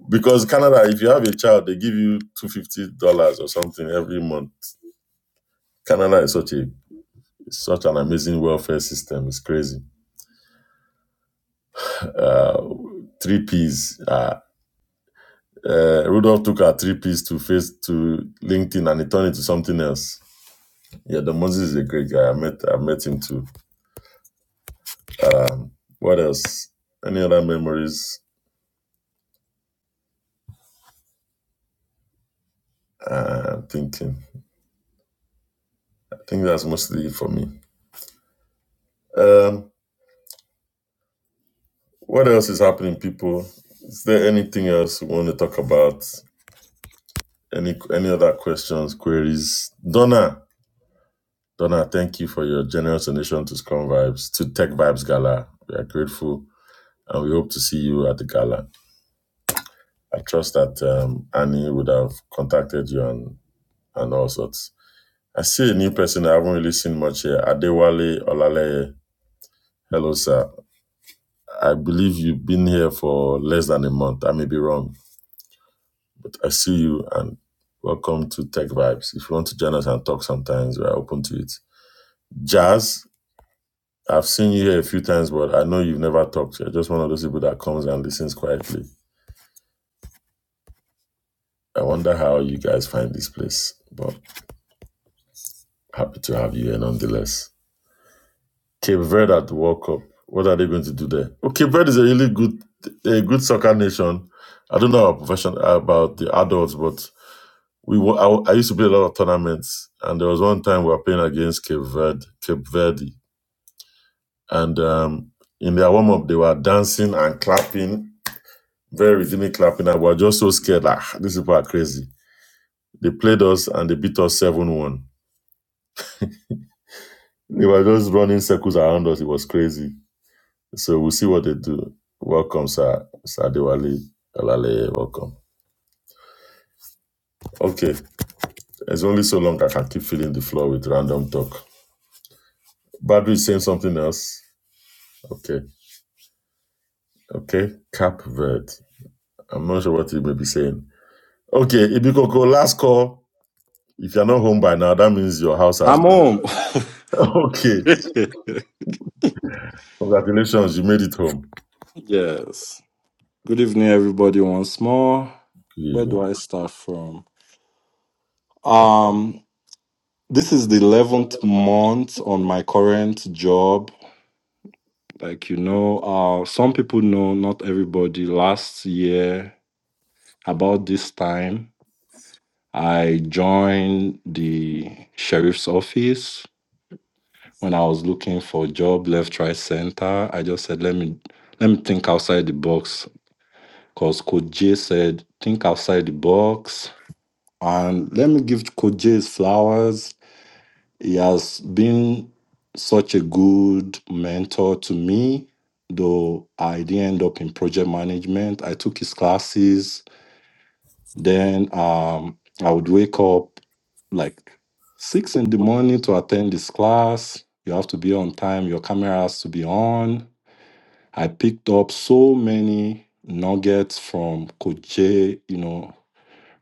[SPEAKER 2] Because Canada, if you have a child, they give you two hundred fifty dollars or something every month. Canada is such a such an amazing welfare system. It's crazy. Uh, three P's. Uh, uh, Rudolph took our three P's to face to LinkedIn and he turned it to something else. Yeah, Don Moses is a great guy. I met I met him too. What else? Any other memories? Uh, thinking. I think that's mostly it for me. Um, what else is happening, people? Is there anything else we want to talk about? Any any other questions, queries? Donna, Donna, thank you for your generous donation to Scrum Vibes to Tech Vibes Gala. We are grateful, and we hope to see you at the gala. I trust that um, Annie would have contacted you and and all sorts. I see a new person I haven't really seen much here. Adewale Olaleye. Hello, sir. I believe you've been here for less than a month. I may be wrong. I see you and welcome to Tech Vibes. If you want to join us and talk sometimes, we're open to it. Jazz, I've seen you here a few times, but I know you've never talked. You're just one of those people that comes and listens quietly. I wonder how you guys find this place, but happy to have you here nonetheless. Cape Verde at the World Cup. What are they going to do there? Well, Cape Verde is a really good, a good soccer nation. I don't know our profession about the adults, but we were, I, I used to play a lot of tournaments, and there was one time we were playing against Cape Verde, Cape Verde, and um, in their warm up they were dancing and clapping, very rhythmic clapping, and we were just so scared. Like "Ah, these people are crazy. They played us and they beat us seven one. They were just running circles around us. It was crazy. So we'll see what they do. Welcome, sir, Sir Diwali, Olale, welcome. Okay, it's only so long I can keep filling the floor with random talk. Badru is saying something else. Okay. Okay, Cap Verde. I'm not sure what you may be saying. Okay, Ibikoko, last call. If you're not home by now, that means your house has
[SPEAKER 8] I'm
[SPEAKER 2] been.
[SPEAKER 8] home.
[SPEAKER 2] Okay, congratulations, you made it home.
[SPEAKER 8] yes. Good evening, everybody. Once more.
[SPEAKER 2] Good
[SPEAKER 8] Where
[SPEAKER 2] evening.
[SPEAKER 8] do I start from? Um, this is the eleventh month on my current job. Like you know, uh, some people know, not everybody. Last year, about this time, I joined the sheriff's office when I was looking for job left, right, center, I just said, let me let me think outside the box. Because Coach J said, think outside the box. And let me give Coach J his flowers. He has been such a good mentor to me, though I didn't end up in project management. I took his classes then um, I would wake up like six in the morning to attend this class. You have to be on time. Your camera has to be on. I picked up so many nuggets from Coach Jay, you know,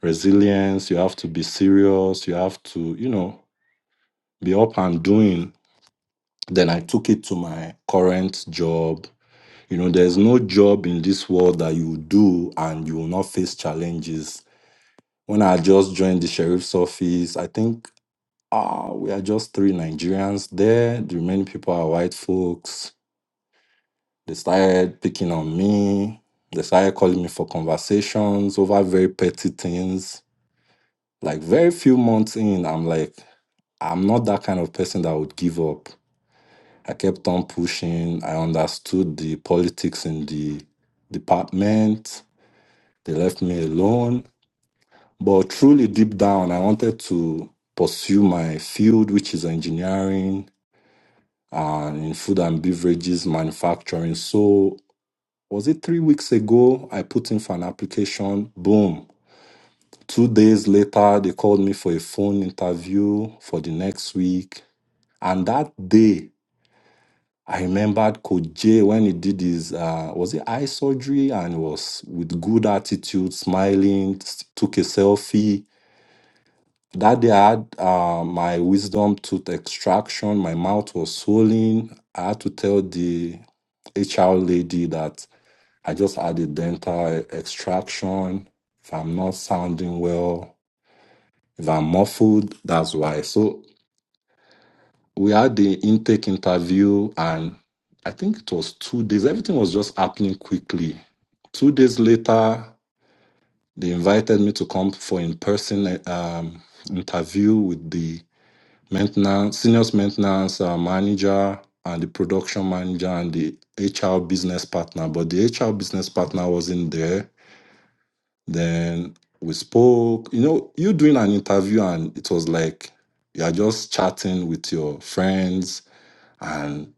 [SPEAKER 8] resilience. You have to be serious. You have to, you know, be up and doing. Then I took it to my current job. You know, there's no job in this world that you do and you will not face challenges when I just joined the sheriff's office, I think ah, we are just three Nigerians there. The remaining people are white folks. They started picking on me. They started calling me for conversations over very petty things. Like very few months in, I'm like, I'm not that kind of person that would give up. I kept on pushing. I understood the politics in the department. They left me alone But truly deep down, I wanted to pursue my field, which is engineering and in food and beverages manufacturing. So was it three weeks ago? I put in for an application. Boom. Two days later, they called me for a phone interview for the next week. And that day, I remembered Coach J when he did his, uh, was it eye surgery? And he was with good attitude, smiling, s- took a selfie. That day I had uh, my wisdom tooth extraction. My mouth was swollen. I had to tell the HR lady that I just had a dental extraction. If I'm not sounding well, if I'm muffled, that's why. So we had the intake interview, and I think it was two days. Everything was just happening quickly. Two days later, they invited me to come for in person um, interview with the maintenance, seniors maintenance uh, manager, and the production manager and the HR business partner. But the HR business partner wasn't there. Then we spoke. You know, you doing an interview and it was like you are just chatting with your friends and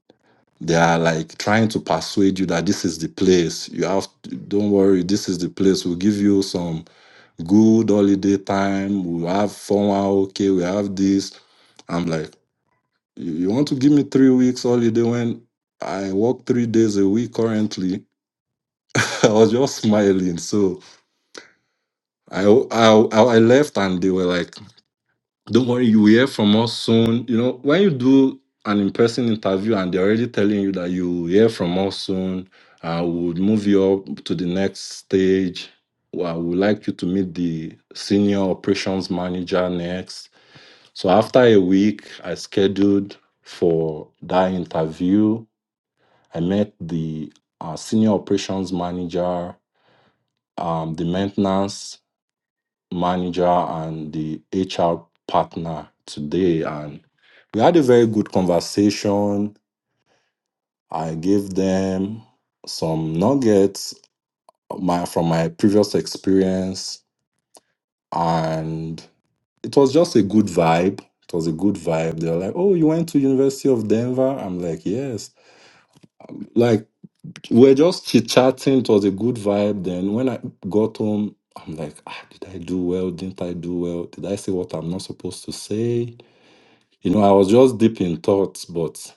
[SPEAKER 8] they are like trying to persuade you that this is the place you have to, don't worry this is the place we'll give you some good holiday time we'll have fun ah, okay we have this i'm like you you want to give me three weeks holiday when I work three days a week currently? I was just smiling. So I, I I left and they were like, "Don't worry, you will hear from us soon." You know, when you do an in-person interview and they're already telling you that you will hear from us soon, I would move you up to the next stage. Well, I would like you to meet the senior operations manager next. So after a week, I scheduled for that interview I met the uh, senior operations manager, um, the maintenance manager, and the HR partner today. And we had a very good conversation. I gave them some nuggets uh, my, from my previous experience, and it was just a good vibe. It was a good vibe. They were like, "Oh, you went to University of Denver?" I'm like, "Yes." like." We were just chit chatting. It was a good vibe. Then when I got home, I'm like, ah, did I do well? Didn't I do well? Did I say what I'm not supposed to say? You know, I was just deep in thoughts, but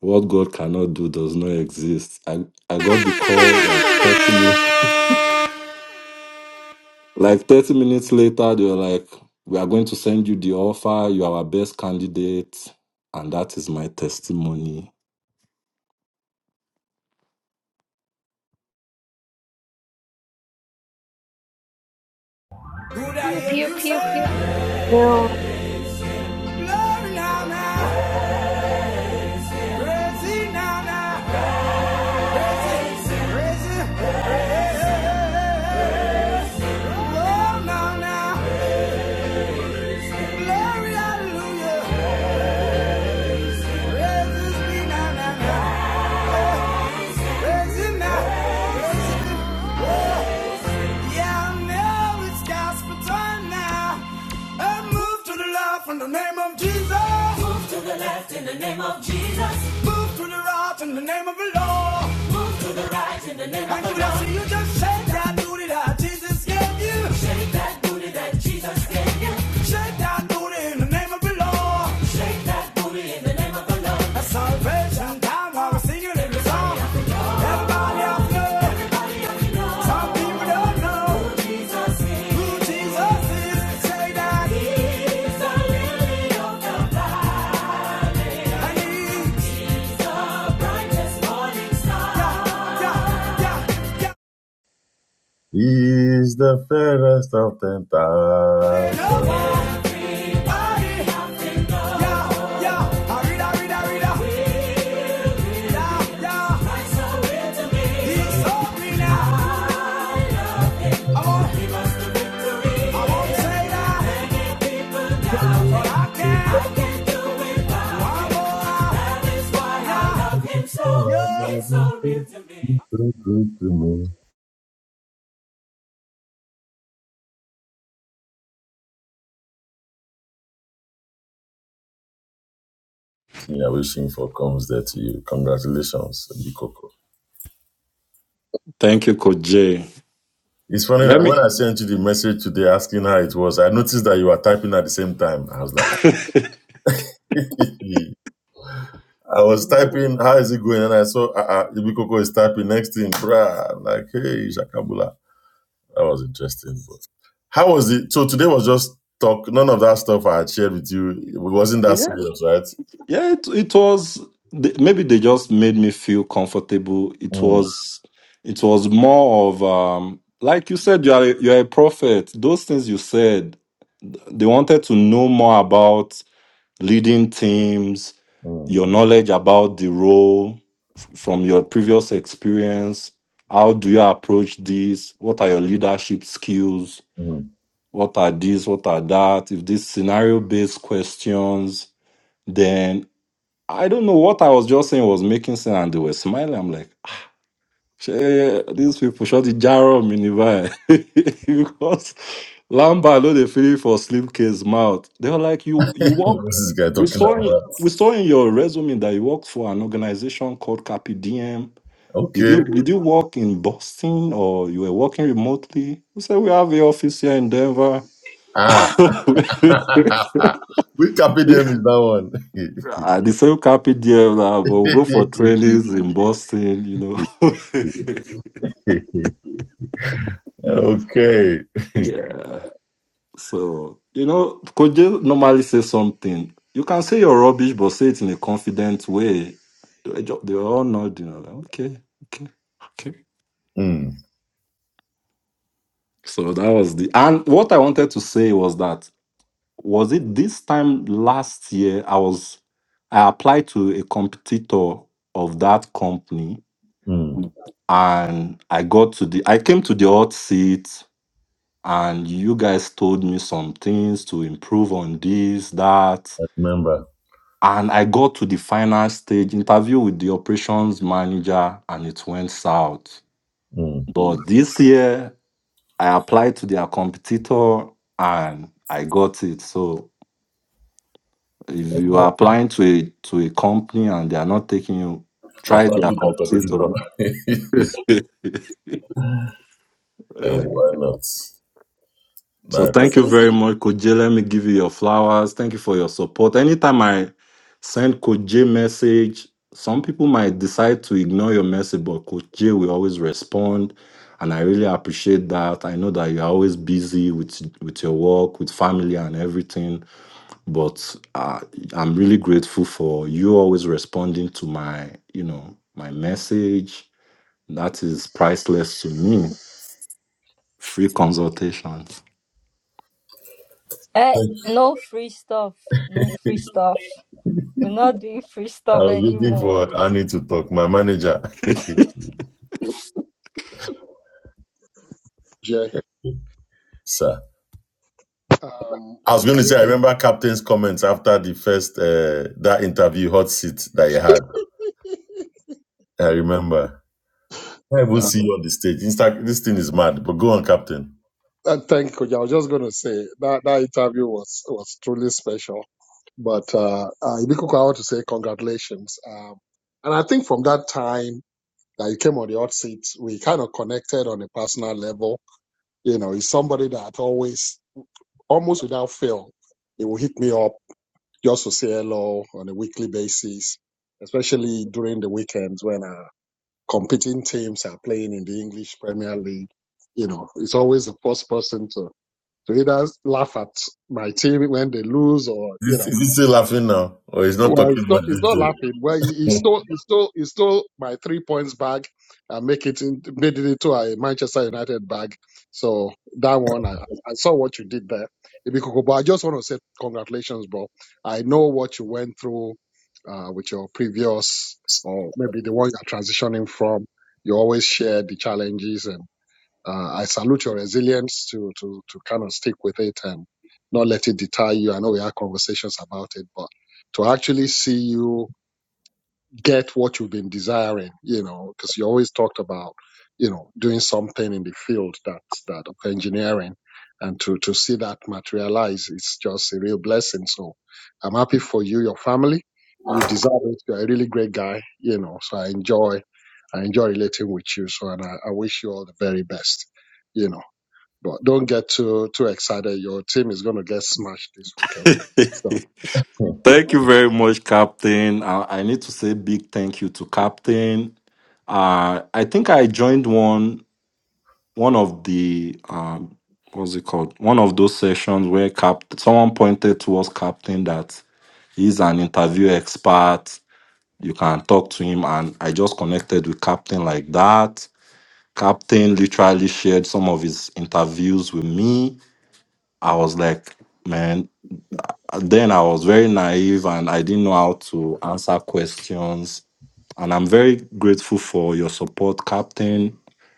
[SPEAKER 8] what God cannot do does not exist. I, I got the call like 30 minutes. Like 30 minutes later, they were like, we are going to send you the offer. You are our best candidate. And that is my testimony.
[SPEAKER 3] Pew pew pew pew.
[SPEAKER 1] love now now. Glory, hallelujah. Praise be now now now. Praise him now. Yeah, I know it's gospel time now. I move to the left in the name of Jesus. Move to the right In the name of the Lord, move to the right. In in in the the the the the the name name name of of of Lord. Lord. Lord. you you you. just shake Shake Shake Shake that that that Jesus gave you. Shake that booty that Jesus gave you. Shake that booty booty booty booty Jesus Jesus gave gave Salvation time, while we're singing in the song. Everybody out there. Everybody out there. Some people don't know who Jesus is. Who Jesus is. Say that He's the Lily of the Valley. And He's the...
[SPEAKER 2] He's the fairest of ten thousand. Yeah, wishing for comes there to you. Congratulations, Ibikoko.
[SPEAKER 8] Thank you, Coach Jay.
[SPEAKER 2] It's funny
[SPEAKER 8] Let
[SPEAKER 2] that when I
[SPEAKER 8] me.
[SPEAKER 2] sent you the message today asking how it was, I noticed that you were typing at the same time. I was like, I was typing, how is it going? And I saw uh, uh, Ibikoko is typing next thing, bruh. I'm like, hey, Shakabula. That was interesting. But how was it? So today was just talk. None of that stuff I had shared with you. It wasn't that serious, right?
[SPEAKER 8] Yeah, it, it was th- maybe they just made me feel comfortable. It
[SPEAKER 2] Mm,
[SPEAKER 8] was it was more of um like you said you are a, you are a prophet. Those things you said, they wanted to know more about leading teams,
[SPEAKER 2] mm,
[SPEAKER 8] your knowledge about the role f- from your previous experience. How do you approach this? What are your leadership skills?
[SPEAKER 2] mm.
[SPEAKER 8] What are these? What are that? If these scenario based questions, then. I don't know what I was just saying was making sense, and they were smiling. I'm like, "Shey, these people shot the jar in minivan because Lamba know they feel for Slimk's mouth. They were like, you you work.
[SPEAKER 2] What's this guy
[SPEAKER 8] We
[SPEAKER 2] talking
[SPEAKER 8] saw in,
[SPEAKER 2] about?
[SPEAKER 8] we saw in your resume that you worked for an organization called CapiDM. Did
[SPEAKER 2] Okay.
[SPEAKER 8] you did you work in Boston or you were working remotely? We said we have the office here in Denver.
[SPEAKER 2] Ah. we Which KPDM with that one?
[SPEAKER 8] I the same CapiDM now, but we'll go for trainings in Boston. You know.
[SPEAKER 2] okay.
[SPEAKER 8] Yeah. So, you know, could you normally say something? You can say your rubbish, but say it in a confident way. They ju- they all nod, you know, like, okay, okay, okay.
[SPEAKER 2] Mm,
[SPEAKER 8] So that was the. And what I wanted to say was that, was it this time last year? I was, I applied to a competitor of that company
[SPEAKER 2] mm. I
[SPEAKER 8] and I got to the, I came to the hot seat and you guys told me some things to improve on this, that
[SPEAKER 2] remember.
[SPEAKER 8] And I got to the final stage interview with the operations manager and it went south.
[SPEAKER 2] Mm.
[SPEAKER 8] But this year I applied to their competitor and I got it. So if you are applying to a to a company and they are not taking you,
[SPEAKER 2] I
[SPEAKER 8] try their
[SPEAKER 2] practiced that
[SPEAKER 8] competitor.
[SPEAKER 2] Hey, why not?
[SPEAKER 8] So
[SPEAKER 2] Nice.
[SPEAKER 8] thank you
[SPEAKER 2] Okay.
[SPEAKER 8] very much, Coach J. Let me give you your flowers. Thank you for your support. Anytime I send Coach J message, some people might decide to ignore your message, but Coach J will always respond. And I really appreciate that. I know that you're always busy with with your work, with family and everything. But uh, I'm really grateful for you always responding to my, you know, my message. That is priceless to me. Free consultation.
[SPEAKER 3] Uh,
[SPEAKER 2] I
[SPEAKER 3] no free stuff. No free stuff. We're not doing free
[SPEAKER 2] I
[SPEAKER 3] stuff
[SPEAKER 2] was looking
[SPEAKER 3] anymore.
[SPEAKER 2] for Annie to talk, my manager,
[SPEAKER 12] Jay.
[SPEAKER 2] sir.
[SPEAKER 12] Um,
[SPEAKER 2] I was going
[SPEAKER 12] I,
[SPEAKER 2] to say, I remember Captain's comments after the first uh, that interview, hot seat that you had. I remember. I will see you
[SPEAKER 12] um,
[SPEAKER 2] on the stage. Insta- this thing is mad, but go on, Captain.
[SPEAKER 12] uh, thank you. I was just going to say that that interview was was truly special. But uh, uh, Ibiko, I want to say congratulations. Um, and I think from that time that you came on the hot seat, we kind of connected on a personal level. You know, he's somebody that always, almost without fail, he will hit me up just to say hello on a weekly basis, especially during the weekends when I competing teams are playing in the English Premier League, you know, it's always the first person to, to either laugh at my team when they lose or, you know,
[SPEAKER 2] Is, is he still laughing now, or he's not
[SPEAKER 12] well,
[SPEAKER 2] talking
[SPEAKER 12] it's not.
[SPEAKER 2] much
[SPEAKER 12] It's not
[SPEAKER 2] these
[SPEAKER 12] laughing. Well, he, he
[SPEAKER 2] days?
[SPEAKER 12] stole. He stole. He stole my three points bag and make it in, made it into a Manchester United bag. So that one, I, I I saw what you did there, Ibikoko. But I just want to say congratulations, bro. I know what you went through uh, with your previous, or maybe the one you're transitioning from. You always shared the challenges and. Uh, I salute your resilience to, to, to kind of stick with it and not let it deter you. I know we had conversations about it, but to actually see you get what you've been desiring, you know, because you always talked about, you know, doing something in the field that's that of engineering. And to, to see that materialize is just a real blessing. So I'm happy for you, your family. You deserve it. You're a really great guy, you know. So I enjoy, I enjoy relating with you. So and I, I wish you all the very best, you know. But don't get too too excited. Your team is going to get smashed this weekend. So
[SPEAKER 8] Thank you very much, Captain. I, I need to say big thank you to Captain. Uh, I think I joined one one of the um, what's it called? One of those sessions where Cap someone pointed towards Captain that he's an interview expert. You can talk to him, and I just connected with Captain like that. Captain literally shared some of his interviews with me. I was like, man, then I was very naive and I didn't know how to answer questions. And I'm very grateful for your support, Captain,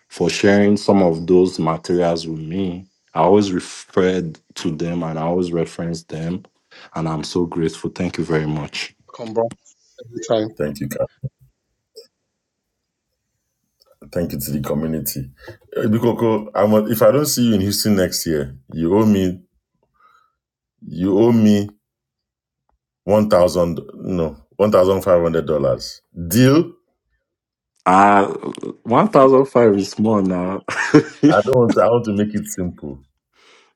[SPEAKER 8] for sharing some of those materials with me. I always referred to them and I always reference them. And I'm so grateful. Thank you very much.
[SPEAKER 12] come back anytime
[SPEAKER 2] Thank you, Captain. Thank you to the community. Uh, Bikoko, I'm, a, if I don't see you in Houston next year, you owe me. You owe me one thousand no one thousand five hundred dollars deal.
[SPEAKER 8] Uh, 1005 is small now.
[SPEAKER 2] I don't want. To, I want to make it simple.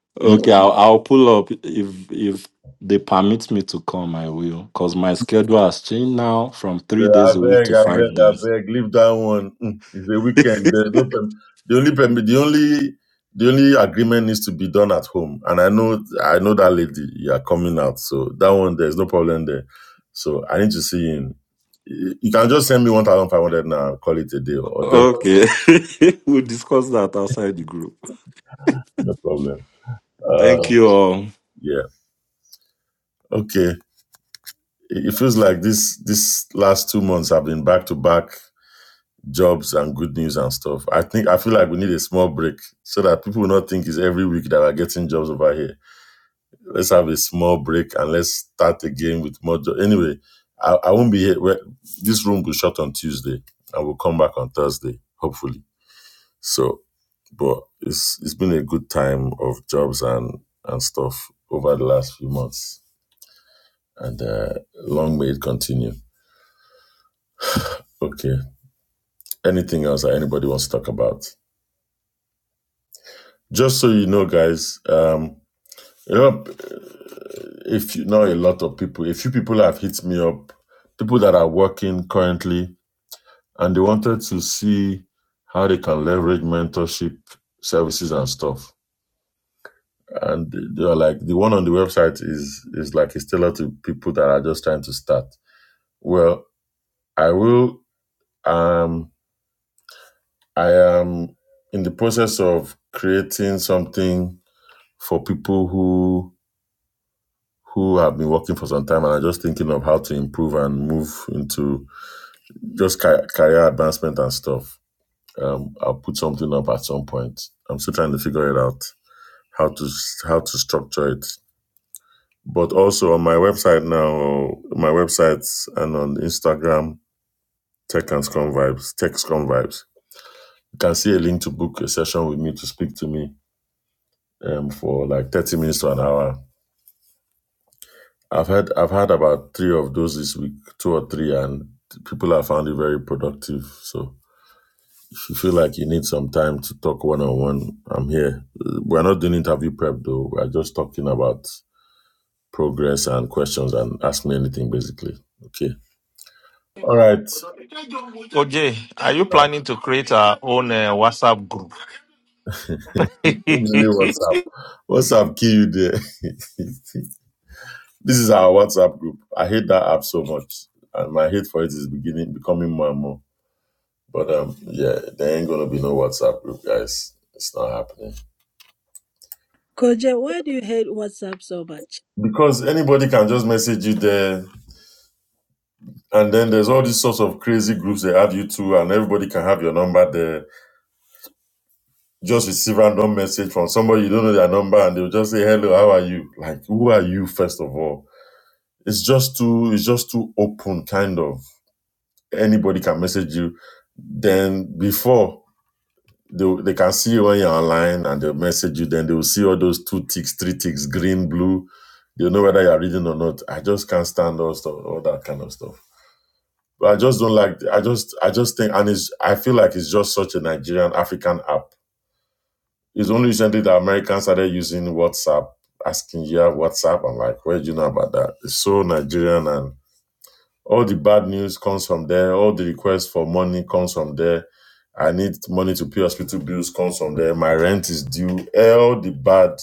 [SPEAKER 8] okay,
[SPEAKER 2] You-
[SPEAKER 8] I'll, I'll pull up if if they permit me to come, I will. Because my schedule has changed now from three
[SPEAKER 2] I
[SPEAKER 8] days a week
[SPEAKER 2] beg,
[SPEAKER 8] to
[SPEAKER 2] I beg,
[SPEAKER 8] five
[SPEAKER 2] I
[SPEAKER 8] days.
[SPEAKER 2] beg. Leave that one. Mm, It's a weekend. There's no perm- the only perm- the only the only agreement needs to be done at home. And I know I know that lady. You are coming out, so that one there's no problem there. So I need to see him. You you can just send me one thousand five hundred now. Call it a day, or just
[SPEAKER 8] Okay. we'll discuss that outside the group.
[SPEAKER 2] no problem.
[SPEAKER 8] Thank
[SPEAKER 2] Uh,
[SPEAKER 8] you all.
[SPEAKER 2] yeah. Okay. It feels like this this last two months have been back to back jobs and good news and stuff. I think I feel like we need a small break so that people will not think it's every week that we're getting jobs over here. Let's have a small break and let's start again with more jobs. Anyway, I, I won't be here. Well, This room will shut on Tuesday and we'll come back on Thursday, hopefully. So, but it's it's been a good time of jobs and and stuff over the last few months, and uh, long may it continue. Okay, anything else that anybody wants to talk about. Just so you know, guys, um, you know, if you know a lot of people, a few people have hit me up, people that are working currently, and they wanted to see how they can leverage mentorship services and stuff. And they are like, the one on the website is is like it's tailored to people that are just trying to start. Well, I will. Um, I am in the process of creating something for people who who have been working for some time and are just thinking of how to improve and move into just career advancement and stuff. Um, I'll put something up at some point. I'm still trying to figure it out how to how to structure it. But also on my website now, my websites and on Instagram, Tech and Scrum Vibes, Tech Scrum Vibes. You can see a link to book a session with me to speak to me um, for like 30 minutes to an hour I've had I've had about three of those this week, two or three, and people have found it very productive. So if you feel like you need some time to talk one on one, I'm here. Uh, We're not doing interview prep though. We're just talking about progress and questions and ask me anything basically. Okay. All right.
[SPEAKER 10] OJ, are you planning to create our own uh, WhatsApp group?
[SPEAKER 2] Let me see WhatsApp, up. What's up, kid? this is our WhatsApp group. I hate that app so much. And my hate for it is beginning becoming more and more. But um, yeah, there ain't gonna be no WhatsApp group, guys. It's not happening
[SPEAKER 5] Koja, why do you hate WhatsApp so much?
[SPEAKER 2] because anybody can just message you there, and then there's all these sorts of crazy groups they add you to, and everybody can have your number there. Just receive random message from somebody you don't know their number, and they'll just say hello, how are you? Like, who are you first of all? It's just too, it's just too open, kind of. Anybody can message you. Then before They, will- they can see you when you're online and they'll message you. Then they will see all those two ticks, three ticks, green, blue. They'll know whether you're reading or not. I just can't stand all stuff, all that kind of stuff. But I just don't like. I just, I just think, and it's. I feel like it's just such a Nigerian African app. It's only recently that Americans started using WhatsApp, asking, "Yeah, WhatsApp." I'm like, where do you know about that? It's so Nigerian and all the bad news comes from there. All the requests for money comes from there. I need money to pay hospital bills comes from there. My rent is due. All the bad,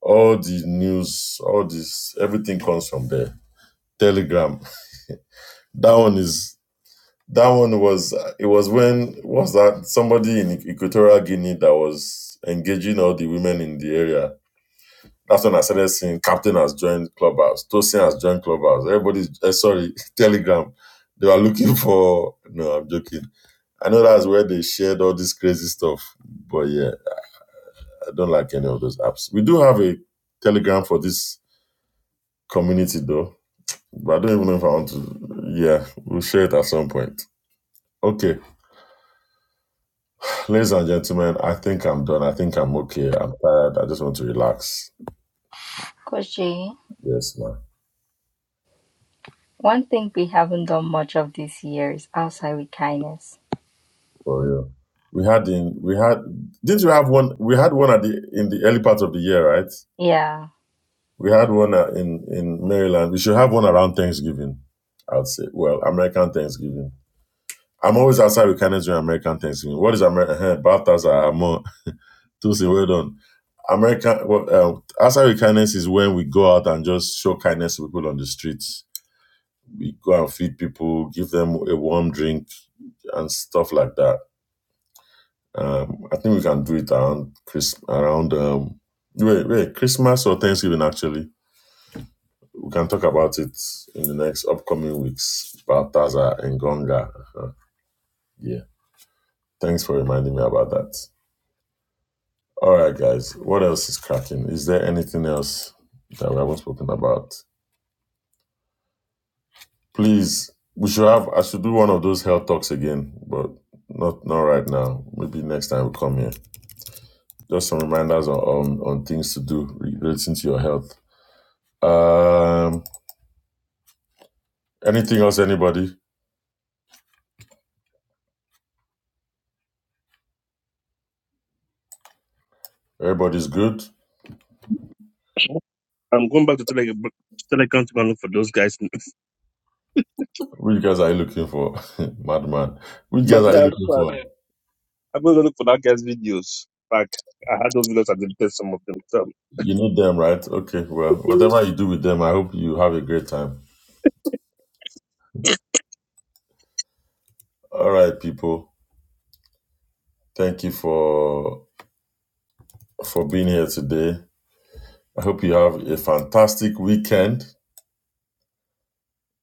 [SPEAKER 2] all the news, all this, everything comes from there. Telegram. That one is. That one was. It was when was that somebody in Equatorial Guinea that was engaging all the women in the area That's when I started seeing Captain has joined Clubhouse, Tosin has joined Clubhouse. Everybody's eh, sorry, Telegram. They were looking for. No, I'm joking. I know that's where they shared all this crazy stuff. But yeah, I don't like any of those apps. We do have a Telegram for this community though, but I don't even know if I want to. Yeah, we'll share it at some point. Okay, ladies and gentlemen, I think I'm done. I think I'm okay. I'm tired. I just want to relax.
[SPEAKER 3] Koji,
[SPEAKER 2] Yes, ma'am.
[SPEAKER 3] one thing we haven't done much of this year is outside with kindness.
[SPEAKER 2] For real. We had in we had didn't you have one? We had one at the in the early part of the year, right?
[SPEAKER 3] Yeah.
[SPEAKER 2] We had one uh, in in Maryland. We should have one around Thanksgiving. I'd say, well, American Thanksgiving. I'm always outside with Canada during American Thanksgiving. What is American? Balthazar, Amon, Tusi, well done. American, well, um, outside with kindness is when we go out and just show kindness to people on the streets. We go and feed people, give them a warm drink, and stuff like that Um, I think we can do it around Chris around um wait wait Christmas or Thanksgiving actually. We can talk about it in the next upcoming weeks. Baltazar and Gonga. Uh-huh. Yeah. Thanks for reminding me about that. All right, guys. What else is cracking? Is there anything else that we haven't spoken about? Please, we should have. I should do one of those health talks again, but not not right now. Maybe next time we come here. Just some reminders on on, on things to do relating to your health Um, anything else, anybody? Everybody's good.
[SPEAKER 11] I'm going back to Tele to Telecom to go and look for those guys.
[SPEAKER 2] Which guys are you looking for? Madman. Which guys
[SPEAKER 11] But
[SPEAKER 2] are you
[SPEAKER 11] uh,
[SPEAKER 2] looking
[SPEAKER 11] but
[SPEAKER 2] for?
[SPEAKER 11] I'm going to look for that guy's videos. Like I had those videos. I deleted some of them.
[SPEAKER 2] You need them, right? Okay, well, whatever you do with them, I hope you have a great time. All right, people. Thank you for for being here today. I hope you have a fantastic weekend.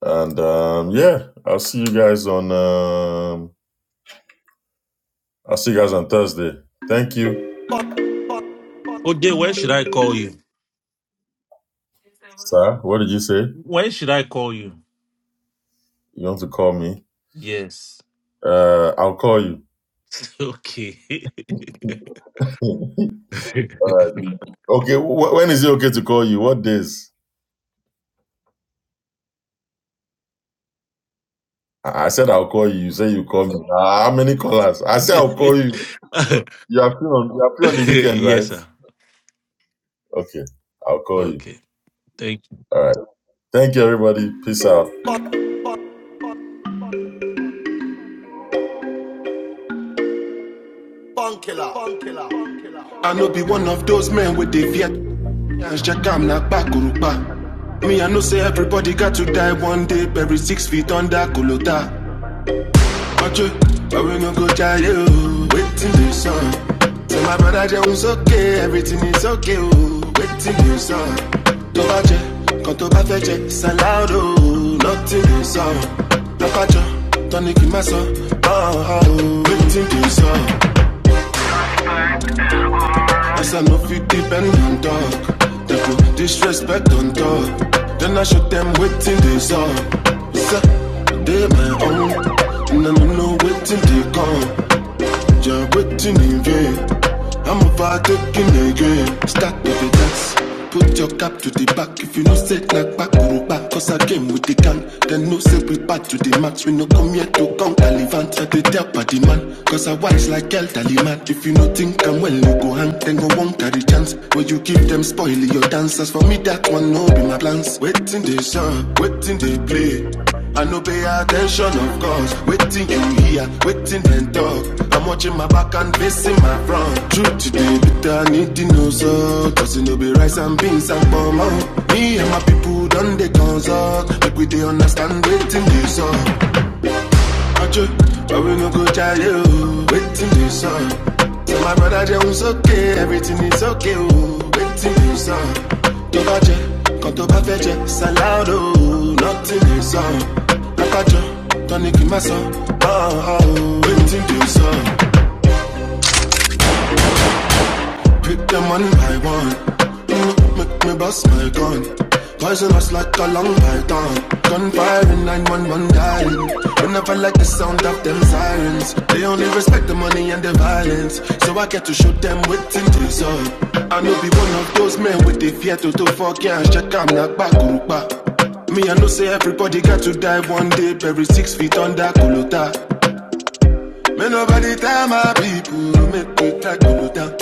[SPEAKER 2] And um, yeah, I'll see you guys on um, I'll see you guys on Thursday. Thank you.
[SPEAKER 10] OJ, where should I call you?
[SPEAKER 2] Sir, what did you say?
[SPEAKER 10] when should I call you?
[SPEAKER 2] You want to call me?
[SPEAKER 10] Yes.
[SPEAKER 2] Uh, I'll call
[SPEAKER 10] Okay.
[SPEAKER 2] you. God. Okay, wh- when is it okay to call you? What days? I I said I'll call you. You say you call me. Ah, How many callers? I said I'll call you. You are free on you are free on the weekend,
[SPEAKER 10] yes,
[SPEAKER 2] right?
[SPEAKER 10] sir.
[SPEAKER 2] Okay, I'll call you.
[SPEAKER 10] Okay. Thank.
[SPEAKER 2] All right. Thank you, everybody. Peace out.
[SPEAKER 1] I know be one of those men with the Viet. As Jackam na Bakurupa. Me, I know say everybody got to die one day, Every six feet under Kulota. Watch it, but we no go die, yo. Waiting the sun. Tell my brother Jones, okay, everything is okay, oh. Waiting the sun. To watch it, come to Bafeche, Salado, nothing the sun. Look at you, tonic in my son. Oh, oh, waiting the sun. Yes, I know fit deep and on dog. They go disrespect on dog. Then I show them waiting they saw. Yes, I, They my own. And I don't know waiting they come. Jah waiting in vain. I'm overtaking again. Start with the dance. Put your cap to the back if you no set like back guru back. Cause I came with the gang. Then no say we back to the max. We no come here to count Talivant. I did tell party man. Cause I wise like elderly man. If you no think I'm well, you go hang. Then go won't carry chance. When you give them spoil your dance dance. for me, that one no be my plans. Waiting the sun, waiting the play. I no pay attention, of course. Waiting you hear, waiting and talk. I'm watching my back and facing my front. Truth today, bitter, need the no so. Cause it no be rice and beans and palm Me and my people done they consult. Make we they understand waiting they saw. Watch you, but we no go charge you. Waiting this song. Tell my brother Jones okay, everything is okay. Oh, waiting this song. To come to perfect Salado, nothing this song. Akajo, Don't in my song. Oh, oh, waiting this song. Pick the money I want. make me bust my gun. Cause it was like a long python. Gunfire in 911 dialing. When I felt like the sound of them sirens. They only respect the money and the violence. So I get to shoot them with tinted up. I know be one of those men with the fear to do fuck yeah. Check I'm not back, group back. Me, I know say everybody got to die one day, buried six feet under Kulota. May nobody tell my people, to make we tag go down.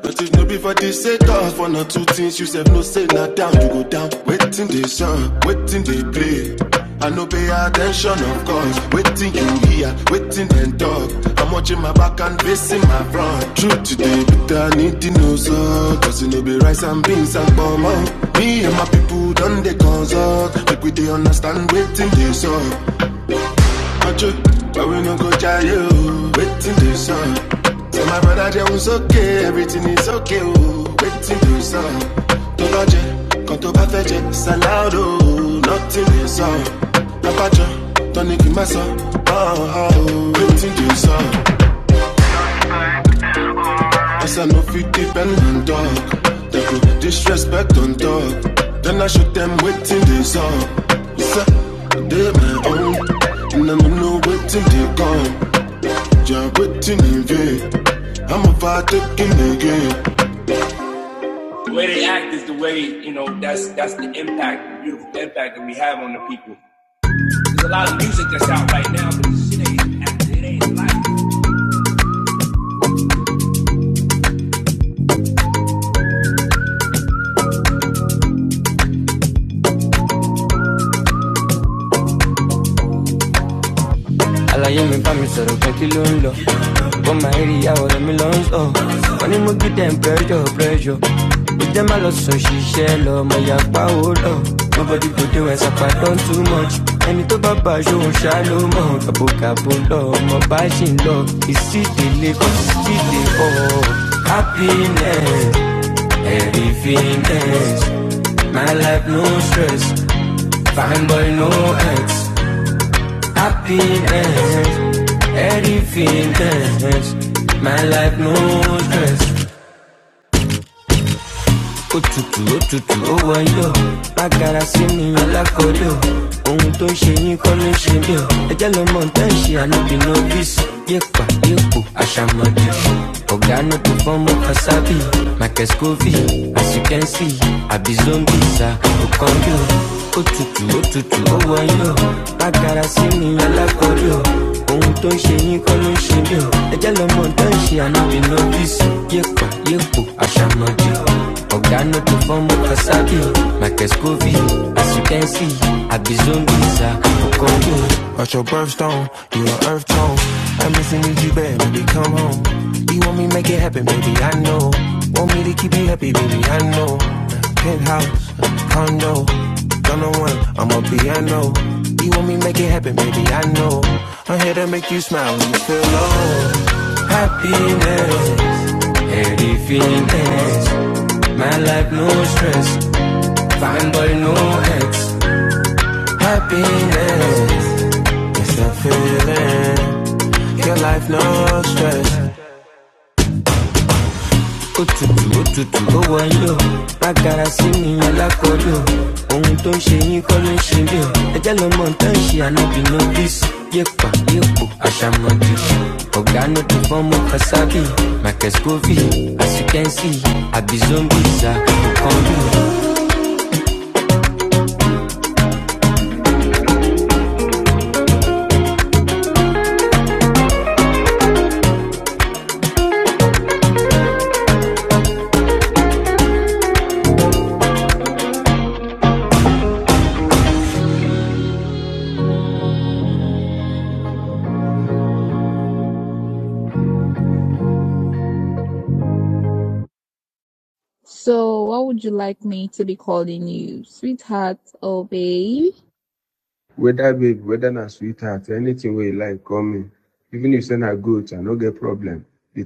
[SPEAKER 1] But if no be for this set off, for not two things, you said no say not down, you go down. Waiting they sun, waiting they play. I no pay attention, of course. Waiting you hear, waiting and talk. I'm watching my back and facing my front. Truth today, but I need to know so. Cause it no be rice and beans and bomb. Me and my people done they consult. Make we they understand waiting they suck. Acho, but we no go try you. Waiting to sun. Tell my brother Jay was okay, everything is okay. Oh, waiting to sun. To lodge, it, come to perfect, salad. Oh, nothing is on. Don't in my son. Oh, oh, waiting to sun. As I know fit depend on dog. They go disrespect on dog. Then I shoot them waiting to sun. Yes, I did my own. And I don't know no waiting to come. Jump with your nigga. am about to get nigga. The way they act is the way, you know, that's that's the impact, the beautiful impact that we have on the people. There's a lot of music that's out right now, but this shit ain't acting, it ain't life. àlàyé mi bá mi sọ̀rọ̀ pé kí ló ń lọ ó máa ń rí ìyàwó rẹ̀ mi lọ ń sọ wọ́n ní mo gbé temperature pressure ó jẹ́ má lọ sùn ṣiṣẹ́ lọ mo yà pa ó lọ nobody go dey when sapa don too much ẹni tó bá bá aṣọ òun ṣá ló mọ̀ kàbókàbó lọ ọmọ it ṣì ń lọ ìsídìílé kò sídìí bọ̀ happiness everythingness my life no stress fine boy no ex. Happiness, everything feelings. My life no stress. Òtútù òtútù ó wáyọ̀. Bákàrà sí mi alákọ̀ọ́lẹ̀ o. Ohun tó ń ṣe yín kọ́ ló ń ṣe mí o. Ẹjẹ́ lọ mọ nǹkan ṣe ànábì novice. Yépa yépo àṣàmọ̀dé. Ọ̀gá no perform Kasabi. Marcus Covey, as you can see, àbí zombies à Okanjo. Òtútù òtútù ó wáyọ̀. Bákàrà sí mi alákọ̀ọ́lẹ̀ o ohun tó ń ṣe yín kọ́ ló ń ṣe mí o ẹ jẹ́ lọ́mọ tó ń ṣe ànábì lọ́fíìsì yéèpà yéèpò àṣàmọ̀jì ọ̀gá náà tó fọ́ọ̀mù kásákì mike scovi as you can see àbí zombies are for congo. About your birthstone, you an earth tone. I miss and need you bad, baby, come home. You want me make it happen, baby, I know. Want me to keep you happy, baby, I know. Penthouse, condo, don't know one, I'm a piano. You want me make it happen, baby, I know. I'm here to make you smile when you feel low. Happiness, heady feelings. My life, no stress. Fine boy, no ex. Happiness. It's that feeling. Your life, no stress. Òtútù, òtútù, ó wọlé o. Bágara si mi alákọ̀ọ́lẹ̀ Ohun tó ń ṣe yín kọ́ ló ń ṣe mí o. Ẹjẹ́ ló mọ nǹkan ṣe ànábì nọ́bìsì. Yépa, yépo, àṣàmọ̀dì. Ọ̀gá ló ti fọ́mọ Kasabi. Marcus Govi, as you can see, àbí zombies are kàn So sweet. Wait me. minute. They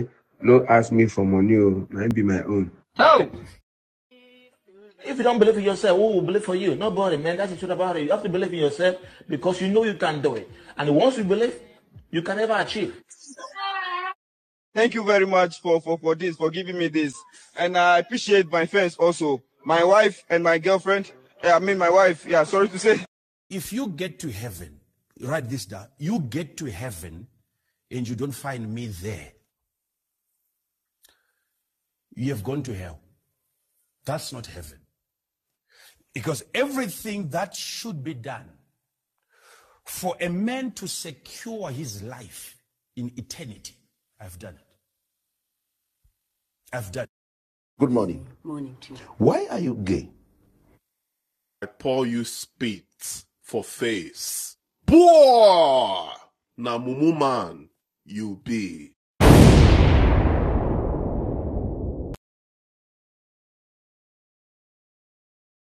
[SPEAKER 1] say, no ask me for money, oh, I be my own. If you don't believe in yourself, who will believe for you? Nobody, man. That's the truth about it. You have to believe in yourself because you know you can do it. And once you believe, you can never achieve. Thank you very much for, for, for this, for giving me this. And I appreciate my friends also. My wife and my girlfriend. eh, I mean, my wife. Yeah, sorry to say. heaven and you don't find me there, you have gone to hell. That's not heaven. Because everything that should be done for a man to secure his life in eternity, I've done it. I've done it. Good morning. Why are you gay? I pour you spit for face. Boah! Na mumu man, you be.